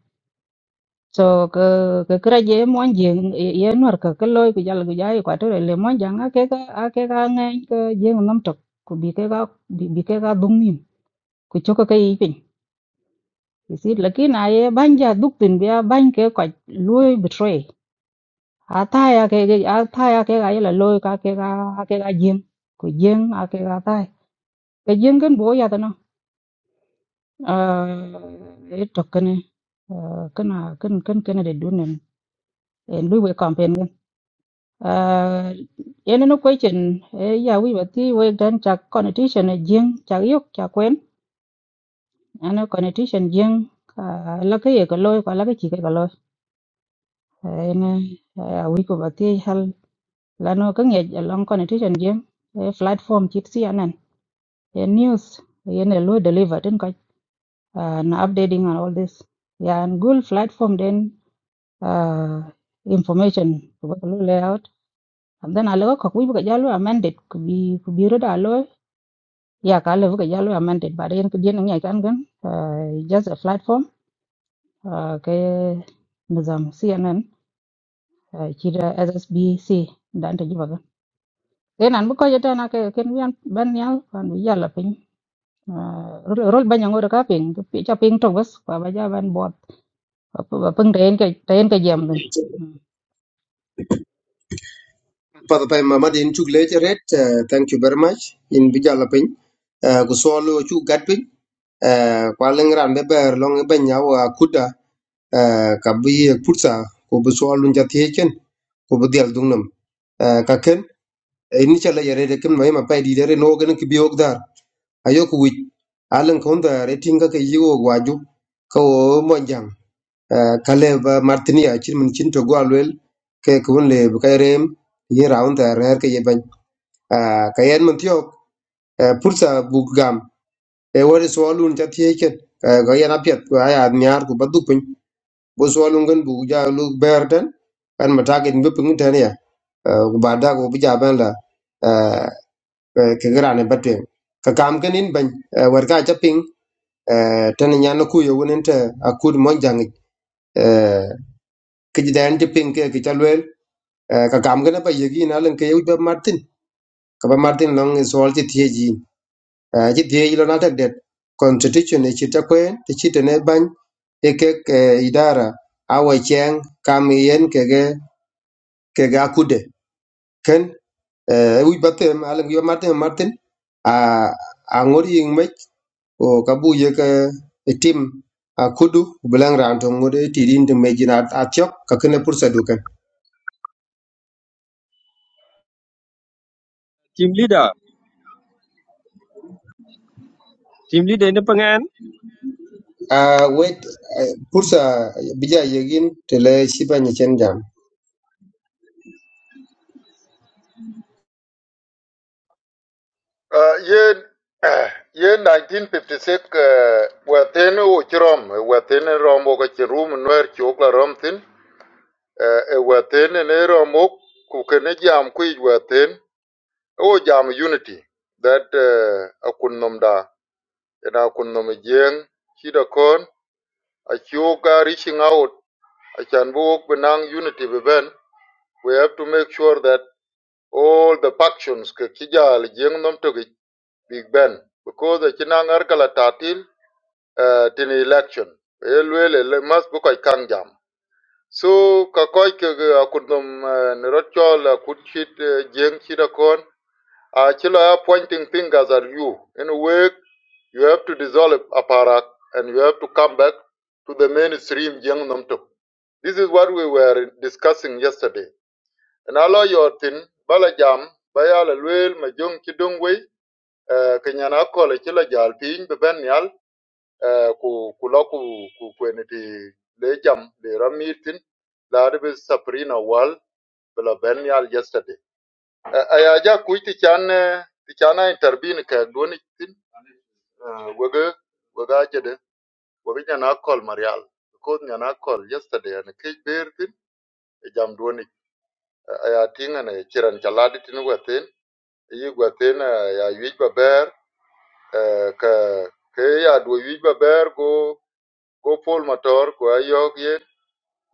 S8: so ke ke kra je mo jeng ye nor ka ke loy ku jal gu jai kwa to le mo jang a ke ka a ke ka ngai ke jeng nam tok ku bi ke ka bi bi ke ka dung nim ku cho ka kai pin isi laki na ye ban ja duk tin bia ban ke kwa loy betray a ta ya ke ke- a ta ya ke ga ye la loy ka ke ka a ke ka jeng ku jeng a ke ka ta ke jeng ken bo ya ta no e tok kene kana kan kan kana de dunen en lui we kampen uh, ene no question e ya wi bati we dan cha connotation e jing cha yok cha kwen ana connotation jing uh, la ke ye ko loy ko la ke chi ke ko loy ene uh, wi ko bati hal la no ke nge long connotation jing e platform chit si anan e news ene lo deliver tin ko uh, na updating and all this ya an gul platform then uh, information ko ba ko lo layout and then alaga ko wi ko jalo amended ko bi ko bi ro da Yeah, ka level ka jalo amended, but yen kudien ngi ay kan gan uh, just a platform uh, ke nizam CNN uh, chira SSBC dan te jibaga. Yen an buko jeta na ke ken wian ban yal kan wi yalla pin. Uh, rol ban yango da ka pin, pi cha pin to bas ka ba ja ban bot. Ba pung ren ke ren ke jam dun.
S2: pa pa mama din chuk le red thank you very much in bijala pin ku solo chu gat piny. eh kwa lengran be ber long be nya wa kuda eh ka bi ye putsa ko bu so lun jati ken ko bu dial dung nam eh ka ken eh, ni chala yare de ken mai ma pai di dare no gan ki bi ok dar ayo ku wi alan ko da re tinga ke yi wo waju ko wo mo jang eh ka le ba martini a chin mun chin to go alwel ke ko le bu kay rem ye raun da re ke ye ban eh ka yen mun tiok eh putsa bu gam e wore so lun jati ken eh ga yana pet ko aya nyar ko ba du bo swalun gan bu ja lu ber tan kan ma target be pung tan ya Ah, ku ba da ku bi ja ban la ah, eh, ke gra ne batem ka kam kan in ban ah, war ka cha ping ah, tan nya no ku yo wonen ta akud mon jang eh, ke ji dan ti ping ke ke cha lwel Ah, ka kam kan ba yegi na len ke yu ba martin ka ba martin long is all ti tie ji Ah, ji tie lo na ta det constitution ne chi ta kwen ti chi te ne ban e idara awa cheng kam yen kege ke ga kude ken eh wi batte ala ngi martin martin a a ngori ing me o kabu ye ke e tim a kudu belang ran to ngode ti din de me jina atyok ka kene pursa du ken
S7: Team leader, team leader in the Pangan.
S2: a we pursa bija yegin tele shiba ni chen jam
S6: uh, yen uh, yen 1956 uh, wethin u chirom wethin rombo ka chirum nwer chukla rom thin e within in era mok ku kene jam kuic within o jam unity that uh, akun nom da ina akun nom jeng shida kon achiu ga reaching out achan bu wok benang unity be ben we have to make sure that all the factions ke kijal jeng nom to big ben because the chinang arkala tatil uh, tin election elwele le mas bu koy kang jam so ka koy ke a kudum ne rotchol a kud chit eh, jeng chit a chilo ya pointing fingers at you in a way you have to dissolve aparak and you have to come back to the mainstream jeng nom this is what we were discussing yesterday and allow your tin bala jam bayala luel ma jong chi dong wei eh, ke nyana ko le chilo jal pin be ben yal eh, ku ku ku ku kweni le jam le ramir tin la de be saprina wal bila ben yal yesterday aya ja ku ti chan eh, ti chan a intervene ka doni tin eh, wege wega jede wege nyana call marial because nyana call yesterday and ke ber tin e jam doni aya tinga ne chiran chaladi tin wetin yi wetin ya yuj baber eh, ka ke ya do yuj baber go go pol motor ko ayog ye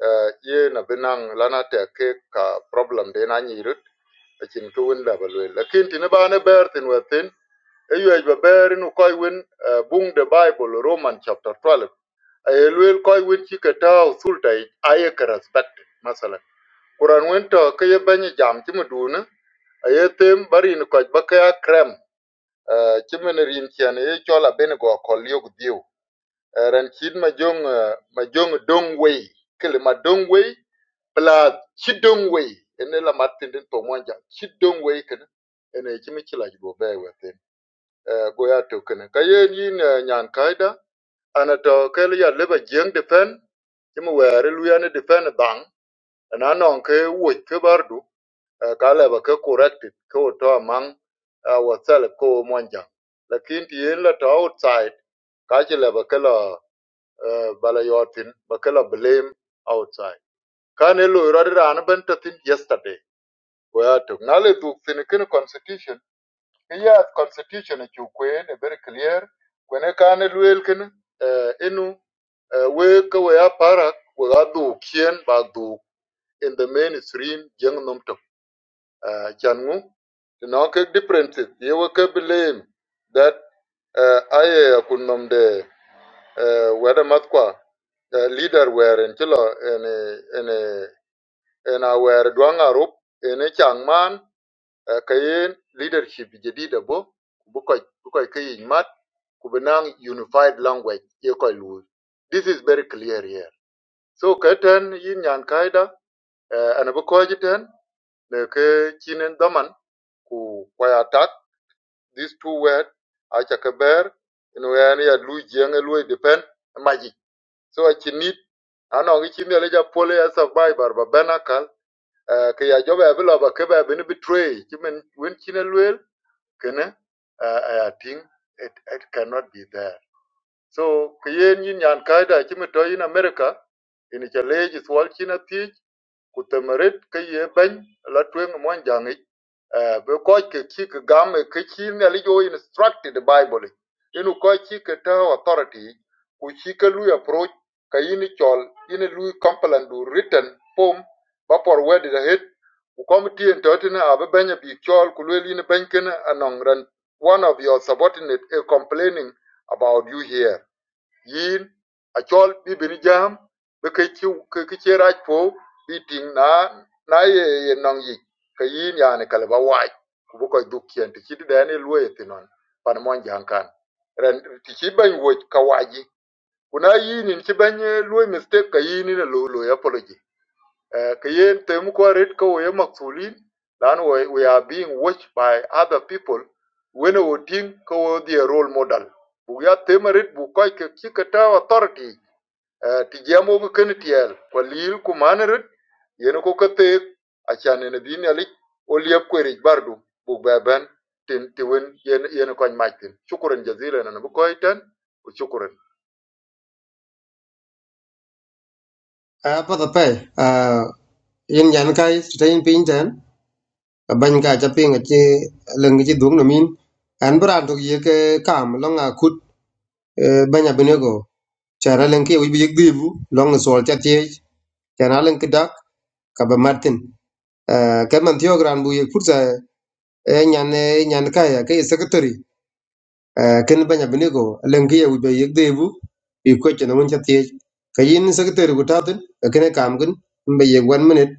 S6: eh, ye na benang lana te ke ka problem de na nyiru Akin ki wen laba luel lakin tini ba ne ber tin wet tin e ba ber inu koi wen uh, bung the bible roman chapter 12 aye luel koi wen ci ke tau thulta aye ke respect masalan kuran wen to ke ye jam ci muduna aye tem bari ni koj ba ke a krem uh, ci men rin cian ye chola bene go kol yog diu uh, ran chin ma jong uh, ma jong dong wei kele ma dong wei Pla chidungwe. ene la matindin to mwanja Chidongwe kene ene chimi chila jibo be within uh, go ya to kene kayen yin uh, nyan kaida ana to kele ya leba defend defen chimi were defend ya bang ana non ke wo ke bardu uh, ka ke corrected ke wo to among uh, wasal ko mwanja lakini ti yen to outside ka chi leba ke la uh, bala yotin ba ke blame outside kane lo yoradi rana yesterday Watu nale du finikini constitution iya constitution chu kwen e very clear kwene kane luel kene uh, inu uh, we ka we a we ga du kien ba du in the mainstream jeng nom tok uh, chan ngu no ke differences ye we ke blame that uh, aye kun nom de uh, weda mat kwa uh, leader were in chilo in in in a were duang in changman uh, kayen leadership jadida bo bukoy bukoy kayen mat kubinang unified language yekoy lu this is very clear here so katen yin yan kaida uh, ana bukoy jiten ne ke chinen daman ku kwaya tak these two word acha kaber ino yani ya lu jenge lu depend magic. so achi need ano gi chinde le ja pole ya survivor ba benakal uh, ke ya jobe bila ba ke ba bin betray chimen wen chinen luel kene uh, I think it, it cannot be there. So kuyen yin yan kaida chimi to in America in challenge is wal china Kutəməret kə ye bɛny la twɛŋ mwanjaŋ ic. Eh, bɛ kɔc kə ki kə gam eh, kə ki ne li yo instructed the Bible ic. Inu kɔc ki kə tə authority we Ku ki kə approach kə yini chol, yini lui complain du written form ba por wedi the head. Ku committee and tɔtini a bɛ bɛnya bi chol ku luel yini one of your subordinate is complaining about you here yin acɔl bi bini jam bi ke ci ke ke raj po bi ting na na ye ye yi ke yin yani kale ba wai ku bu koy duk ti ci de ne luwe ti non pan mon jang kan ren ti ci ban wo ka waji kuna yin ni ci ban luwe mistake ka yin ne lo lo ya Eh, ka yen tem ko we lan we, are being watched by other people when we think ko we their role model We ya tem red bu ko ke ki authority eh, ti jamo ko ken tiel ko lil ku man red a chan ne din ali o liep ko red bardu bu tin ti wen yen yen ko ma tin shukran
S2: a pa da pe a yin yan kai tayin pin ten ban ka cha pin che lengi chi dung no min an bran to ye ke kam lo nga kut eh, banya binego Cara lenki wi bi gdibu long sol cha tie cara lenki dak ka ba martin Eh, ka man tio gran bu ye kurza e nyan eh, nyan ka ya ke secretary Eh, ken banya binigo lenki wi bi gdibu i ko chen won cha tie ka yin secretary ku tatin kam gun mbe one minute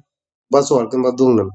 S2: ba sol kin nam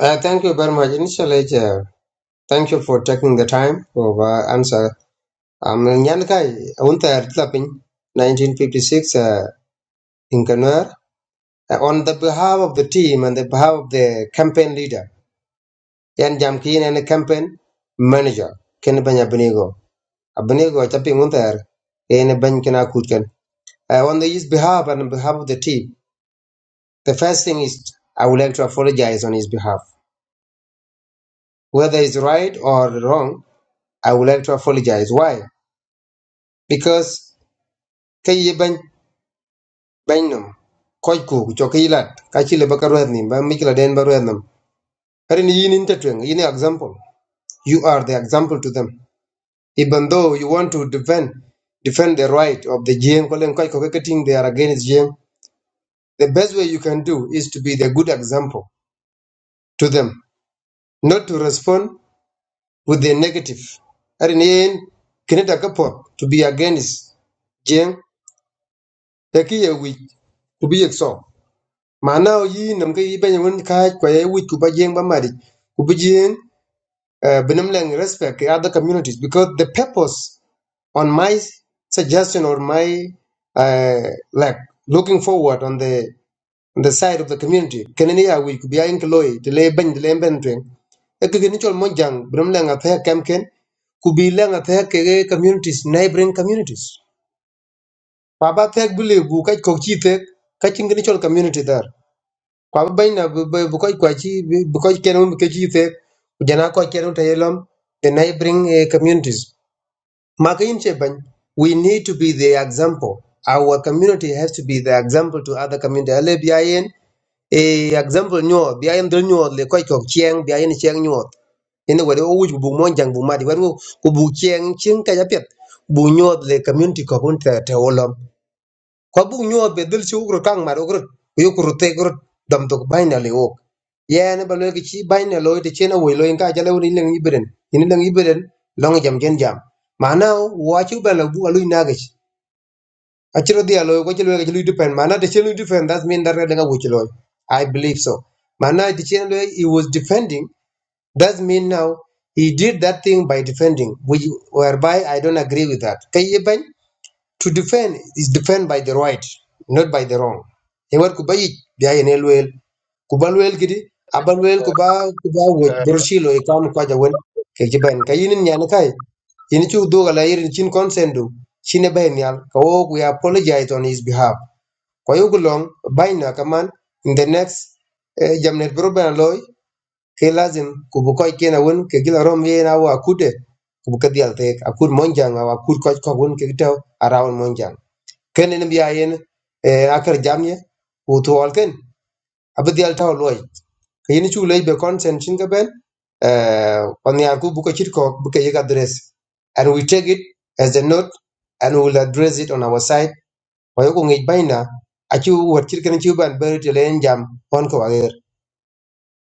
S2: uh, thank you very much initially eh, thank you for taking the time for uh, answer am nyan kai un ta er tlapin 1956 uh, in Kanwar. Uh, on the behalf of the team and the behalf of the campaign leader, Yan Jamkin and the campaign manager, Ken Banya Benigo. Abenigo tapping on there, Ken Bankina Kutkan. Uh, on his behalf and on behalf of the team, the first thing is I would like to apologize on his behalf. Whether it's right or wrong, I would like to apologize. Why? Because Kayi Ban Banum, Koiku, Chokilat, Kachila Bakaruadnim, Mikla Den Baruadnam. in yin intertwing, yin example. You are the example to them Even though you want to defend defend the right of the Jiang, they are against Jiang, the best way you can do is to be the good example to them, not to respond with the negative. At the end, kinita kapot to be against Jiang, the key weak to be exo. Mana yi nam ka yi banya wun ka kwa ye weak kuba Jiang ba mari kuba Jiang uh, benam lang respect the other communities because the purpose. on my suggestion or my uh, like looking forward on the on the side of the community kenani ya wi ku biya in kloy to le ban le ben twen e ke ni chol monjang brum le nga the kam ken ku bi le nga the ke ge communities neighboring communities pa ba the bu le bu ka ko chi the ka chin ni chol community dar pa ba ban na bu bu bu ko kwa chi bu ko ken um ke chi the jana ko ken um ta yelom the neighboring eh, communities Makinche Bany, we need to be the example. Our community has to be the example to other community. Ale biayen, e example nyo, biayen dol nyo, le koi kok chieng, biayen chieng nyo. Ene wade o wuj bu monjang bu madi, wade ku bu chieng, chieng kaya piet, bu nyo le community kokun te te olom. ko buk nyuot be dhil ci ukrut kaŋ mat ukrut ku yukurut te kurut dam tok bany na li wok yen ba loy ki ci bany na loy te chen awoy loy ka jala woni leng ibeden ini leng ibeden long jam jen jam mana wa ci ba la bu aluy nagach aciro dia loy ko ci loy ci luy depend mana te chen luy defend that mean that da nga wuci loy i believe so mana te chen he was defending that mean now he did that thing by defending which whereby i don't agree with that kay ban To defend is defend by the right, not by the wrong. Ewer kubayik biya ene luel. Kuba luel kidi, aba luel kuba kuba wet broshilo ikam kwa jawen ke jiban. Kayinin nyane kai. Ini chu do gala irin chin consendo. Chine ben yal. Kawo we apologize on his behalf. Kwa yugo long baina kaman in the next eh, jamnet broben loy ke lazim kubukoy kena won ke gila rom ye na wa kude kubukadial tek akur monjang awa kur koch ko won ke gitaw around monjang ken en biya yen eh, akar jamye ku tuwal ken abdi al taw loy kayin chu lay be consent chin ga ben eh on yar ku buka chit ko buka yiga address and we take it as a note and we will address it on our side wa yoko ngi baina achu wat chit ken chu ban ber te len jam on ko ager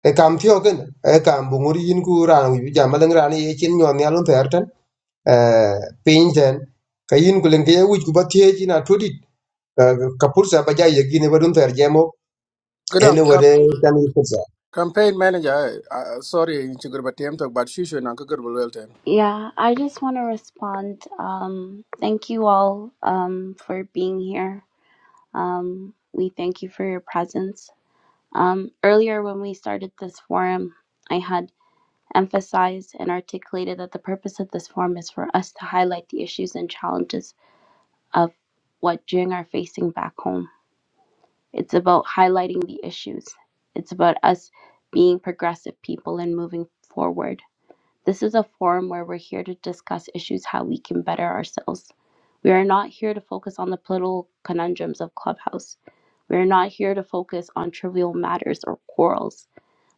S2: e kam thio ken e kam bunguri yin ku ran wi jam malang ran ye chin nyon yalun terten eh pin ten kayin kulen ke wuj ku batie china ka pursa ba ja yegine ba dum ter jemo
S3: Kadang
S2: ene
S3: cap
S2: wade tan yi pursa
S3: campaign manager uh, sorry in chigur ba tem tok but shushu na ka gur ba lel ten.
S1: Yeah, I just want to respond. Um, thank you all um, for being here. Um, we thank you for your presence. Um, earlier, when we started this forum, I had emphasized and articulated that the purpose of this forum is for us to highlight the issues and challenges of what Jing are facing back home. It's about highlighting the issues, it's about us being progressive people and moving forward. This is a forum where we're here to discuss issues, how we can better ourselves. We are not here to focus on the political conundrums of Clubhouse. We are not here to focus on trivial matters or quarrels.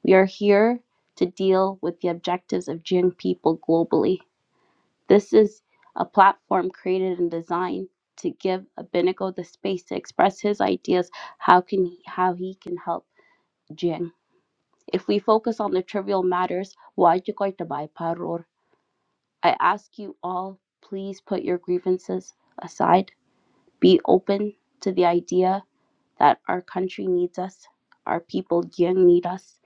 S1: We are here to deal with the objectives of Jin people globally. This is a platform created and designed to give Abinigo the space to express his ideas how can he, how he can help Jin. If we focus on the trivial matters, why you going to buy paror? I ask you all, please put your grievances aside be open to the idea that our country needs us, our people here need us,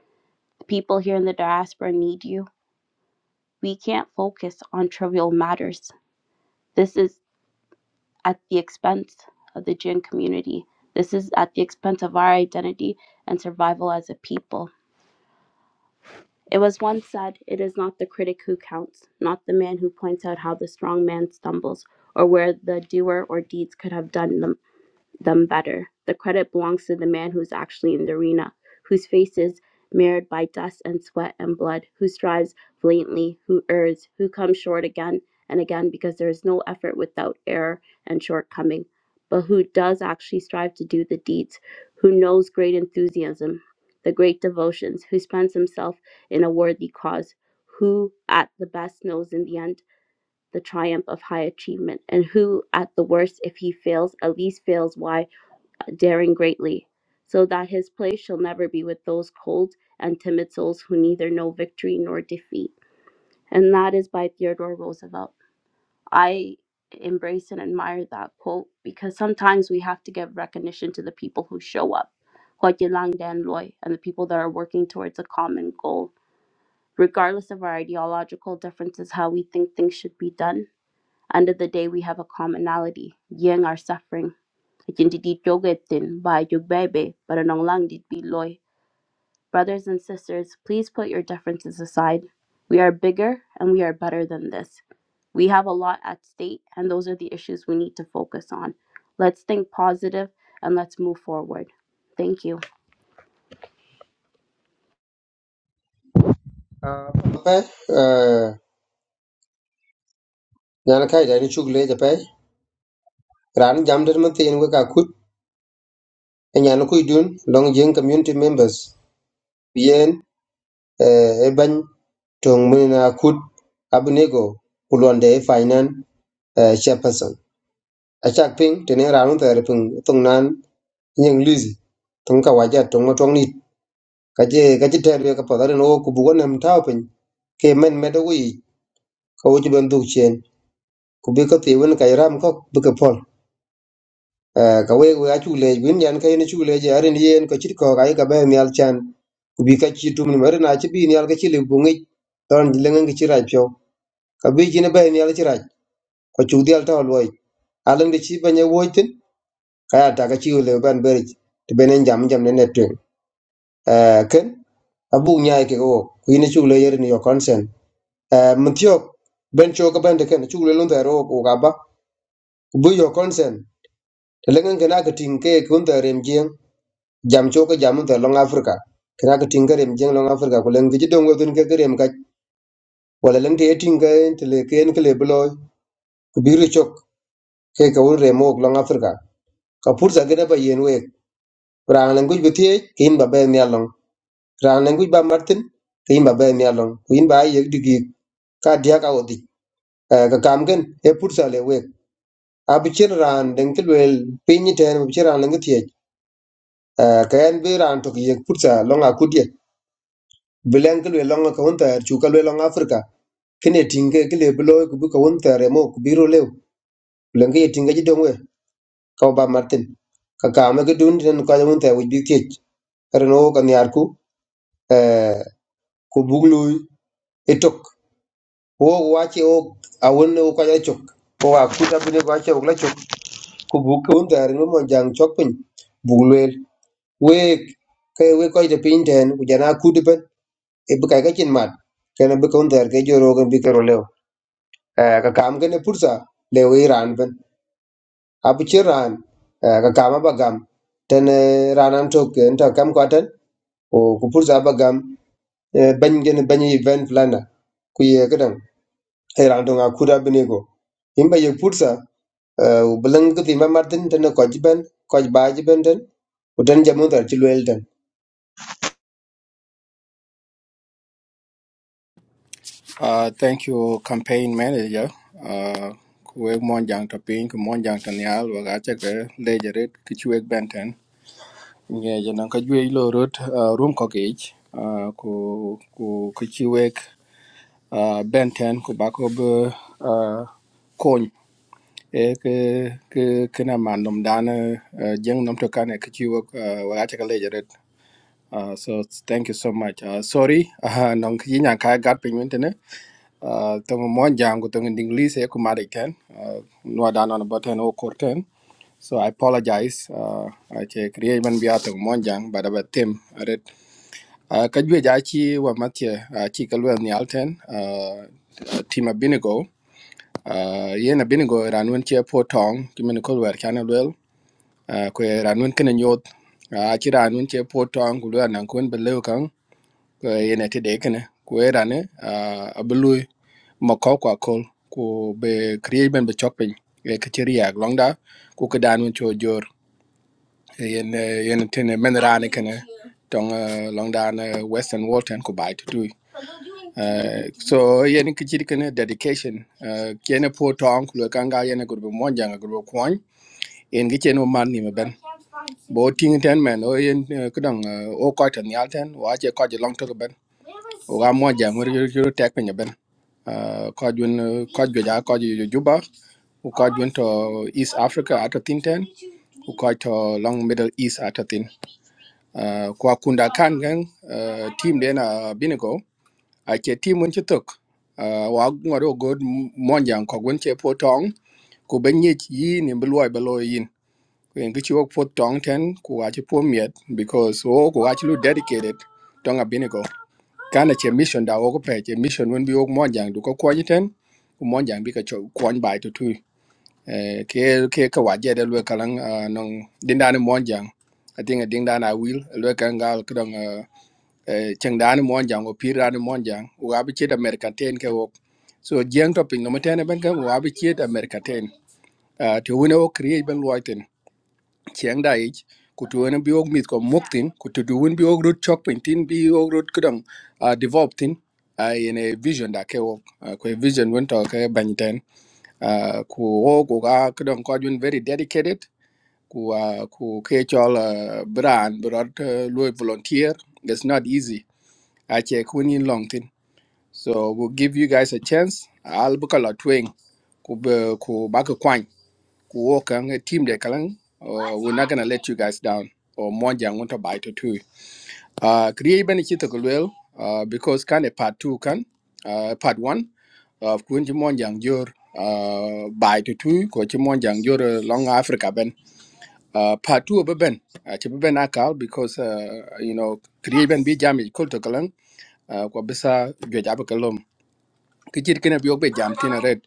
S1: the people here in the diaspora need you. We can't focus on trivial matters. This is at the expense of the Jin community. This is at the expense of our identity and survival as a people. It was once said, it is not the critic who counts, not the man who points out how the strong man stumbles, or where the doer or deeds could have done them them better. The credit belongs to the man who's actually in the arena, whose face is marred by dust and sweat and blood, who strives valiantly, who errs, who comes short again and again because there is no effort without error and shortcoming, but who does actually strive to do the deeds, who knows great enthusiasm, the great devotions, who spends himself in a worthy cause, who at the best knows in the end the triumph of high achievement, and who, at the worst, if he fails, at least fails wisely daring greatly, so that his place shall never be with those cold and timid souls who neither know victory nor defeat. And that is by Theodore Roosevelt. I embrace and admire that quote because sometimes we have to give recognition to the people who show up, Huayilang Dan Loy, and the people that are working towards a common goal. Regardless of our ideological differences, how we think things should be done, under the day, we have a commonality, yang our suffering. Akinti di jogetin by jogbebe, but anong lang di biloy. Brothers and sisters, please put your differences aside. We are bigger and we are better than this. We have a lot at stake, and those are the issues we need to focus on. Let's think positive and let's move forward. Thank you.
S2: pe eh, nyana kai da ni chuk le ja pe ran jam der man tin ga kut e nyana ku dun long jeng community members yen eh, e ban tong mun na kut abnego kulonde finan chairperson a chak ping tene ran ta re ping tong nan nyeng lizi tong ka waja tong ma tong ni ka je ka je ter ka pa da no ku bu nam tao pin ke men me do yi ka wo ji ben du chen ku be ka te wen ka ram ko be ka pol Eh, ka we we achu le win yan ka yen chu le je arin yen ko chit ko ka ka be mi al chan ku bi ka chi tum ni mer na chi bi ni al ka chi le bu ngi ton ji ngi chi ra pyo ka bi ji ne be ni al chi ra ko chu di al ta lo yi alang de chi ba ne wo tin ka ya ta ka chi le ban be ri te be ne jam jam ne ne tu eh ken abu nya ke ko ku ni chu le yer ni yo consent eh mun tyo ben cho ka ben de ken chu le lon ta ro ko ga ba ku bi yo consent telengen kena ke ting ke kun ta rem jeng jam cho ke jam ta long africa kena ke ting ke rem jeng long africa ko leng ji dong wen ke ke rem ka wala leng te ting ke te le ken ke le blo ku biru chok ke ka un rem ok long africa ka pur sa gena ba yen we rang leng guj betie ke in ba be ne long rang leng guj ba martin ke in ba be ne long ku in ba ye digi ka dia ka odi Eh, ka kam gen e pur sa le we abichir ran deng ke wel pinyi ten abichir ran leng ke tie kayan be ran to ye pur sa long akudie bilen ke lwe longa kawun tar chu ka lwe longa afrika kine tinge ke le bilo ku bu kawun tar mo ku biro lew bilen ke tinge ji dongwe ka ba martin ka ka me ke dun den ka jamun tar wi bi ke reno ka nyar ku eh ku buglu etok wo wache o awon o ka ja chok ko wa ku ta bine ka che ogla chok ku bu kawun tar no mo jang chok pin buglu we ke we ko je pin den ku jana ku de ben e bu ka ga chin mat kana bu kawun tar ke joro ga bi ka ro lew Eh, ka kam kene pursa le we ran ben abu che ran eh, ka kam ba gam ten eh, ran am to ke nta kam ko ten o ku pursa ba gam eh, ban gen ban yi event plana ku ye kedan e ran to nga kuda bini go imba ye pursa eh, u belang ke timba martin ten ko jiben ko ba jiben ten u ten jamu tar chi wel ten
S3: Ah, thank you campaign manager. Ah, ku we mo jang ta pin ku mo jang ta nyal wa ga che ke lejerit ki chuek benten. nge jana ka jwe lo rot uh, room ko ke uh, ku ku ku chi wek uh, benten ku ba ko bako be uh, kon e ke ke ke na man nom dan uh, jeng nom to kan ke chi wek uh, wa ta ka le jeret uh, so thank you so much uh, sorry uh, nong ki nya ka gat pin wente uh, tong mon jang ko tong in english e ko mari ken uh, no da non button o korten so i apologize uh, i che create man bia tong mon jang but about them aret uh, ka jwe ja chi wa matye uh, chi ka lwen ni alten uh, team abinigo uh, yen abinigo ranun che po tong kimen ko wer kana lwel uh, ko ranun kene nyot a uh, chi ranun che potong, tong ku lwen nan kun belew kan ko yene ti de kene ku era ne a blue ma ko kwa kol ku be create ben be chok pin e ke ti riak long da ku ke dan cho jor yen yen ti ne men ra ne kene tong eh, long da ne western walton ku bai tu tu so yen ke ti kene dedication eh, kene po tong ku le kanga yen ku be mon janga ku yen gi chen man ni ben bo ting ten men o yen kdang o ko ten yal ten wa che ko long to ben o ga mo ja ngor yo tek pe ben ko jun ko chuyện ja ko ju juba u ko chuyện to east africa ato tin ten u ko to long middle east ato tin kwa kunda kan gan team den a binigo a che team muốn un chitok wa ngor o god mo ja ko gun che potong ku ben yi ni bloi belo yin kwen ki chok po tong ten ku ga chi po miet because wo ku ga chi lu dedicated tong a binigo kana che mission da wo ko pe che mission won bi wo mo jang du ko ko ni ten ku mo jang bi ka chok ko ni bai to tu Eh, ke ke ka wa je de lu ka lang ah, nong din da ni mo jang i think a ding da na will lu ka nga ka dong ah, eh, cheng da ni mo jang o pir da ni mo jang u ga bi che da america ten ke wo so jeng to pin no ma ten e ben ka u ga bi che da america ten Ah, to wo ne wo create ben loiten chiang dai ich ku tu wen bi og mit ko muktin ku tu du wen bi ok rut chok pin tin bi og rut kudang a develop tin uh, in a vision da ke ok ko vision wen to ke ban ten a ku og ko ga kudang ko jun very dedicated ku ah, ku ke chol ah, bran brot uh, loy volunteer it's not easy a che kun in long tin so we'll give you guys a chance al bukala twing ku be- ku ba ka kwany working a team de kalang uh, we're not gonna let you guys down or monja want to bite to two uh create ben chito kulwel uh because kan a part two kan uh part one, of kunji monja jor uh bite to two ko chi monja jor uh, long africa ben uh part two of ben uh, chi ben akal because uh you know create ben bi jam ko to kalang uh ko bisa jo jab kalom kichir kene bi ok be jam tina red.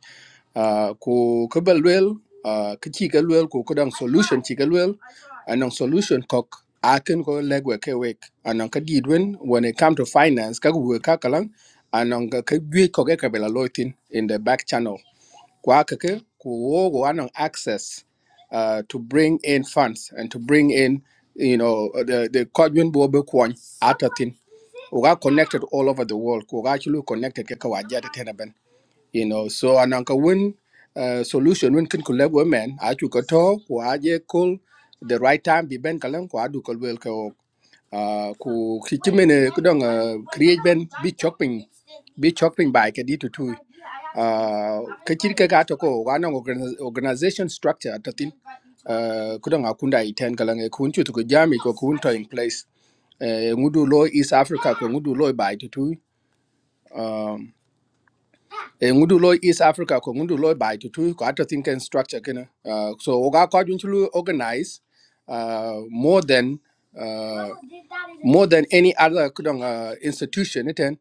S3: Ah, ku ka bel luel ah, ka ci ka luel ku ka dang solution ci ka luel anong solution kok akin ko legwe ke wek anong ka gid wen when it come to finance ka ku ka kalang anong ka ka gwe ko ke ka bela loitin in the back channel kwa ka ke ku wo go anong access uh, to bring in funds and to bring in you know the the kodwin bo be kwon atatin uga connected all over the world uga chulu connected ke ka wajata tenaben you know so ananka win uh, solution win kin kulab women achu ko to ko aje kul the right time bi ben kalam ko adu kul wel ko uh, ku kichimene kudong uh, create ben bi chopping bi chopping by ke ditu tu uh, ke chirke ka to ko wana organization structure atatin uh, kudong akunda iten kalang e kun chutu ko jami ko kun to in place uh, ngudu lo east africa ko ngudu lo by tutu um e ngudu lo east africa ko ngudu lo bai to tu ko ato think and structure kana uh, so oga ko jun chulu organize uh, more than uh, more than any other kudong uh, institution iten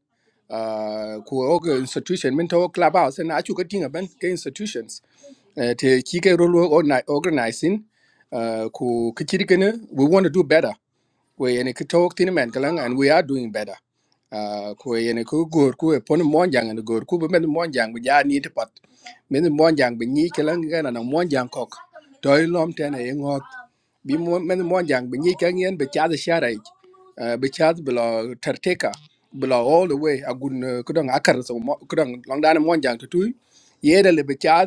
S3: uh, ku oga institution min to clubhouse na achu ka tinga ban ke institutions uh, te kike rolo organizing uh, ku kichiri kana we want to do better we yani ki talk tin men kalang and we are doing better uh ko yani ku gor ku e pon mon jang and gor ku be men mon jang bi ja ni te pat men mon jang bi ni kalang ga na mon jang kok toy lom ten e ngot bi mon- men mon jang bi ni ka ngien be cha de sharai uh, be cha bla terteka bla all the way agun ku dong akar so ku dong long dan mon jang tu tu yeda le be cha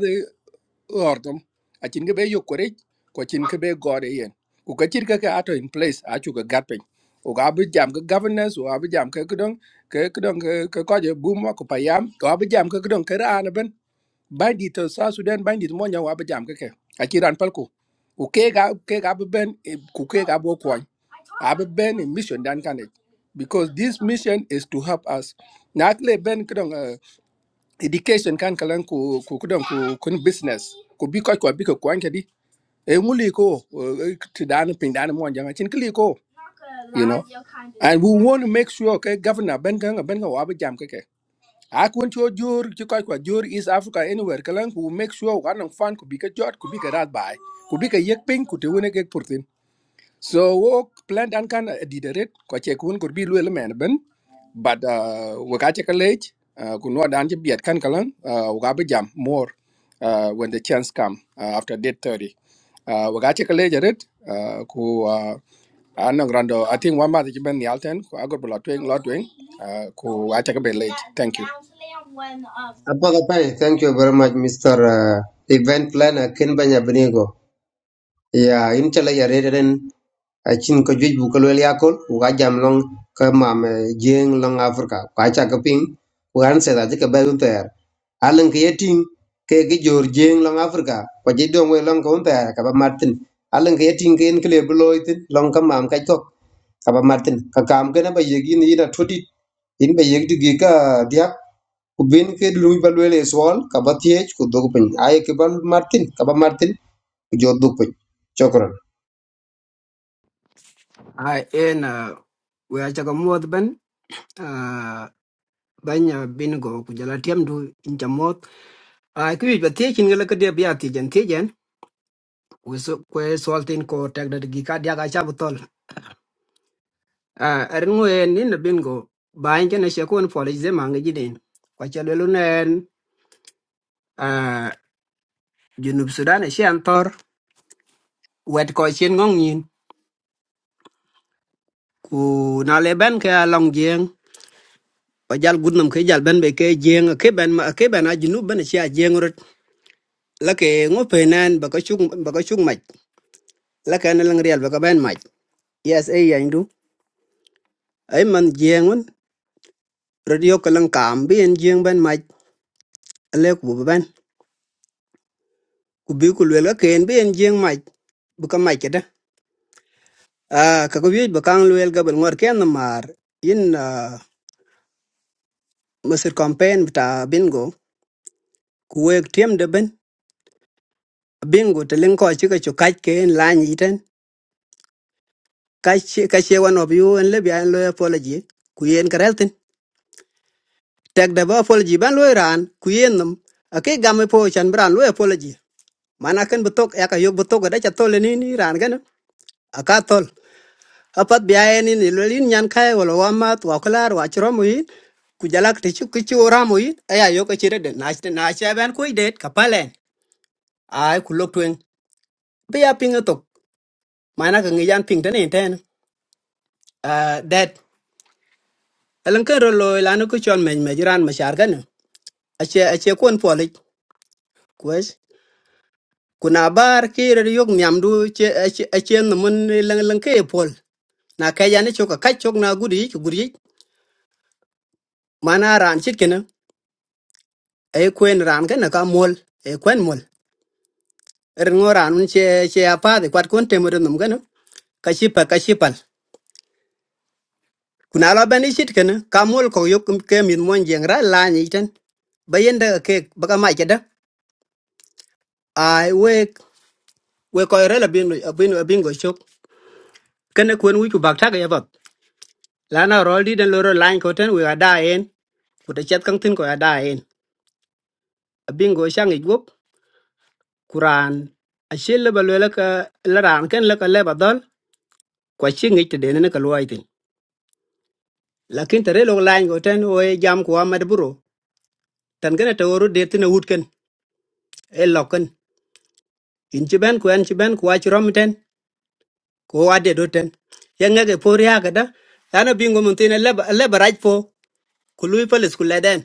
S3: ordom acin ke be yok korec ko cin ke be gode yen ku ka cir keke ato in place acu ke gat piny u ka bi jam ke governance u abi jam ke kedong ke kedong ke ke koje buma ku payam o abi jam ke kedong ke raan ben bandit to sa sudan bandit mo nya wa abi jam ke ke aci ran pal ku ku ke ga ke ga bi ben eh, ku ke ga bo kwany abi ben in mission dan kanet because this mission is to help us na akle ben kedong education kan kalan ku ku kudan ku kun business ku bi ko ko bi ko kwanke di e nguli ko ti dan pin dan mo janga chin kli ko you know and we want to make sure ke governor ben kan ben ka wabu jam ke ke a kun cho jor ti ko ko jor is africa anywhere kalan ku make sure kan nan fan ku bi ka jot ku bi ka rat bai ku bi ka yek pin ku te wona ke purtin So wo plan dan kan dideret ko che kun kur bi luel men ben but uh, we ka che college uh, ku no dan che biet kan kalan uh, we ka be jam more uh, when the chance come uh, after date 30 uh, we ka che college ret uh, ku uh, anang rando I think one month ben yalten ku agor bla twing lot twing uh, ku a che ka be late thank you
S2: apa ka pai thank you very much mr eh, event planner ken banya bini ya in chala ya reren a chin ko juj bu ko lel yakol wa jam long ka mam eh, jeng long africa ka cha ka ping wan se da ka ba un ter alan ke yetin ke gi jor jeng long africa ko ji dong we long ko un ter ka ba martin alan ke yetin ke en kle bu loitin long ka mam ka tok ka ba martin ka kam ke na ba yegi ni na todi in ba yegi gi ka dia ku bin ke lu ba lel swal ka ba tiech ku dog pin ay ke ba martin ka ba martin ku jor dog pin chokran
S9: Ai en eh, we acha ka muoth ben ah, banya bin go ku jala tiam du incha moth. Ai ku yuj ba tiechin gala ka dia biya tijen tijen. We so kwe swal tin ko tek da gi ka dia ka cha butol. Erin ngwe en nin na bin go bain jana shekun polish ze mangi jidin. Kwa cha lelu nen ah, junub sudan e shian tor wet ko chien ngong yin. Ku na le ben ke long jieng. Wa jal gudnam ke jal ben be ke jieng ke ben ma ke ben a junub ben e shi a jieng rot. lake ngo penan baka chung baka chung mach lake na lang real baka ben mach yes e yang du ay man jengun radio kalang kam bi en jeng ben mach ale ku bu ben ku bi ku lwel ka ken bi en jeng mach baka mach da ah ka ko yej baka ang lwel ga bel ngor ken na mar yin ah, masir campaign ta bingo ku wek tiem de ben bingo te len ko chi ka chu kaj ken lan yiten kaj chi ka che wan of you en le bi an lo apology ku yen karelten tek da ba apology ban lo iran ku yenum ake game po chan bran lo apology mana kan betok ya ka yok betok da cha tole ni ni ran gan aka tol apat biaye ni ni lo lin nyan kai wala wa ma wa klar wa chro mu yin ku jalak te chu ku chu ra mu yin aya yok chire de na na cha ban ku det ka palen ai ku lok twen be ya ping e tok mana ka ngi yan ping ten en ten ah that elan kan ro lo lanu ku chon men me jiran ma shar gan ache ache kon polik kwes kuna bar kire yok nyamdu che achen mun lang lang ke pol na ka yani choka ka chok na guri ki guri mana ran chit kene e kwen ran ka na ka mol e kwen mol er ngo ran un che che apa de kwat kon temur num gana ka shipa ka shipal kuna la bani chit kene ka mol ko yok ke min mon jeng ra la ni ten bayen da ke baka ma ke da ai we we ko re la bin bin bin go chok kene kwen wi ku bakta ga yaba lana rol di den loro line ko ten we ga da ku te chat kang tin ko ga da en abin go shang igop kuran a shel le balwe la ka la ran ken la ka le badal ko chi ngi te den ne ka luai tin lakin te re lo line go ten we jam ko amad buro tan gana te woru de tin wut ken e lokken in ci ben ko en ci ben ko wa ci rom ten ko wa de do ten ya nga ge por ya ga da lana bingo mun tin le ba le baraj po ku lui pa le skul la den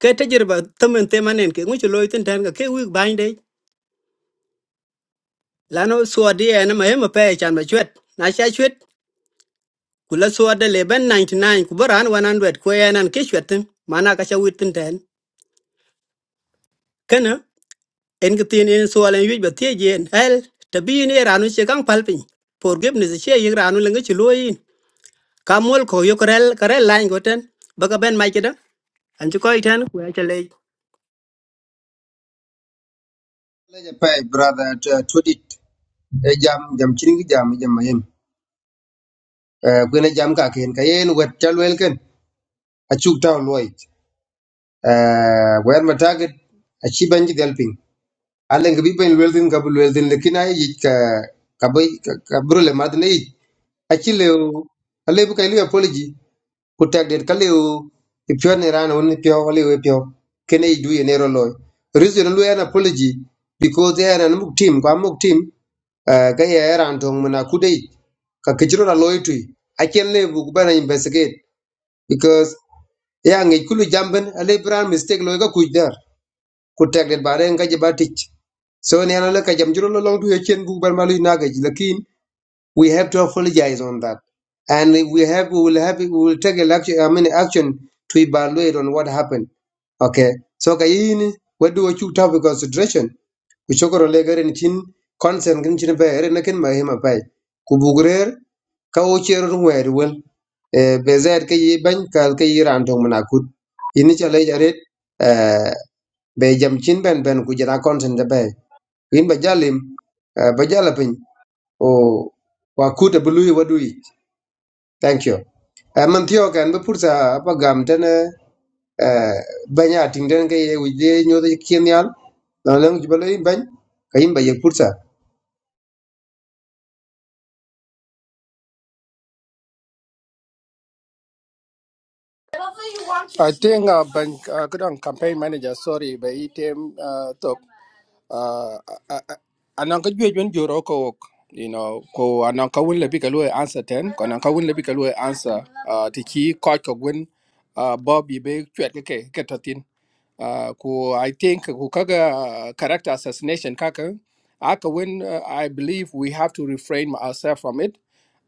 S9: ke te jirba tamen temanen ke ngu ci loy tin ten ga ke wi bande là nó lano suad yen ma hema pe chan ba chwet na cha chwet kula suad de leben 99 ku baran 100 ku yenan ke chwetin mana ka cha witin ten kana en ki tin en sual en yuj ba tie jen hel tabi ni ranu che kang palpin forgiveness che yig ranu lenga chi loyin kamol ko yokrel karel lain goten baga ben mai kida an chu ko iten ku ya
S2: leje pay brother to to dit e jam jam chini gi jam jam mayem eh gwene jam ka ken ka yen wet chalwel ken a chuk taw loy eh wer ma target a chi banji del ping ale ngi bi ben wel din ka bul wel din lekin ay yik ka ka bay ka brule mad ne yik a chi le ale bu kay li apology ku tag det ka le i pyo ne ran on ni pyo le we pyo kene i du ye ne ro loy reason lu an apology because they are an muk team kwa muk team Eh, ka ye ran tong mana kudai ka kichiro na loitui a chen le bu bana investigate because ya ngi kulu jamben a le bran mistake lo ga kuj der ku tek det bare nga je batich so ne na le ka jam jiro lo long tu ye chen bu ban malu na ga ji lakin we have to apologize on that and we have we will have we will take a action i mean action to evaluate on what happened okay so ka yin we do a chu topic consideration ku chokoro le garen chin consent kin chin pe eren kin ma hima pai ku bugrer ka o chero ngwer wel e bezer ke yi ban kal ke iran tong mana kut ini chale jaret e be jam chin ben ben ku jara consent be in ba jalim eh, ba jala pin o wa kuta bulu wadui thank you Eh, man thiyo kan bi pursa apa gam tene eh, banya ting tene ke ye wije nyodo kien yal na leng jibalo i bany ka yim ba ye pursa
S3: I think uh, bank uh, kudang campaign manager sorry by item uh, talk uh, anan ka juej wen joro ko wok you know ko anan ka win lebi ka lo answer ten ko anan ka win lebi ka lo answer uh, ti ki ko ko wen uh, bobby be chwet ke ke ke to Uh, ko I think ko kaga uh, character assassination kaka aka when uh, I believe we have to refrain ourselves from it.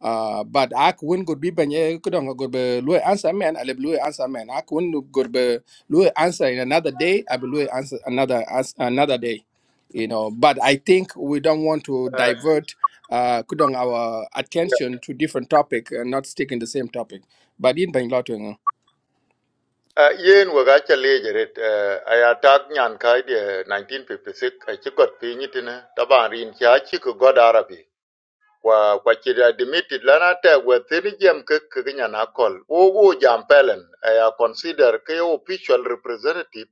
S3: Uh, but ak when good be banye kudong good be lue answer man I lue answer man ak when good be lue answer in another day I lue answer another ans- another day you know but I think we don't want to divert uh kudong our attention to different topic and not stick in the same topic but in Bangalore
S6: Uh, yen we ga cha leje ret uh, aya nyan kai de 1956 a chi got pinyi tine taban rin cha chi ku god arabi kwa kwa chi da admitted lana te we thin jem ke ke nyan akol wo wo jam pelen aya consider ke yo official representative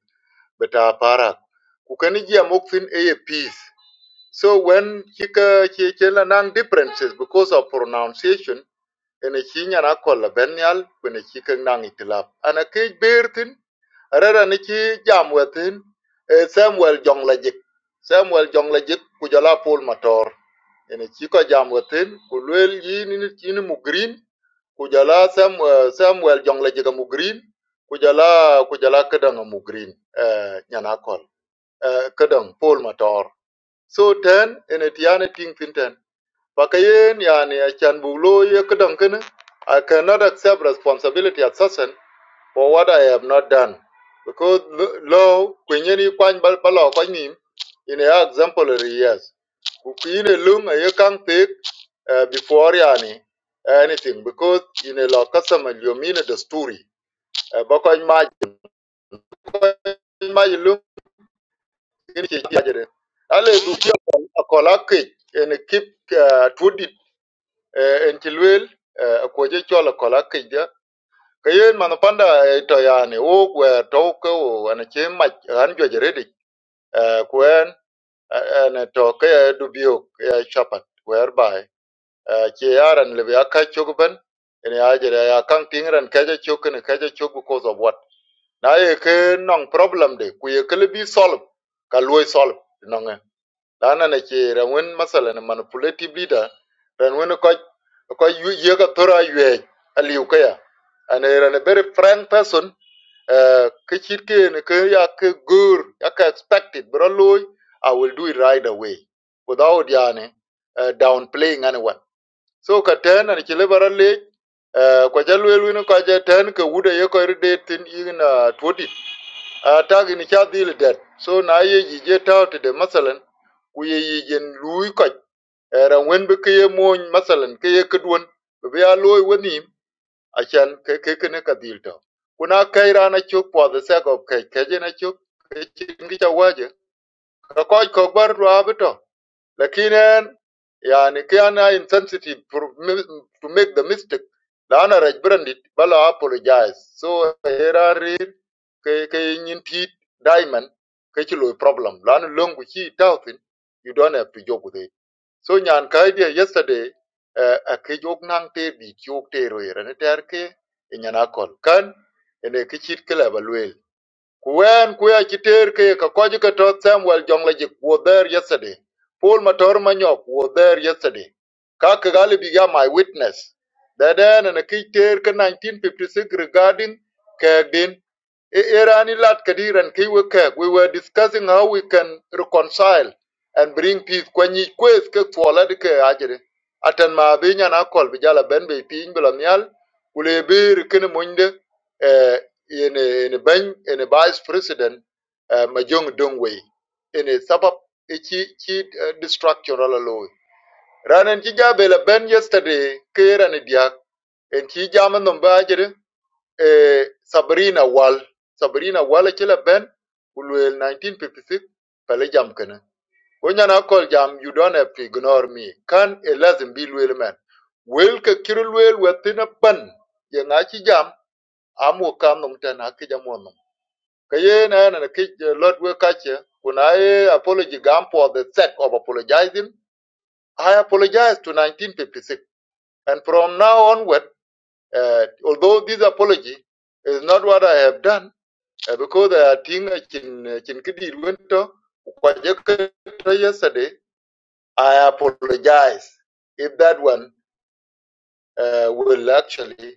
S6: beta para ku ken jem ok a peace so when chi ka chi chen nang differences because of pronunciation ene ci nyana kolla ben yal kwene ci kek nang itilap ana ke ber tin arara ni ci jam wetin e samuel jong la jik samuel jong la jik ku jala pol mator ene ci ko jam wetin ku luel yi ni ni ci ni mu green ku jala sam eh, samuel jong la jik mu green ku jala ku jala kedang mu green eh nyana kol eh kedang pol mator so ten ene tiane ting tin ten Fakayen yani Achan Buglo Yekudankun, I cannot accept responsibility as assassin for what I have not done. Because law kwenyeni kwany bal balo kwanyim in a exemplary years. Kukine lung a yekang take uh, before yani anything because in a law customer you mean the story. Bakwany ma ma lung in chijajere. Ale dukio kolakik and keep uh, two eh, en ci luel eh, ko je chol ko la ke je ke yen man panda eh, to yani wo we to ke wo an che ma an jo je redi eh, eh, to ke eh, eh, chapat whereby eh, che yaran le ya ka chugban en ya je ya kan tingran ke je chuk ne je chuk because of what na ye ke nong problem de ku ye ke bi solve ka luoi solve nong lana na ce ran wani masala na manipulative leader ran wani kwa yi ga tora yi a liukaya and a ran a very frank person uh, ka shirke ni ka ya ka gur ya ka expected bro loy i will do it right away without yani uh, downplaying anyone so ka ten and ki liberal le uh, kwa jalwelu ni kwa ja ten ka wuda ye ko irde tin ina twenty a tagi ni cha dhil det so na ye ji je taw te de masalan ku ye yi jen lui ko ran wen be ke ye mon masalan ke ye kedwon be ya loy woni a chan ke ke ke ne ka dhil taw kuna kai rana chuk po the sake of kai ke je na chuk ke chin ki cha waje ka ko ko bar ra be to lakini en, yani ke ana insensitive for mi- to make the mistake la ana raj brandit bala apologize so era ke ke nyin tit diamond ke chi lo problem lan long ku chi tao tin you don't have to joke with it so nyan kai dia yesterday eh, a ke jok nang te bi jok te ro yere ne ter ke e nyana kol kan ene ke chit ke la when Kuya Chiterke Kakojika taught Samuel Jonglejik were there yesterday. Paul Matormanyok were there yesterday. Kakagali became my witness. That then and a Kiterke 1956 regarding Kagdin. Irani Lat Kadir and Kiwe Kag, we were discussing how we can reconcile and bring peace. When you quest Kak Fualadike Ajere, Atan Mabinya and Akol Vijala Benbe Pin Bilamial, Ulebir Kinemunde in in ban in vice president uh, majong dongwei in a sabab ichi chi uh, destruction ala loy ranan chi jabe la ben yesterday kera ni dia And chi jama no bajere eh, sabrina Wall, sabrina Wall, chi la ben ulwel 1956 pale jam kana onya na kol jam you don't have to ignore me kan elazim bi lwel man wel ka kirul within a ban ye na chi jam amu kam num tan ka ye na na ki lot we ka che kuna apology gam for the sake of apologizing i apologize to 1956 and from now onward uh, although this apology is not what i have done uh, because i think I can kidi wento kwa je ka yesterday i apologize if that one uh, will actually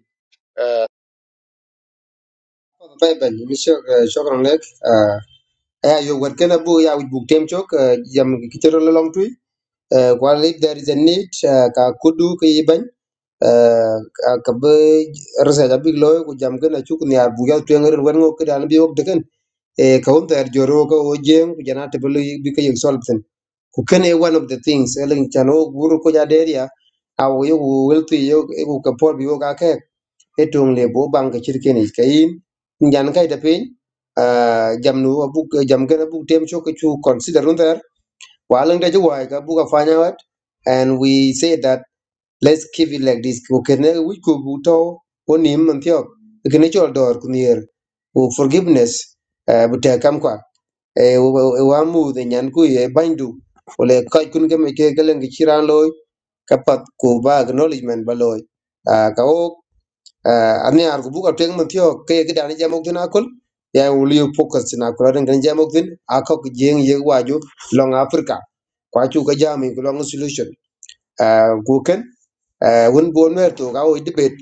S2: ben monsieur euh, chokran lek euh eh, yo wat kana bu ya wit buk tem chok eh, jam ki chero la long tui eh while if there is a need eh, ka kudu ki ban eh ka ka be rasa da big loy ku jam kana chuk ni ar bu ya tu ngren wer ngo kidan bi ok deken eh ka hon ter joro ko o jeng ku jana te bulu bi ka yek sol ten ku kene one of the things elen chano guru ko ja deria awo yo wel tu yo e ku ka por bi yo ka e tong le bo bank chir ken is kayin nyan kai da pin jam nu abu jam gana bu tem cho ke chu consider under walang da jwa ga bu ka fanya wat and we say that let's keep it like this ko ken we ko bu to onim man thyo ken chol dor kunir o forgiveness eh, bu te kam kwa e wa mu de nyan ku e bandu ole kai kun ke me ke galang chiran loy kapat ko ba acknowledgement ba loy ka ok uh, ane ar kubu ka teng matio ke ke dani jamok tin akol ya uli focus na kula den kan jamok tin akok jeng ye waju long africa kwa chu ka jami ko long solution uh, ku ken uh, won bon mer to ga o debate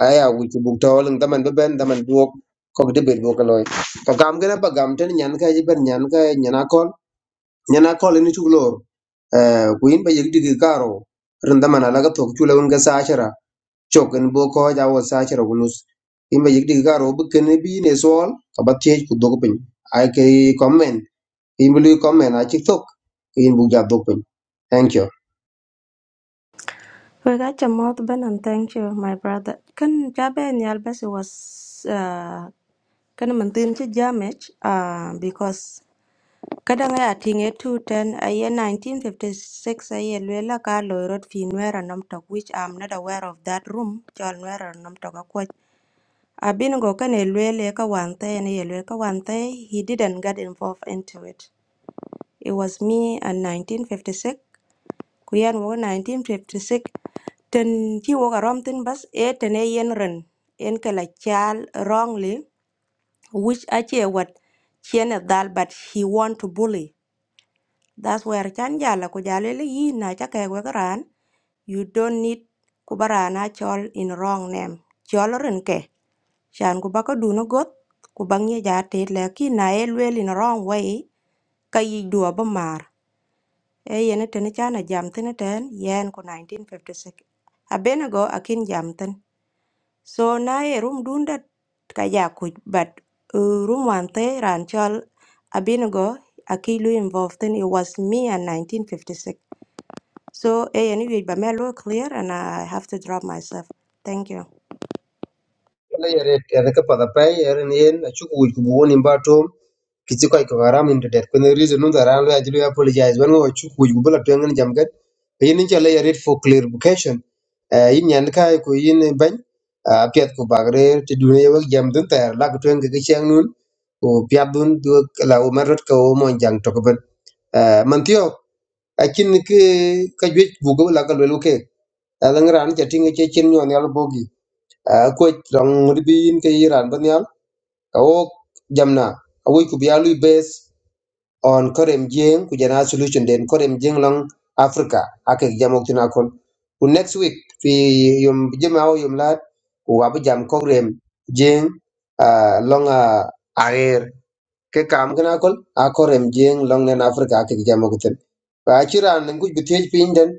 S2: aya wi ku buk to lang daman be ben daman duok ko debate bo ko loy to gam gena pa gam ten nyan ka ji ben nyan ka nyan akol nyan akol ni chu lor uh, ku in ba yig digi karo rin daman ala ga to chu la won ga sa chok en bo ko ja wo sa chero gunus imbe yik dig garo bu ken bi ne sol ka ba tie ku dog pin ai ke comment imbe lu comment a chik tok in bu ja dog pin thank you
S10: Regatta Mothman and thank you, my brother. Kan Jabe ni Albasi was uh kan mantin chi damage uh because kadang ya tinge two ten a year nineteen fifty six a year Luella Carlo wrote Finwera Namtok, which I'm not aware of that room, John Wera Namtok Akwach. Abin go kan Luella ka wante and Luella one day. he didn't get involved into it. It was me and nineteen fifty six ku yan wo 1956 ten chi wo karom tin bas e ten e yen ren en kala chal wrongly which ache what? chien e dal but he want to bully that's where chan jala ku jale le yi na cha ke we karan you don't need ku barana chol in wrong name chol ren ke chan ku ba ko du no got ku bang ye ja te le ki na e lwel in wrong way ka yi du ba mar e yene tene chana jam tene ten yen ko 1956 abenago akin jam ten so na e rum dunda ka ja kuc but uh, rum wan te ran chol abenago aki lu involved then. it was me and 1956 so e yene yuej ba me lo clear and i have to drop myself thank you
S2: Wala yare yare ka pada pai yare ni en acu ku ku bu ni ba tom kici kai ko haram ni det ko ne reason no dara la ajlu apologize wan go acu ku bu la tengen jam gat yin ni chala yare for clarification Eh, yin yan kai ko yin ban a piat ko bagre ti dune yo jam dun tar la ko tengen ke chang nun ko piat dun du la o marot ko o mon jang to ko ben eh man tiyo akin ke ka jwe bu go la ka lu ke alang ran ja tinga che chen nyon yal bogi ko rong ribi in ke iran ban yal ka wo jamna awi ku biya lui base on korem jeng ku jana solution den korem jeng long africa ake jamok tina kon ku next week fi yum jema o yum lat ku wabu jam korem jeng ah, long ah, aer ke kam gana kon a korem jeng long nen africa ake jamok tin ba chiran ngu bitej pin den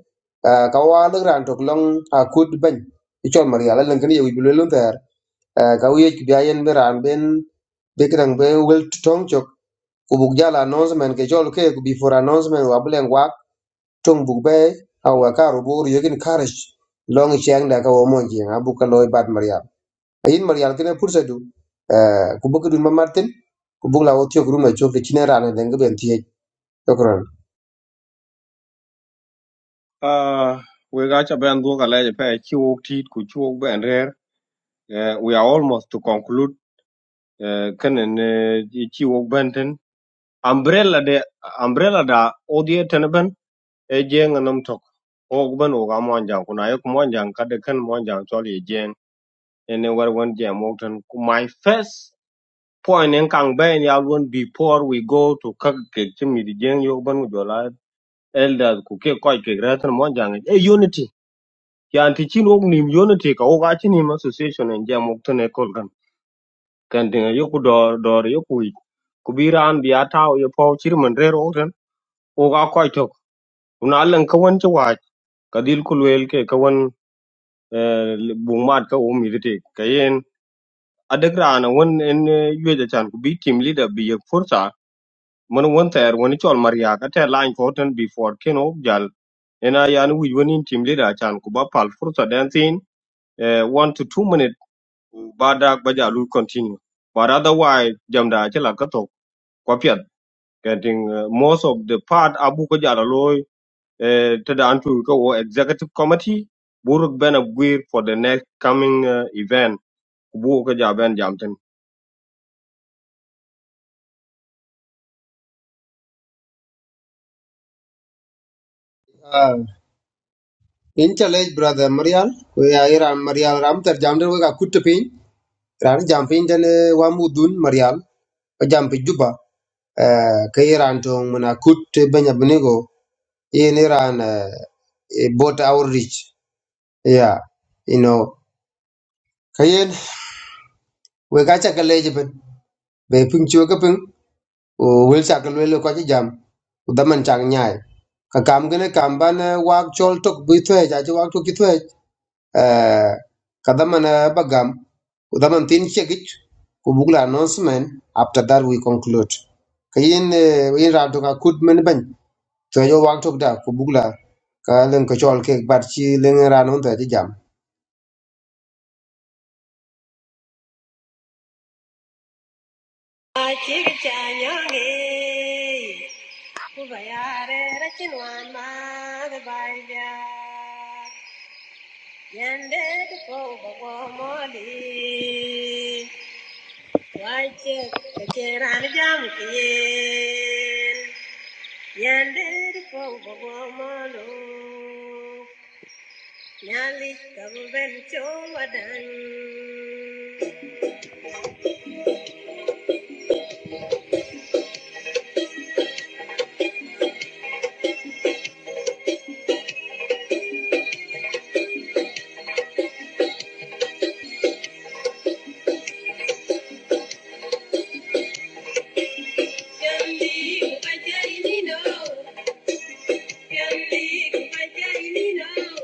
S2: ah, ka wa lugran tok long akut ban ichol mariala lan kan yewi bulelun Eh, ka wiyec ku byayen bi raan ben bi kidang bi wel töŋ cök ku buk jal announcement ke col ke ku before announcement wa bi leŋ wak töŋ buk be au wa karu buru yökin karaj long ciyang da ka wo mon jiŋ a buk ka lo i bat marial ayin marial kine pursa du eh, ku bi kidun mamartin ku buk la wo tiyok ruma cök ti cine raan den ki ben tiyec yokron
S7: Uh, we got a band work a large pair chok teeth ku chok ben rare. Uh, we are almost to conclude. Uh, can an chok benten. Umbrella de umbrella da odie tenben e jeng anam tok. Og ben oga monjang kuna yok monjang kade kan monjang choli jeng. Ene war wan jam wokten. My first point in kang ben ya before we go to kak kek chimi di jeng yok ben ujola elders ku ke koi kek monjang e unity yan ti chin wok nim yon te ka wok achi nim association en jam wok tene kol kan kan dinga yoku dor dor yoku yi ku bi ran bi ataw yo paw chir man rer wok ten wok a koy tok una len ka wan chi wach ka dil ke ka eh, bung mat ka wo mi kayen ka yen wan en eh, chan ku bi team leader bi yek fursa man wan ter wan chol maria ka te line ko ten before ken wok jal ena yan wij wan in team leader chan ku ba pal fursa den thin eh, one to two minutes Badak Bajalu continue. But otherwise, Jamda Achila Kato, Kwapiat, getting uh, most of the part Abu Kajalaloy, Ted Antu Ko Executive Committee, Buruk Ben Aguirre for the next coming uh, event, Kubu Kajaben Jamton.
S2: Ah, in challenge brother marial ku ya iran marial ram ter jam den we ka kut piny raan jam pin den eh, wa mudun marial jam pi juba Eh, ka Iran tong muna kut banya bnigo in Iran uh, bot outreach yeah you know kayen we ga cha kale jiben be pung chua ka pung o wel cha kale lo ka chi jam u da man chang nyai ka kam gane kam ban eh, wak chol tok bi thwe ja ji wak tok ki thwe eh ka da man eh, ba u da man tin che gi ku bugla announcement after that we conclude kayen in ra to ka kut men ban so yo wak tok da ko bugla ka leng ko chol ke bat chi leng ran un ta chi jam
S1: Yandi, Kupa Jaini, no. Yandi, Kupa Jaini, no.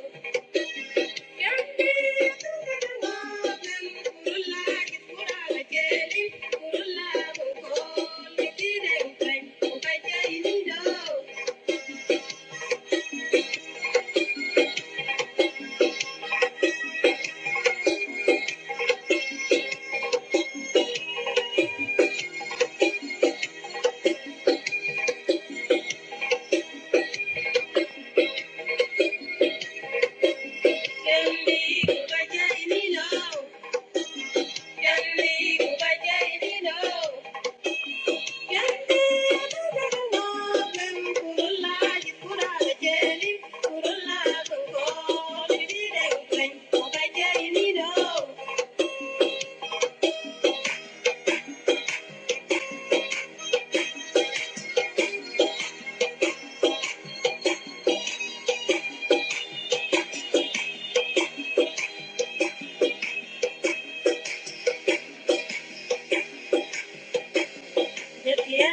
S1: Thank you. Thank you.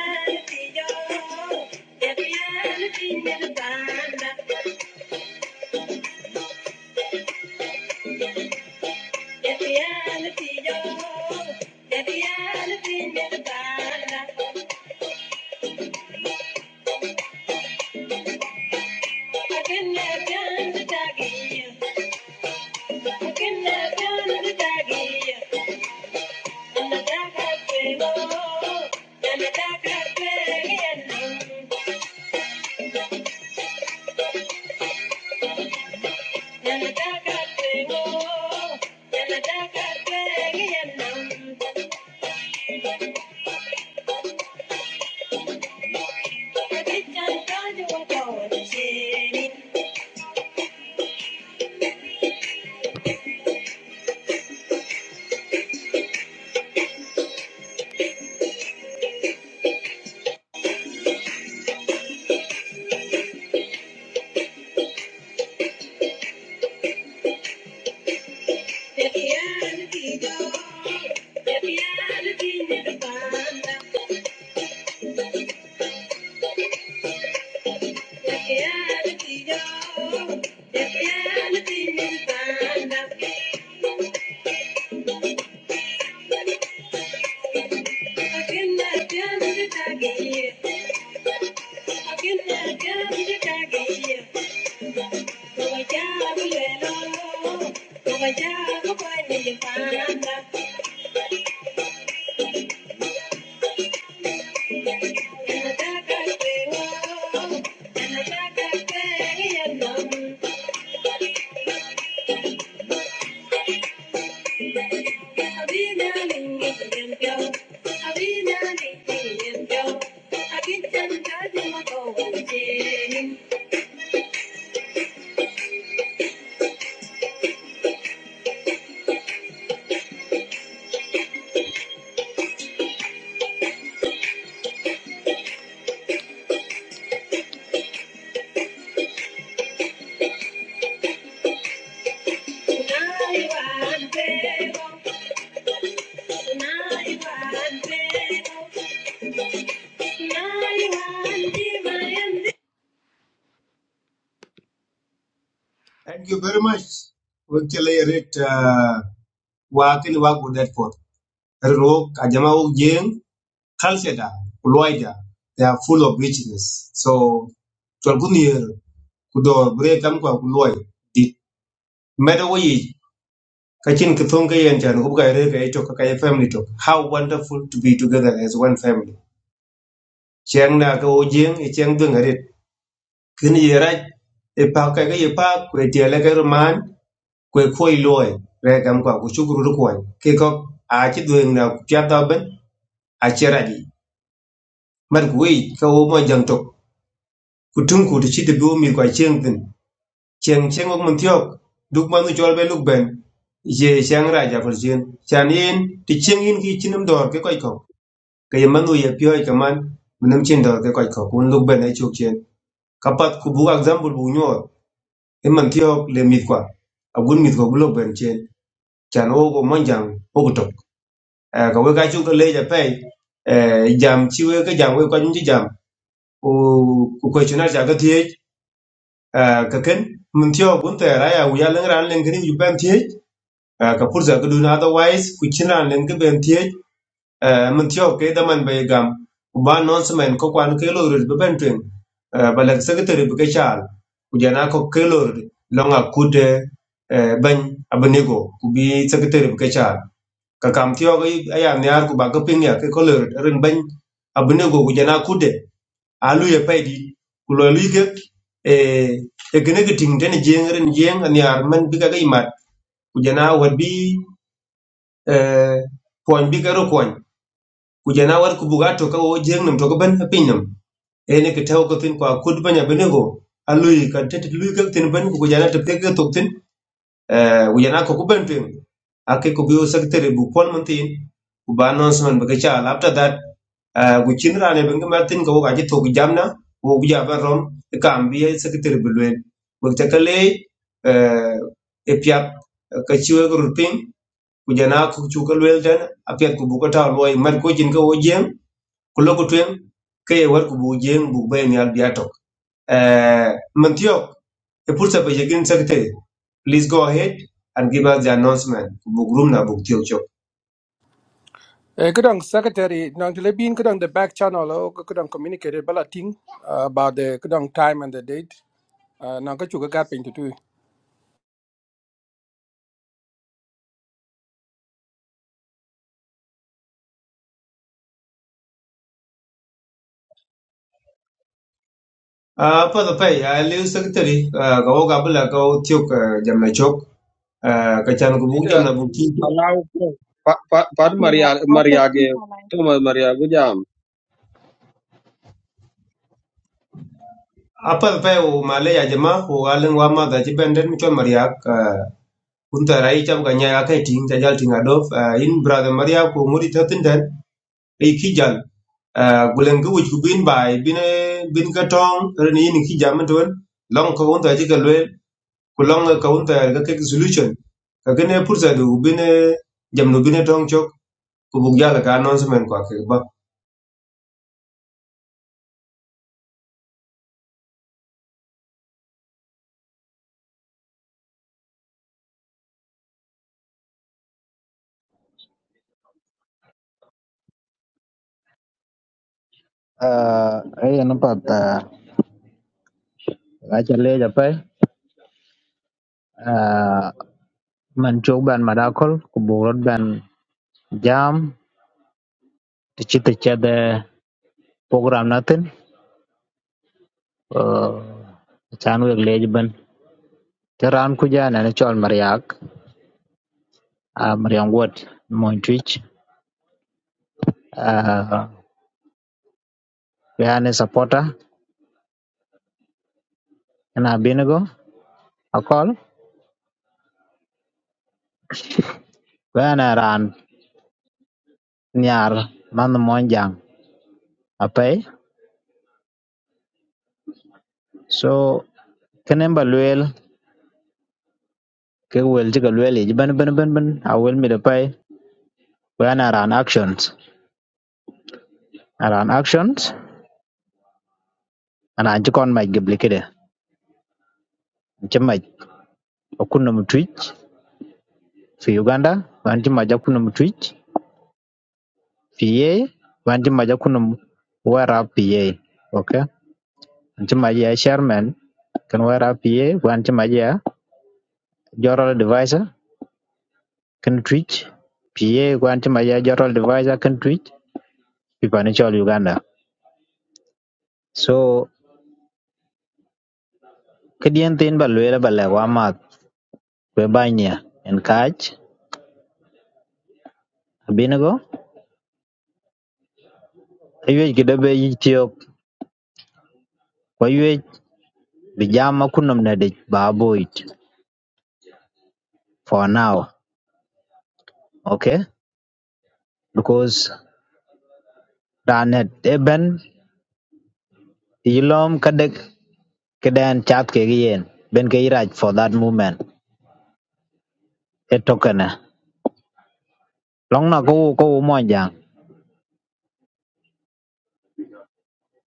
S1: are going to see. Thank you. Thank you.
S2: Thank you very much. Wekele ret uh, wakin wagu netpot. Rok ajama ug jeng culture da kulwaida. They are full of richness. So tolgun yer kudo bre kam kwa kulwai. It matter what ye kachin kithong ka thong ka yen chan kubka ere ka ito ka ka family to. How wonderful to be together as one family. Chiang na ka ujeng e chiang kin yerac i pak kɛkɛ yi paak kwe tiɛlɛkɛ di maan kwe kuɔi luɔi rɛɛkɛm kɔk ku cuk rut kuɔi ki kɔk aaci dhueŋ na piat dhɔ bɛn aci rac yi mat ku wei ka wo mɔc jaŋ tok ku tüŋ ku ti ci ti bi wo mith tin cieŋ thin cieŋ cieŋ wok min thiɔk duk man thu cɔl bɛ luk bɛn ye chang ra rac apil cien can yen ti cieŋ yin ki cinim dɔɔr ki kɔc kɔk ke ye man thu ye piɔi keman minim cin dɔɔr ki kɔc kɔk wun luk bɛn e cok cien kapat ku buk ak zambul bu nyuɔɔr i man tio le mit kwa a gun mit ko bulo ben chen chan o go mon jang o go tok Eh, ka we ka chu ko le ja pe eh, jam chi we ka jam we kwa nyi jam o ku ko chuna ja ga tie ka ken man tio gun te ra ya u ya leng ran leng kri ju ben tie ka pur za ga du na otherwise ku chin ran leng ke ben tiye uh, min tiyo ke daman bay gam ku ba non semen ko kwan ke lo rit ben tweng uh, ba lek secretary bi ke chal ku jana ko ke lo rit lo nga kude uh, ban abnego ku bi secretary bi ke chal ka kam tiyo ke aya nyar ku ba ke ping ya ke ko lo rit ren ban abnego ku jana kude alu ye paydi ku lo lu ke e e gene ke ting den jeng ren jeng an yar man bi ka ga imat ku jana war bi uh, pon bi ka ro ku jana war ku buga to ka wo jeng nam to ka ban pin nam e ne ka taw ka tin kwa kud banya bene go alui ka tet lui ka tin ban ku jana te pe ka to tin eh ku jana ko ku ban pin ake ko biyo secretary bu pol mun tin ku ba announcement ba ka cha after that eh ku chin ra ne ban ma tin ka wo ka ji to ku jamna wo ku ja ban rom E ka am bi secretary bu luen ku ta ka le eh e pya ka chiwe ko rupin ku jana ku chu ka luen dan apya ku bu ka ta loy mar ko jin ka wo jeng kulo ku tweŋ ke ye wet ku buk jeŋ buk be nial biya tok Eh, Mantiok, e pursa pe jekin sekte please go ahead and give us the announcement buk room na buk tiok chok
S3: Eh, kadang secretary nang tele bin kadang the back channel o kadang communicated bala ting uh, about the kadang time and the date. Uh, nang ka chuka gaping to tu. tu.
S2: Ah, apa the pay a lew secretary ah, ka wo ka bula ka wo tiok ah, jam na chok Ah, ka chan ku buk
S7: Did
S2: jam
S7: uh,
S2: na buk tiok chok.
S7: Allow Pa- Pa- Pat
S4: Yeah,
S7: Maria
S4: after
S7: Mariage,
S4: Tinala
S7: Thomas Maria
S2: apa the pay o male ya jama o galen wa ma da ji benden mi chon mariak kun ta rai cham ka nya ka ting ta jal ting adof uh, in brother mariak ko ngudi ta tin e kijal uh, gulen ga wuj ku bin bai bin bin ka tong ren yin ki jam don long ko unta ji ka ku long ka unta ga ke solution ka gane pursa du bin jam no bin tong chok ku bug jala ka announcement ko ke ba
S11: Uh, ấy nó bật à gái chân lê chập ấy à mình chụp bàn mà jam thì chỉ tự program nó tin ờ chán việc lê chập bên cái ran của gia này nó cho anh mariak à mariak word mon twitch à về anh supporter anh à bên go à nyar man mon apa eh? so kenen ba luel ke wel ji ga luel ji ban ban ban ban a wel When I run actions, I run actions, and I check on my gibli kide. Chimaj, okunum twitch, for Uganda, one chimaja kunum twitch, PA, wanti chimaja kunum wear up PA. Okay? And chimaja chairman can wear up PA, one chimaja general divisor can twitch, PA, one chimaja joral divisor can twitch, pipanichol Uganda. So, kadian tin ba luela ba lewa mat, kwe banya, and catch, abinago, Aywech kï dong obedo thyök, öywëc bï jam na künë nïdïc ba aboth for now, okay? Because raa nët ebën ï lom ka dëk këdë ën cath kï yen ben kï ïrac for that moment, movement etokënë long na kowo kowo mony jang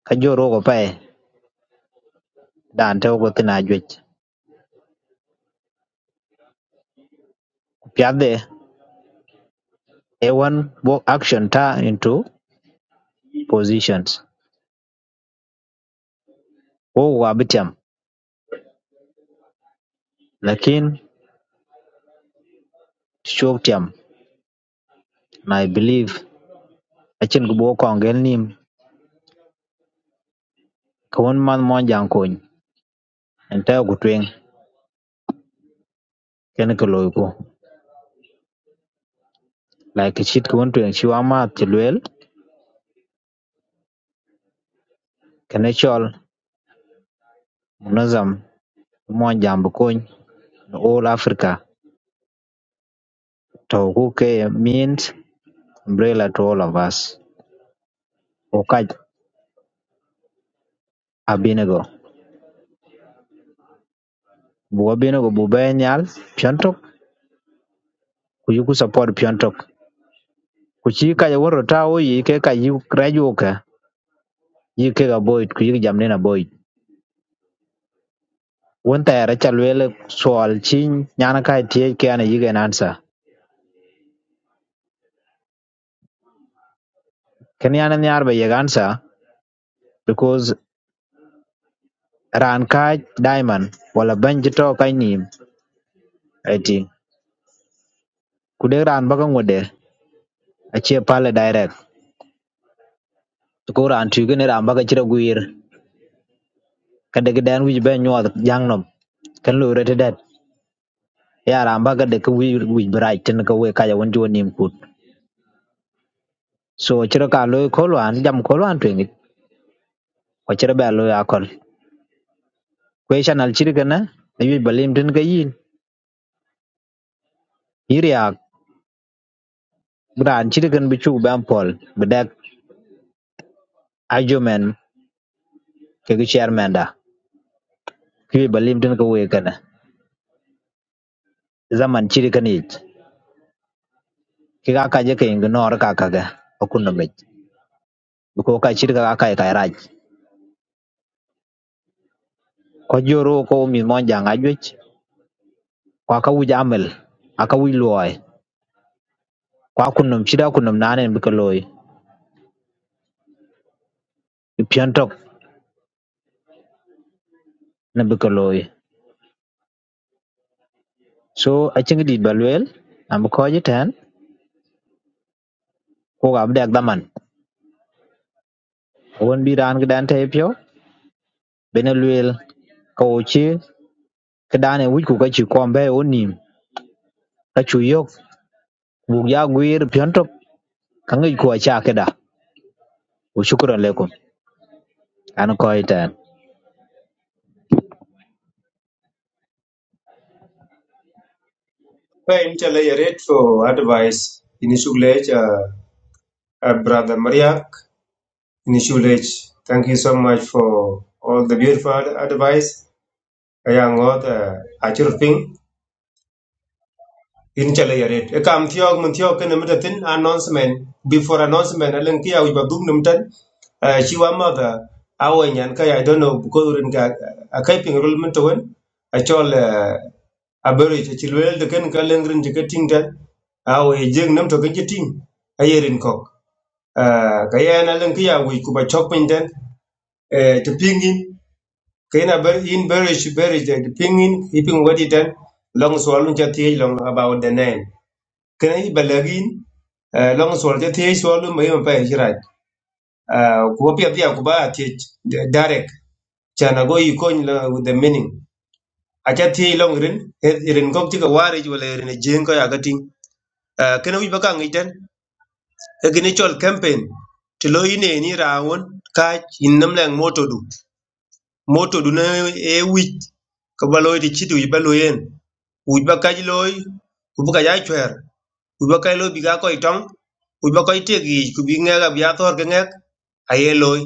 S11: ka jö rwök ope dan tëk ökö thïn na ajwec pïadhe ëwan work action tar into positions kowo ka bï tyëm lakin cok tyëm na I believe acïdh kï bok köngë nïm Kawun man monjang kuny nteo ku tweng kene ki loyo ku like ki cit kawun tweng ci wa math ci luel kene col munazam i monjam bi kuny all Africa to ku ke means umbrella to all of us ku kaj a binigo bu wa binigo bu be nyal pion tok ku yuku support pion tok ku ci kaj woro ta wo yi ke kaj yu raju ka yi ke ga boyit ku yik jam nena boyit wun ta yara ca luel sual ci nyana kai tie ke ana yigen answer Kenyan nyar ba yek answer because ran kaj diamond wala ban jito kaj nim eti kudek ran baka ngode achie pale direct ko ran tuge ne ran baka chira guir kade gidan wij ben nyuwa jang nom kan lo rete det ya ran baka de ku wij wij brai tin ka we kaja won jo nim kut so chira ka lo kolwan jam kolwan twingi ko chira ba lo akol question al chiri kana ayu balim tin ka yin yiri ak ran chiri kan bichu ban pol bedak argument kegi chairman da kiwi balim tin ka we kana zaman chiri kan ich ki ga ka kaje ke ing nor ka kaga okuno mech ko ka chiri ka ka ka raj ko joro ko mi mon janga juch kwa ka wuja amel aka wi loy kwa kunum chira kunum nane bi ka loy piantok na bi ka loy so a chingi di balwel am ko je tan ko ga abdak daman won bi ran ga dan te pyo bene lwel ka o chi ka dane wuj ku ka chi kombe onim ka chu yok Buk ya gwir pyontop ka ngwec kwö caa kï dök. Shukran lekum, an köö ï tën.
S2: pa in chala rate for advice in suglech uh, uh, brother mariak in suglech thank you so much for all the beautiful advice ayang ngot uh, achur ping in chale yaret e kam thiog mun thiog ken mit tin announcement before announcement alen kia wi badum num tan chi wa ma da awen yan ka i don't know ko rin ga a kai ping rul mun to wen a chol eh, a beri che chi wel de ken ka len rin je ting tan a we jeng num to ken je ting a yerin kok Ah, ka yan alen kia wi ku ba chok pin tan to pingin kain a ber in beri chi beri je pingin iping wadi tan long swalun cha thiej long about the name kena yi balagin eh, long sol ja thiech so lu mai pa shi rai Ah, ku ba pia pia ku ba thiech d- direct chana go yi kony la with the meaning a cha thiech long rin eh, rin gok ti ka wari ju le rin jeng ko ya ga ting Ah, kena wi ba ka ngi ten e gini chol campaign ti lo ine ni rawon ka in nam lang moto du moto du na e wi ka ba lo ti chi du ba lo yen wi ba ka ji lo ku bu ka ya chwer kuba kai lo biga koi tong kuba koi tegi kubi ngega biya thor ke ngek aye loy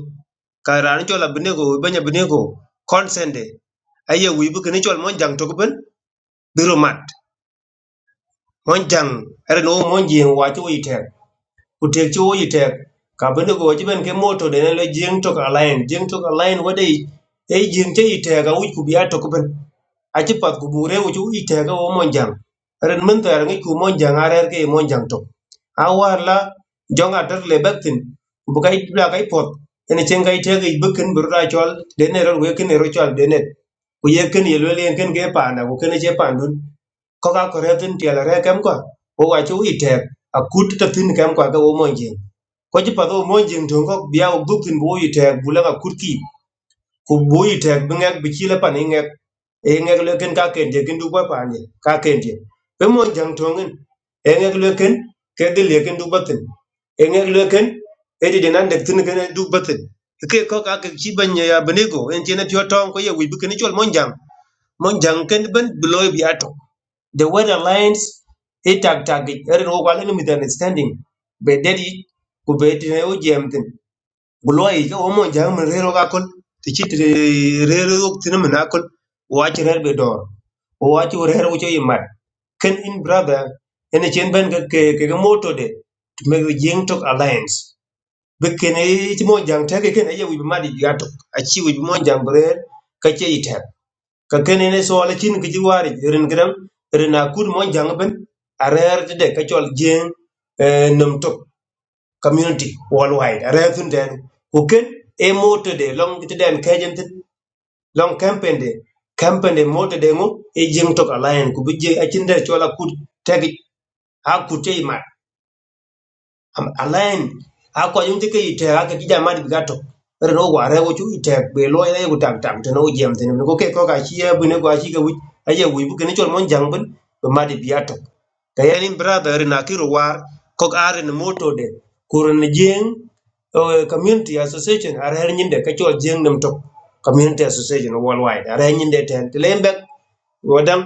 S2: ka ran chola binego banya binego consende aye wi bu kini chol mon jang to ben biro mat mon jang er no mon jing wa chu ite ku te chu ite ka binego ji ben ke moto de ne le jing to ka line jing to ka line wade e jing te ite ga wi kubi ya to ben achi pat ku buk rewu wo monjang ren min ter ngi ku monjang arer ke monjang tok a war la jong a ter le baktin bu bla kai pot ene chen kai teke i bukin bru da chol de ne ro we ken ro chol de ne ku ye ken ye le yen ken ke pa na ku ken che pa ndun ko ka ko re re kem ko wo wa chu i ta tin kem ko ga wo monjang ko chi pat wo monjang tong ko bia wo bukin bu i tek ka kut ku bui tek bi ŋek bi ci lepan i ŋek i ŋek luekin ka ken je kin du bɔ paany je ka ken je bi mon jaŋ toŋin i ŋek luekin ke dhil ye kin du bɔ thin i ŋek luekin dek thin kin du ke ko ka ke ci ya benigo en tiene pyo tong ko ye wi bi kin chol mon jaŋ ken ben bloy bi the weather lines i tag tag it er ro kwal misunderstanding be dedi ku be tine u jem gulwai ka omo jang man rero ga kol ti chit re- rero yok tin man akol wach rer be dor wach rer wucho i mat ken in brother ene chen ben ga ke ke ga moto de to me jing tok alliance be ken e ti mo jang te ke ken e wi ma di gato a chi wi mo jang brer ka che ite ka ken ene so ala chin ki ji wari ren gram ren akur mo jang ben a rer ti de ka chol jing eh, nam tok community worldwide re tun den ku ken e moto de long ti den kajen tin long campaign de campaign de moto de ngo e jing to alliance ku bije a chin der chola kut tagi ha kut e Am- alain ako yum tike ite ake kija madi gato re no ware wo chu ite be lo ye go tam tam teno jem teno go ke ko ka chi ye bune go chi ga wi aye wi bu kene chol mon jang bun be madi biato ka ye nim brother re na kiro war ko are ne moto de kur ne jeng eh, community association are her nyinde ka chol jeng nem tok community association worldwide are her nyinde ten lembe wadam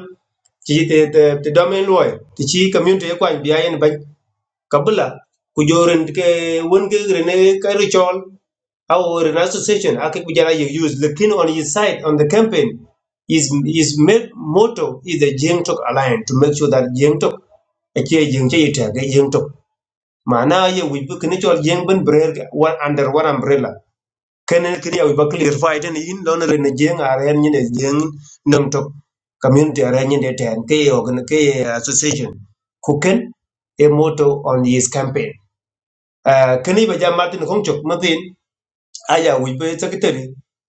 S2: ci te te te domain loy ti ci community ko an biya en ban kabla ku joren ke won ke rene ke ritual how an association ake kujala you use lakini on his side on the campaign is is made motto is the jeng tok alliance to make sure that jeng tok ake jeng che ita ga jeng tok mana ye we book ni chol jeng ben brer ga, one under one umbrella kenen kri ya we ba clear fight and in don rene jeng are ni ne jeng nam tok community are ni ne ten ke organ ke association kuken a motto on his campaign Ah, kani bây giờ martin kong chok matin aya wi be secretary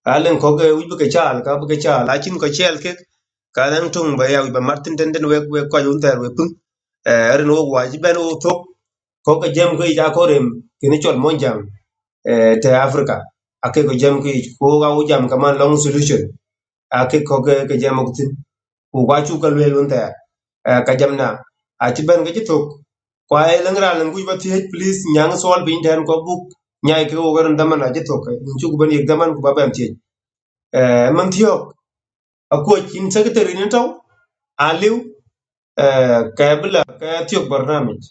S2: alen ko ge wi be ke chal ka be ke chal akin ko chel ke cái dan tung ba ya wi ba martin den den we we ko yun ter we pun eh ren wo wa ji bên wo thuốc, ko ke jam ko ja ko rem kini chol mon jam eh te africa ake cái cái jam ko ko ga wo jam ka man long solution aki ko ke ke jam ok tin ku kwa chu kal wel unta ka jam na a chi ban ke chi tok kwa e lang ra lang ku ba ti please nyang sol bin tan ko buk nyai ke o garan daman a chi tok in chu ban yek daman ku ba bam ti e man ti ok a ko chin secretary ni taw a liu ka bla ka ti ok barnamij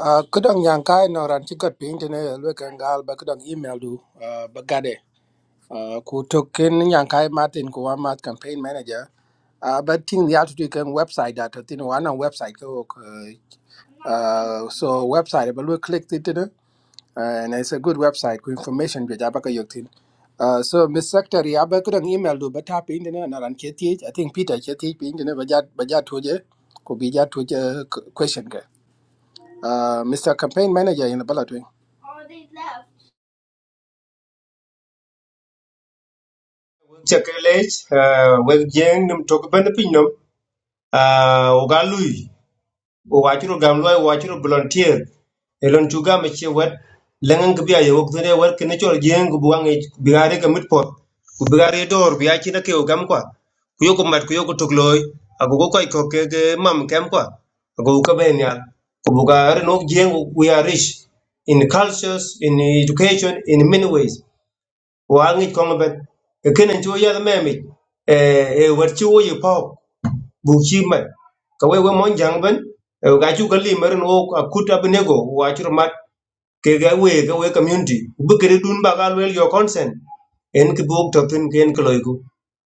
S3: Uh, kadang yang kai nang ran chikat ping tene lwe kan gal ba kadang email du uh, ba gade. Uh, ku token yang kai Martin ku wa mat campaign manager. Uh, but ting the altitude kan website that tin wana website ko uh, uh, so website ba lwe click ti tene Uh, and it's a good website ku information bi jaba ka yoktin uh, so miss secretary aba ku dang email do bata pe indina na ran ke ti i think peter ke ti pe indina ba ja ba ja toje ko bi ja toje q- question ka uh, mr campaign manager in bala twin
S2: che ke lech we jeng nim tok ban pin nom o ga lui o wacuru gam loy wacuru volunteer e lon tuga me che wet lengan gbi ayo wok dene wet kene chol jeng bu wangi bigare ka mit pot ku bigare dor bi achi na ke o gam kwa ku yoko mat ku yoko tok loy ago go koy ko ke ke mam kem kwa ago ka ben ya ku bugare nok jeng we are rich in cultures in education in many ways wangi kong ben e kenen cho ya meme e e wet chi wo ye bu chi man ka we we mon jang ben eh, ga chu ka li mer no ka kuta bnego wa chu mat ke ga we ga we community bu kere dun ba ga wel your consent en ki buk to tin ken kloy ku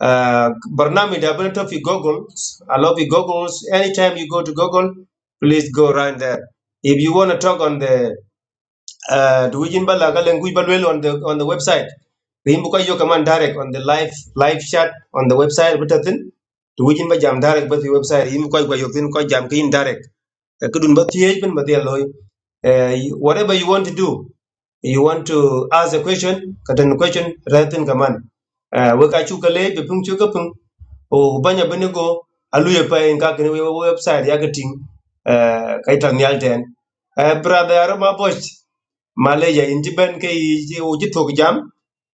S2: Ah, barnami da ben to fi google i love you google anytime you go to google please go right there if you want to talk on the uh, do we in balaga language balwel on the on the website rim bu yo command direct on the live live chat on the website bitatin do we in ba jam direct but the website him koy koy yokin koy jam kin direct ka kudun ba tiej ben ba dialoy uh, whatever you want to do you want to ask a question katan question ratin kaman uh, we ka chu kale be pung chu ka pung o banya benego alu ye pa en ka kene we we website ya gating uh, kai tan yalten uh, brother arama post malaysia inji ben ke uji tok jam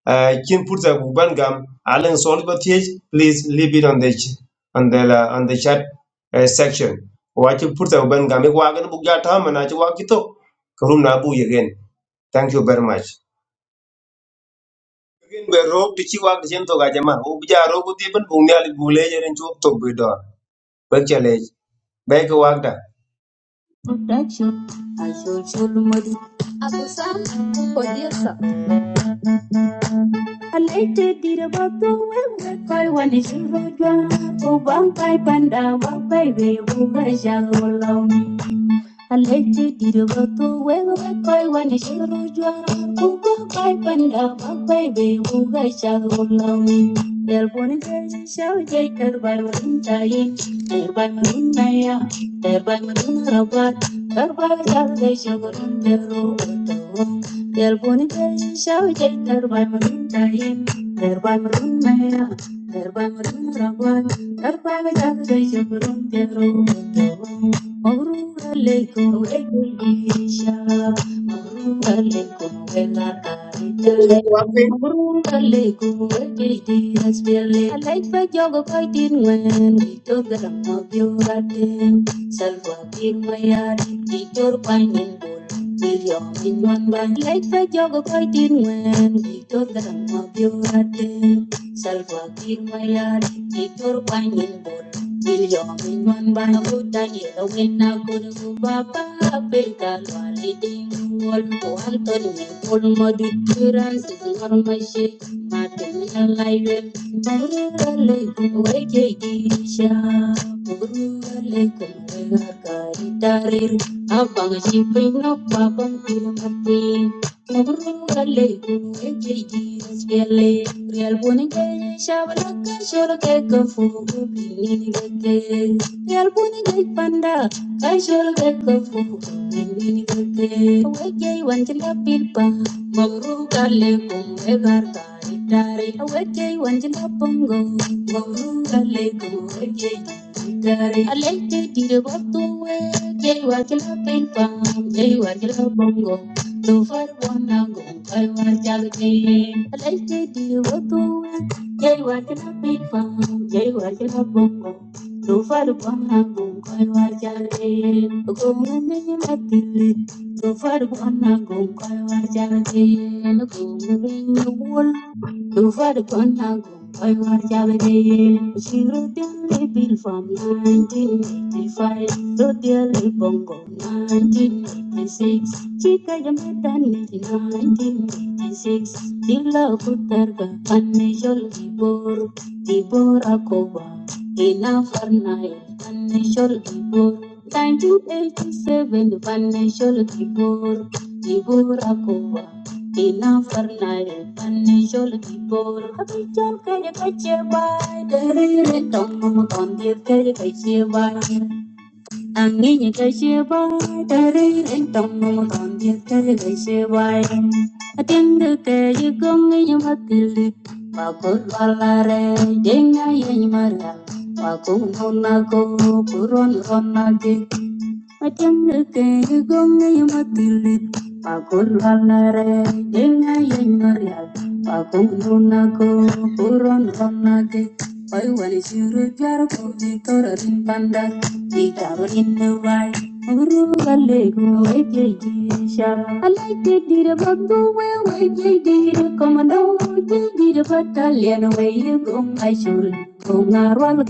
S2: uh, kin purta bu ban gam alan sol ba thiech, please leave it on the ch- on the la- on the chat uh, section wa you put bu ban gam wa gan bu ja ta mana chi wa ki tok ka room na bu ye Thank you very much. Again, we rope to Chiwag Jento Gajama, Ubja Robu Tibin, Bungal Bulay and Chok to Bidor, Berkeley, Baker Wagda.
S4: production, I shall show Modi. I later did about the way I want to show you. Oh, Bankai Panda, Bankai, we will Alejidiro bato wego bakoi wane shiro jwa Kuko kai panda makai be uga shago lawi Del boni teji shau jai karbar wadun chai Karbar manun naya Karbar manun rabar Karbar shau jai shago run teru wato Del boni teji shau jai karbar manun chai Karbar manun naya Karbar manun Karbar shau jai shago run teru wato Morura aleikum ekeisha, morura aleikum ela karitare,
S2: Walking,
S4: morura aleikum ekeiti asbele. Alaifa jogo kaitin wen, kito garam mo biuratin, salwa pirmayari, kitor painin bul. Kiriom inyuan ban, alaifa jogo kaitin wen, kito garam mo biuratin, salwa pirmayari, kitor painin bul. Abang si pring no babang pil mati Mugulle, ejiji, spelle, real bunike, shabalaka, sholake, kofu, bilinigake. Real bunike, panda, kai sholake, kofu, bilinigake. Awege, wanjila pilpa, mawru kale, kumbe garta, itare. Awege, wanjila pongo, mawru kale, kumbe jeji. Itare. Aleke, dire, batu, we, jai, wanjila pilpa, jai, wanjila pongo. Tufar buona gum koi war jalde, gum ring wul over the Contago, Taiwan Jabade, she wrote the bill from 1985, wrote the Bongo 1986, Chica Yamada 1986, Dilla Kutarga, Unusual Gibor, Gibor Akoba, Ina Farnai, Unusual Gibor, 1987, Unusual Gibor, Gibor Akoba. Tina Fernay, Panajol Kibor, Happy Jam Kayakache by the Red Tom on the Kayakache by Angin Kache by the Red Tom on the Kayakache by Attend the Kayakong in Matili, Bakul Valare, Jenga Yamara, Bakum Honako, Puron Honaki, Matengeke gonge yamatilit pakulvalare denga yenyorial pakulunako puron vanage Wai wani shiru jar ko vitora rimpanda Dikaro inne wai Uru galego wege gisha Alai te dira babu we wege dira komando Te dira battalion we ye gong aishul Gonga rwal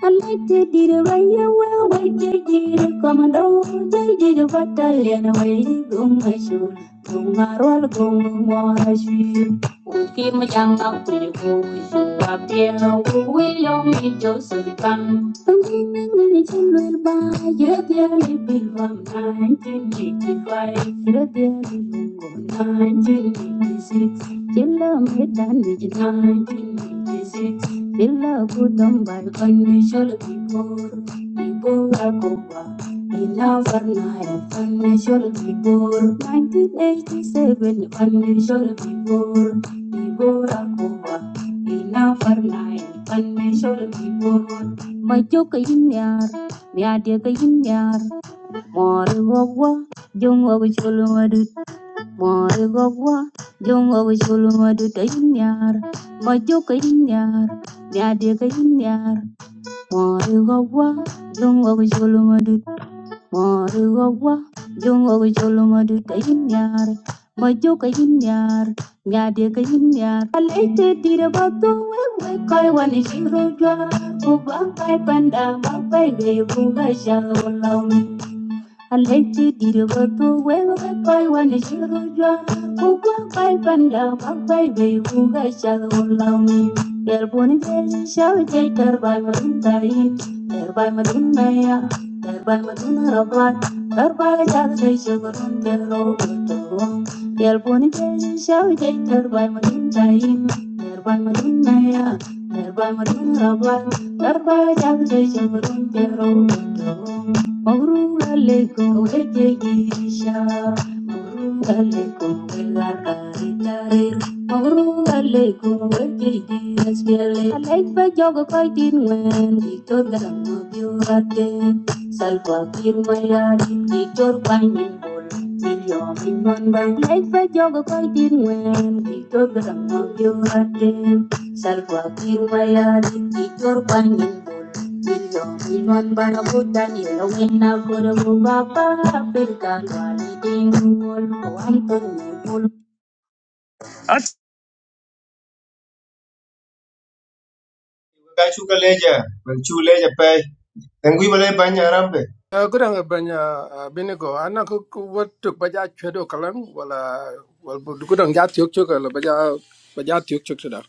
S4: I'm like they did it right away, wait they did it come and oh they did it but I lean away gum my shoe gum my roll gum more shoe Okay my young up to you go shoe up there who will you meet Joseph come Something in the children by your dearly big from your dearly big 1986 Chilla made 1986 Ella put them by financial people. People are Cuba. Ella Varnaya financial 1987 financial people. People are Cuba. Ella Varnaya financial people. Majoka inyar, niadia ka inyar, mori wogwa, jung Moi gogwa jongo go chulu madu ka inyar mojo ka inyar nyade ka inyar moi gogwa jongo go chulu madu moi gogwa jongo go chulu madu ka inyar mojo ka inyar nyade ka inyar alete tira bato wewe kai wani shiro jwa kubangai panda mabai be bunga shawo Aleti dirigotu wewe kai wane shirujwa Kukwa kai panda wakai bei kuga shal ulami Yerbuni bezi shawi jai terbai maduntai Terbai madunaya Terbai maduna rabat Terbai jagdai shagurun tero buto Yerbuni bezi shawi jai terbai maduntai Terbai madunaya Terbai maduna rabat Terbai jagdai shagurun tero buto Murugale con Echeguisha, Murugale con la carita de Murugale con Echeguis, Miele, Alepa Yoga Kaitin Wen, Victor Garamo Biorate, Salva Kirmayari, Victor Painin Bol, Miriam in Monday, Alepa Yoga Kaitin Wen, Victor Garamo Biorate, Salva Kirmayari, Victor Painin Bol. Ivan para puta ni Baba. buena por papá, perca cual y tengo un polvo, Antonio
S2: Gachuka Leja, when Chu Leja Pay, and we will Banya Rampe.
S3: uh, ku dang ban uh, binigo ana ku ku wat tuk ba ja chedo kalang wala wal ku dang ja tiok chok la ba ja ba ja tiok chok da.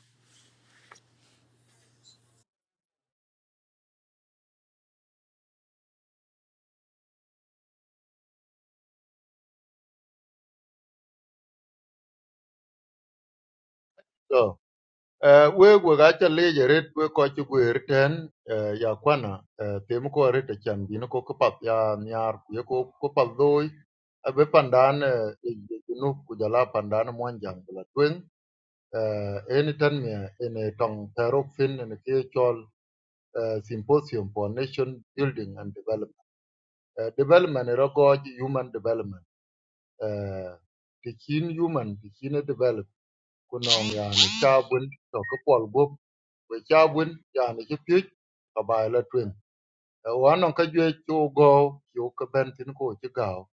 S6: Eh, we we ga cha leje ret we ko chi gwer ten eh, ya kwana eh, tem ko ret chan bin ko ko pat ya nyar ku ye ko ko pat doi abe pandan eh, e e junu ku jala pandan mon jang la twen eni tan me ene tong terok fin ene ke chol eh, symposium for nation building and development Eh, development ero go chi human development eh, tikin human tikin develop kunong ya ni chabun to ko pol go we cha bun ya ni chi pyet ka bai la twin wa non ka jwe chu go chu ka ben tin ko chi gao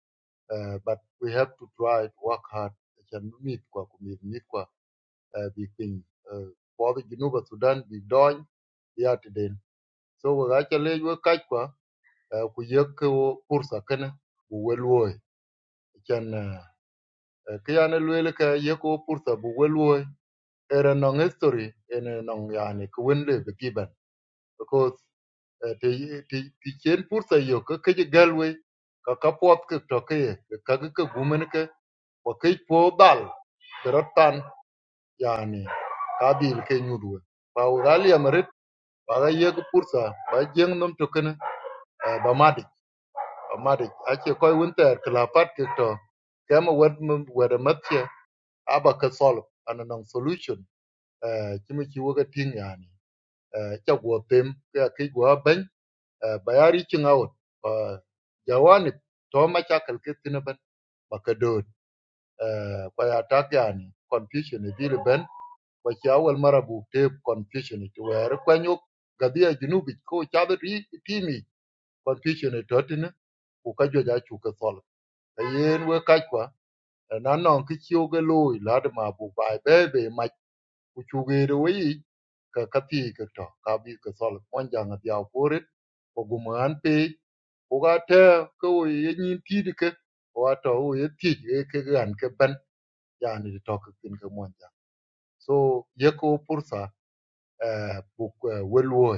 S6: Eh, but we have to try to work hard chan mit kwa ku mit mit kwa eh, bi pin po bi ginu sudan bi doing ya ti den so we ga cha le we ka kwa eh, ku ye ko pursa kana bu we lo chan ke ya ne lwe le ka ye ko pursa bu we era non history ene non ya ni ku wen le bi ban because ti ti ti chen pur sa yo ka ke galwe ka ka pot ka to ke ka ka ka gumen ke wa ke po dal beratan yani ka dil ke nyudu ba urali amarit ba ga ye ka pur sa ba jeng nom to ken ba madi ba madi ake koy winter kla pat ke to kama wad ma wad matya aba ka solve an solution eh kimi ki waga tin yani eh cha go tem ka ke go ban uh, by a reaching out uh, jawani toma chakal ke tinaban uh, kwa ya tak yani confusion e dile ben kwa cha marabu te confusion it where kwanyo gadia junubi ko chabe ri timi confusion e totina ku ka joja chu ke sol kayen we kachwa loy lad ma bu bai kuchugere wei ka kati ka to ka bi ka sol pon jang dia pore ko guman pe ko ga te ko wo ye nyin ti de ke ko to wo ye ti ye ke gan ke ban ya ni to ka kin ka mon so ye ko pursa eh bu wel wo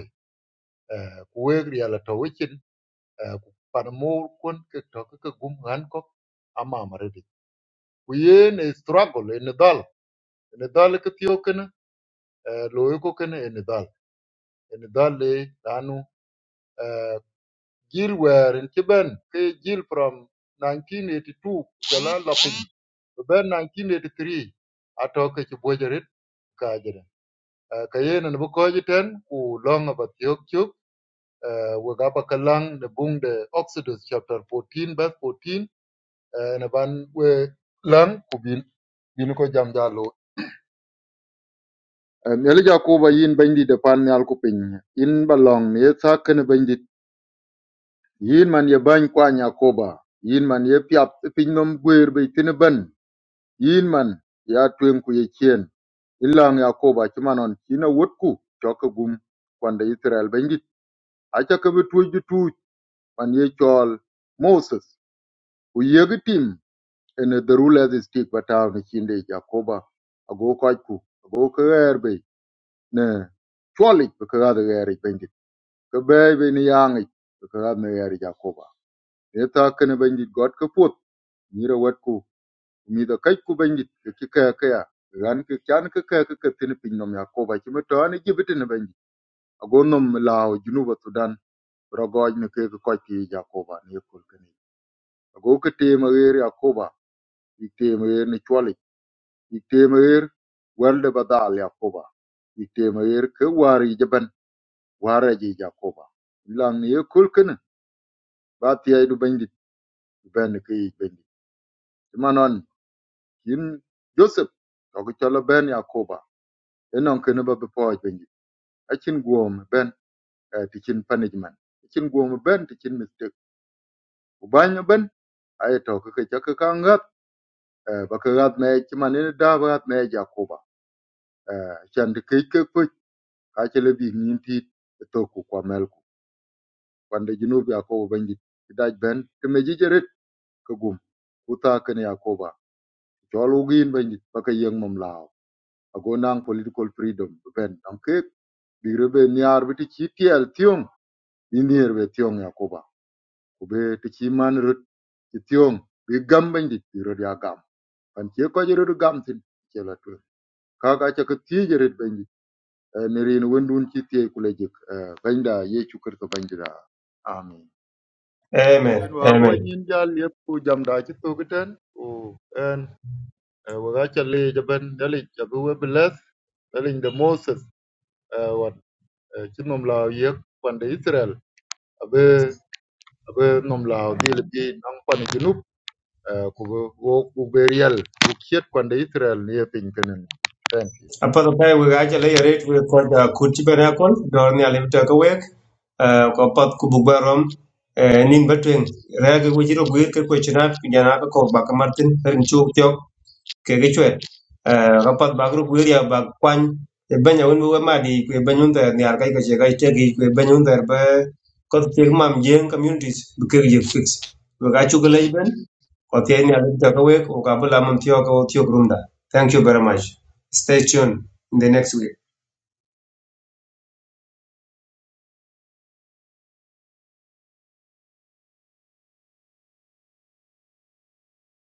S6: eh ku we ri ala to wichin eh ku pan mo kon ke to ka gum han ko ama mare de ku ye ne struggle e ne dal e ne dal ke tio ken eh lo ko ken ne dal in Dolly Lanu uh, Jill were in Kiben, K Gil from 1982, Jalan Lapin, Ben 1983, Atoke Chibojerit, Kajere. Uh, Kayen and Bukojiten, who long about Yokyuk, Wagapa Kalang, the Bung the Oxidus, chapter 14, verse 14, uh, and Aban we Lang, Kubin, Binuko Jamjalo. Nyalija kuba yin bindi de pan nyal kuping. In balong, ni sa kene Yin man ye bany kwany Yakoba, yin man ye piap tï piny nön gwer bï ïthïnï bën, yin man ya tweng ku ye cen, ïlang Yakoba cï man ön cin awotku cök k'ëgum kwan dong Israel bendit, aca kebe tuc jï man ye cöl Moses ku yegi tïm ene the rule as is stick but now cin Yakoba ago köc ago kï ɣër ne cwölic bï kï kadhö ghër bendit, kïbëy nï yangïc bï kï kadhö ghër Yakoba. Etha kënë bendit göt k'ëpwöth nyiro wet ku mi do kai ku bangit ki kaya kaya ran ki kyan ki kaya ki ka tin pin nom ya ko ba ki mi to ani jibiti ni bangit ago nom lao junuba sudan rogoj ni ke ko ki jakoba ni kul kani ago ki te ma yer yakoba ki te ma yer ni chwali ki te ma yer welde badal yakoba ki te ma yer ke wari jaban wara ji jakoba lang ni kul kani ba ti ay du bangit ben ki bangit manon yin joseph to ki chola ben yakoba Enong kene ba before benji. Achin guom ben eh, tichin punishment. Achin guom ben tichin mistake. Ubanya ben aye to ke ke ke ka chaka kangat ba kagat na echi manene da ba gat na echi akoba. Chan de kei kei kuch kachele bi nginti to ku kwa melku. Kwande jinubi akoba benji. Idaj ben kemeji jerit kagum. Uta kene akoba. Chol ugin benji baka yeng mamlao. Ago nang political freedom ben. Nang kek bi rebe niar biti chi tiel tiom Yindir be tiong Yakoba. Kube tichi man rut ti tiong. Bi gam bendit bi rut ya gam. Pan che Kwa jirut gam tin. Che la tu. Kaka cha ka tiye jirut bendit. Nirin wendun chi tiye kule jik. Benda ye chukar ka bendita. Amen.
S2: Amen,
S6: Yin wa abu
S2: amen.
S6: nyin jal yep ku jam da chi tu kiten. O en. Waga cha le jaban dalit. Jabu we belas. Dalit de Moses. eh, Wat. eh, Chi nom la yek. Pan Israel. Abe abe nom la dil bi nang pan junub Uh, ku wo ku be real ku kiet kwande Israel ni e piny Kenya thank you
S2: Upon the pay, we got a layer rate, we ko da ku ti be na kon dor ni ale to the Kutibanakon, Dornia Limtaka Wake, Kopat Kububarom, Nin Between, Rag Wujiro Gwirk, Kuchinat, Kujanaka, Bakamartin, and Chuk kege chwet Eh, ka pat ba group area ba kwany e benya un we ma di kwe benyun ter ni ar kai ka che kai te gi kwe benyun ter ba ko te mam jeng communities bu ke ye fix we ga chu gele ben ko te ni ar ta ka we ko ka bula mam tiyo ka tiyo grum thank you very much stay tuned in the next week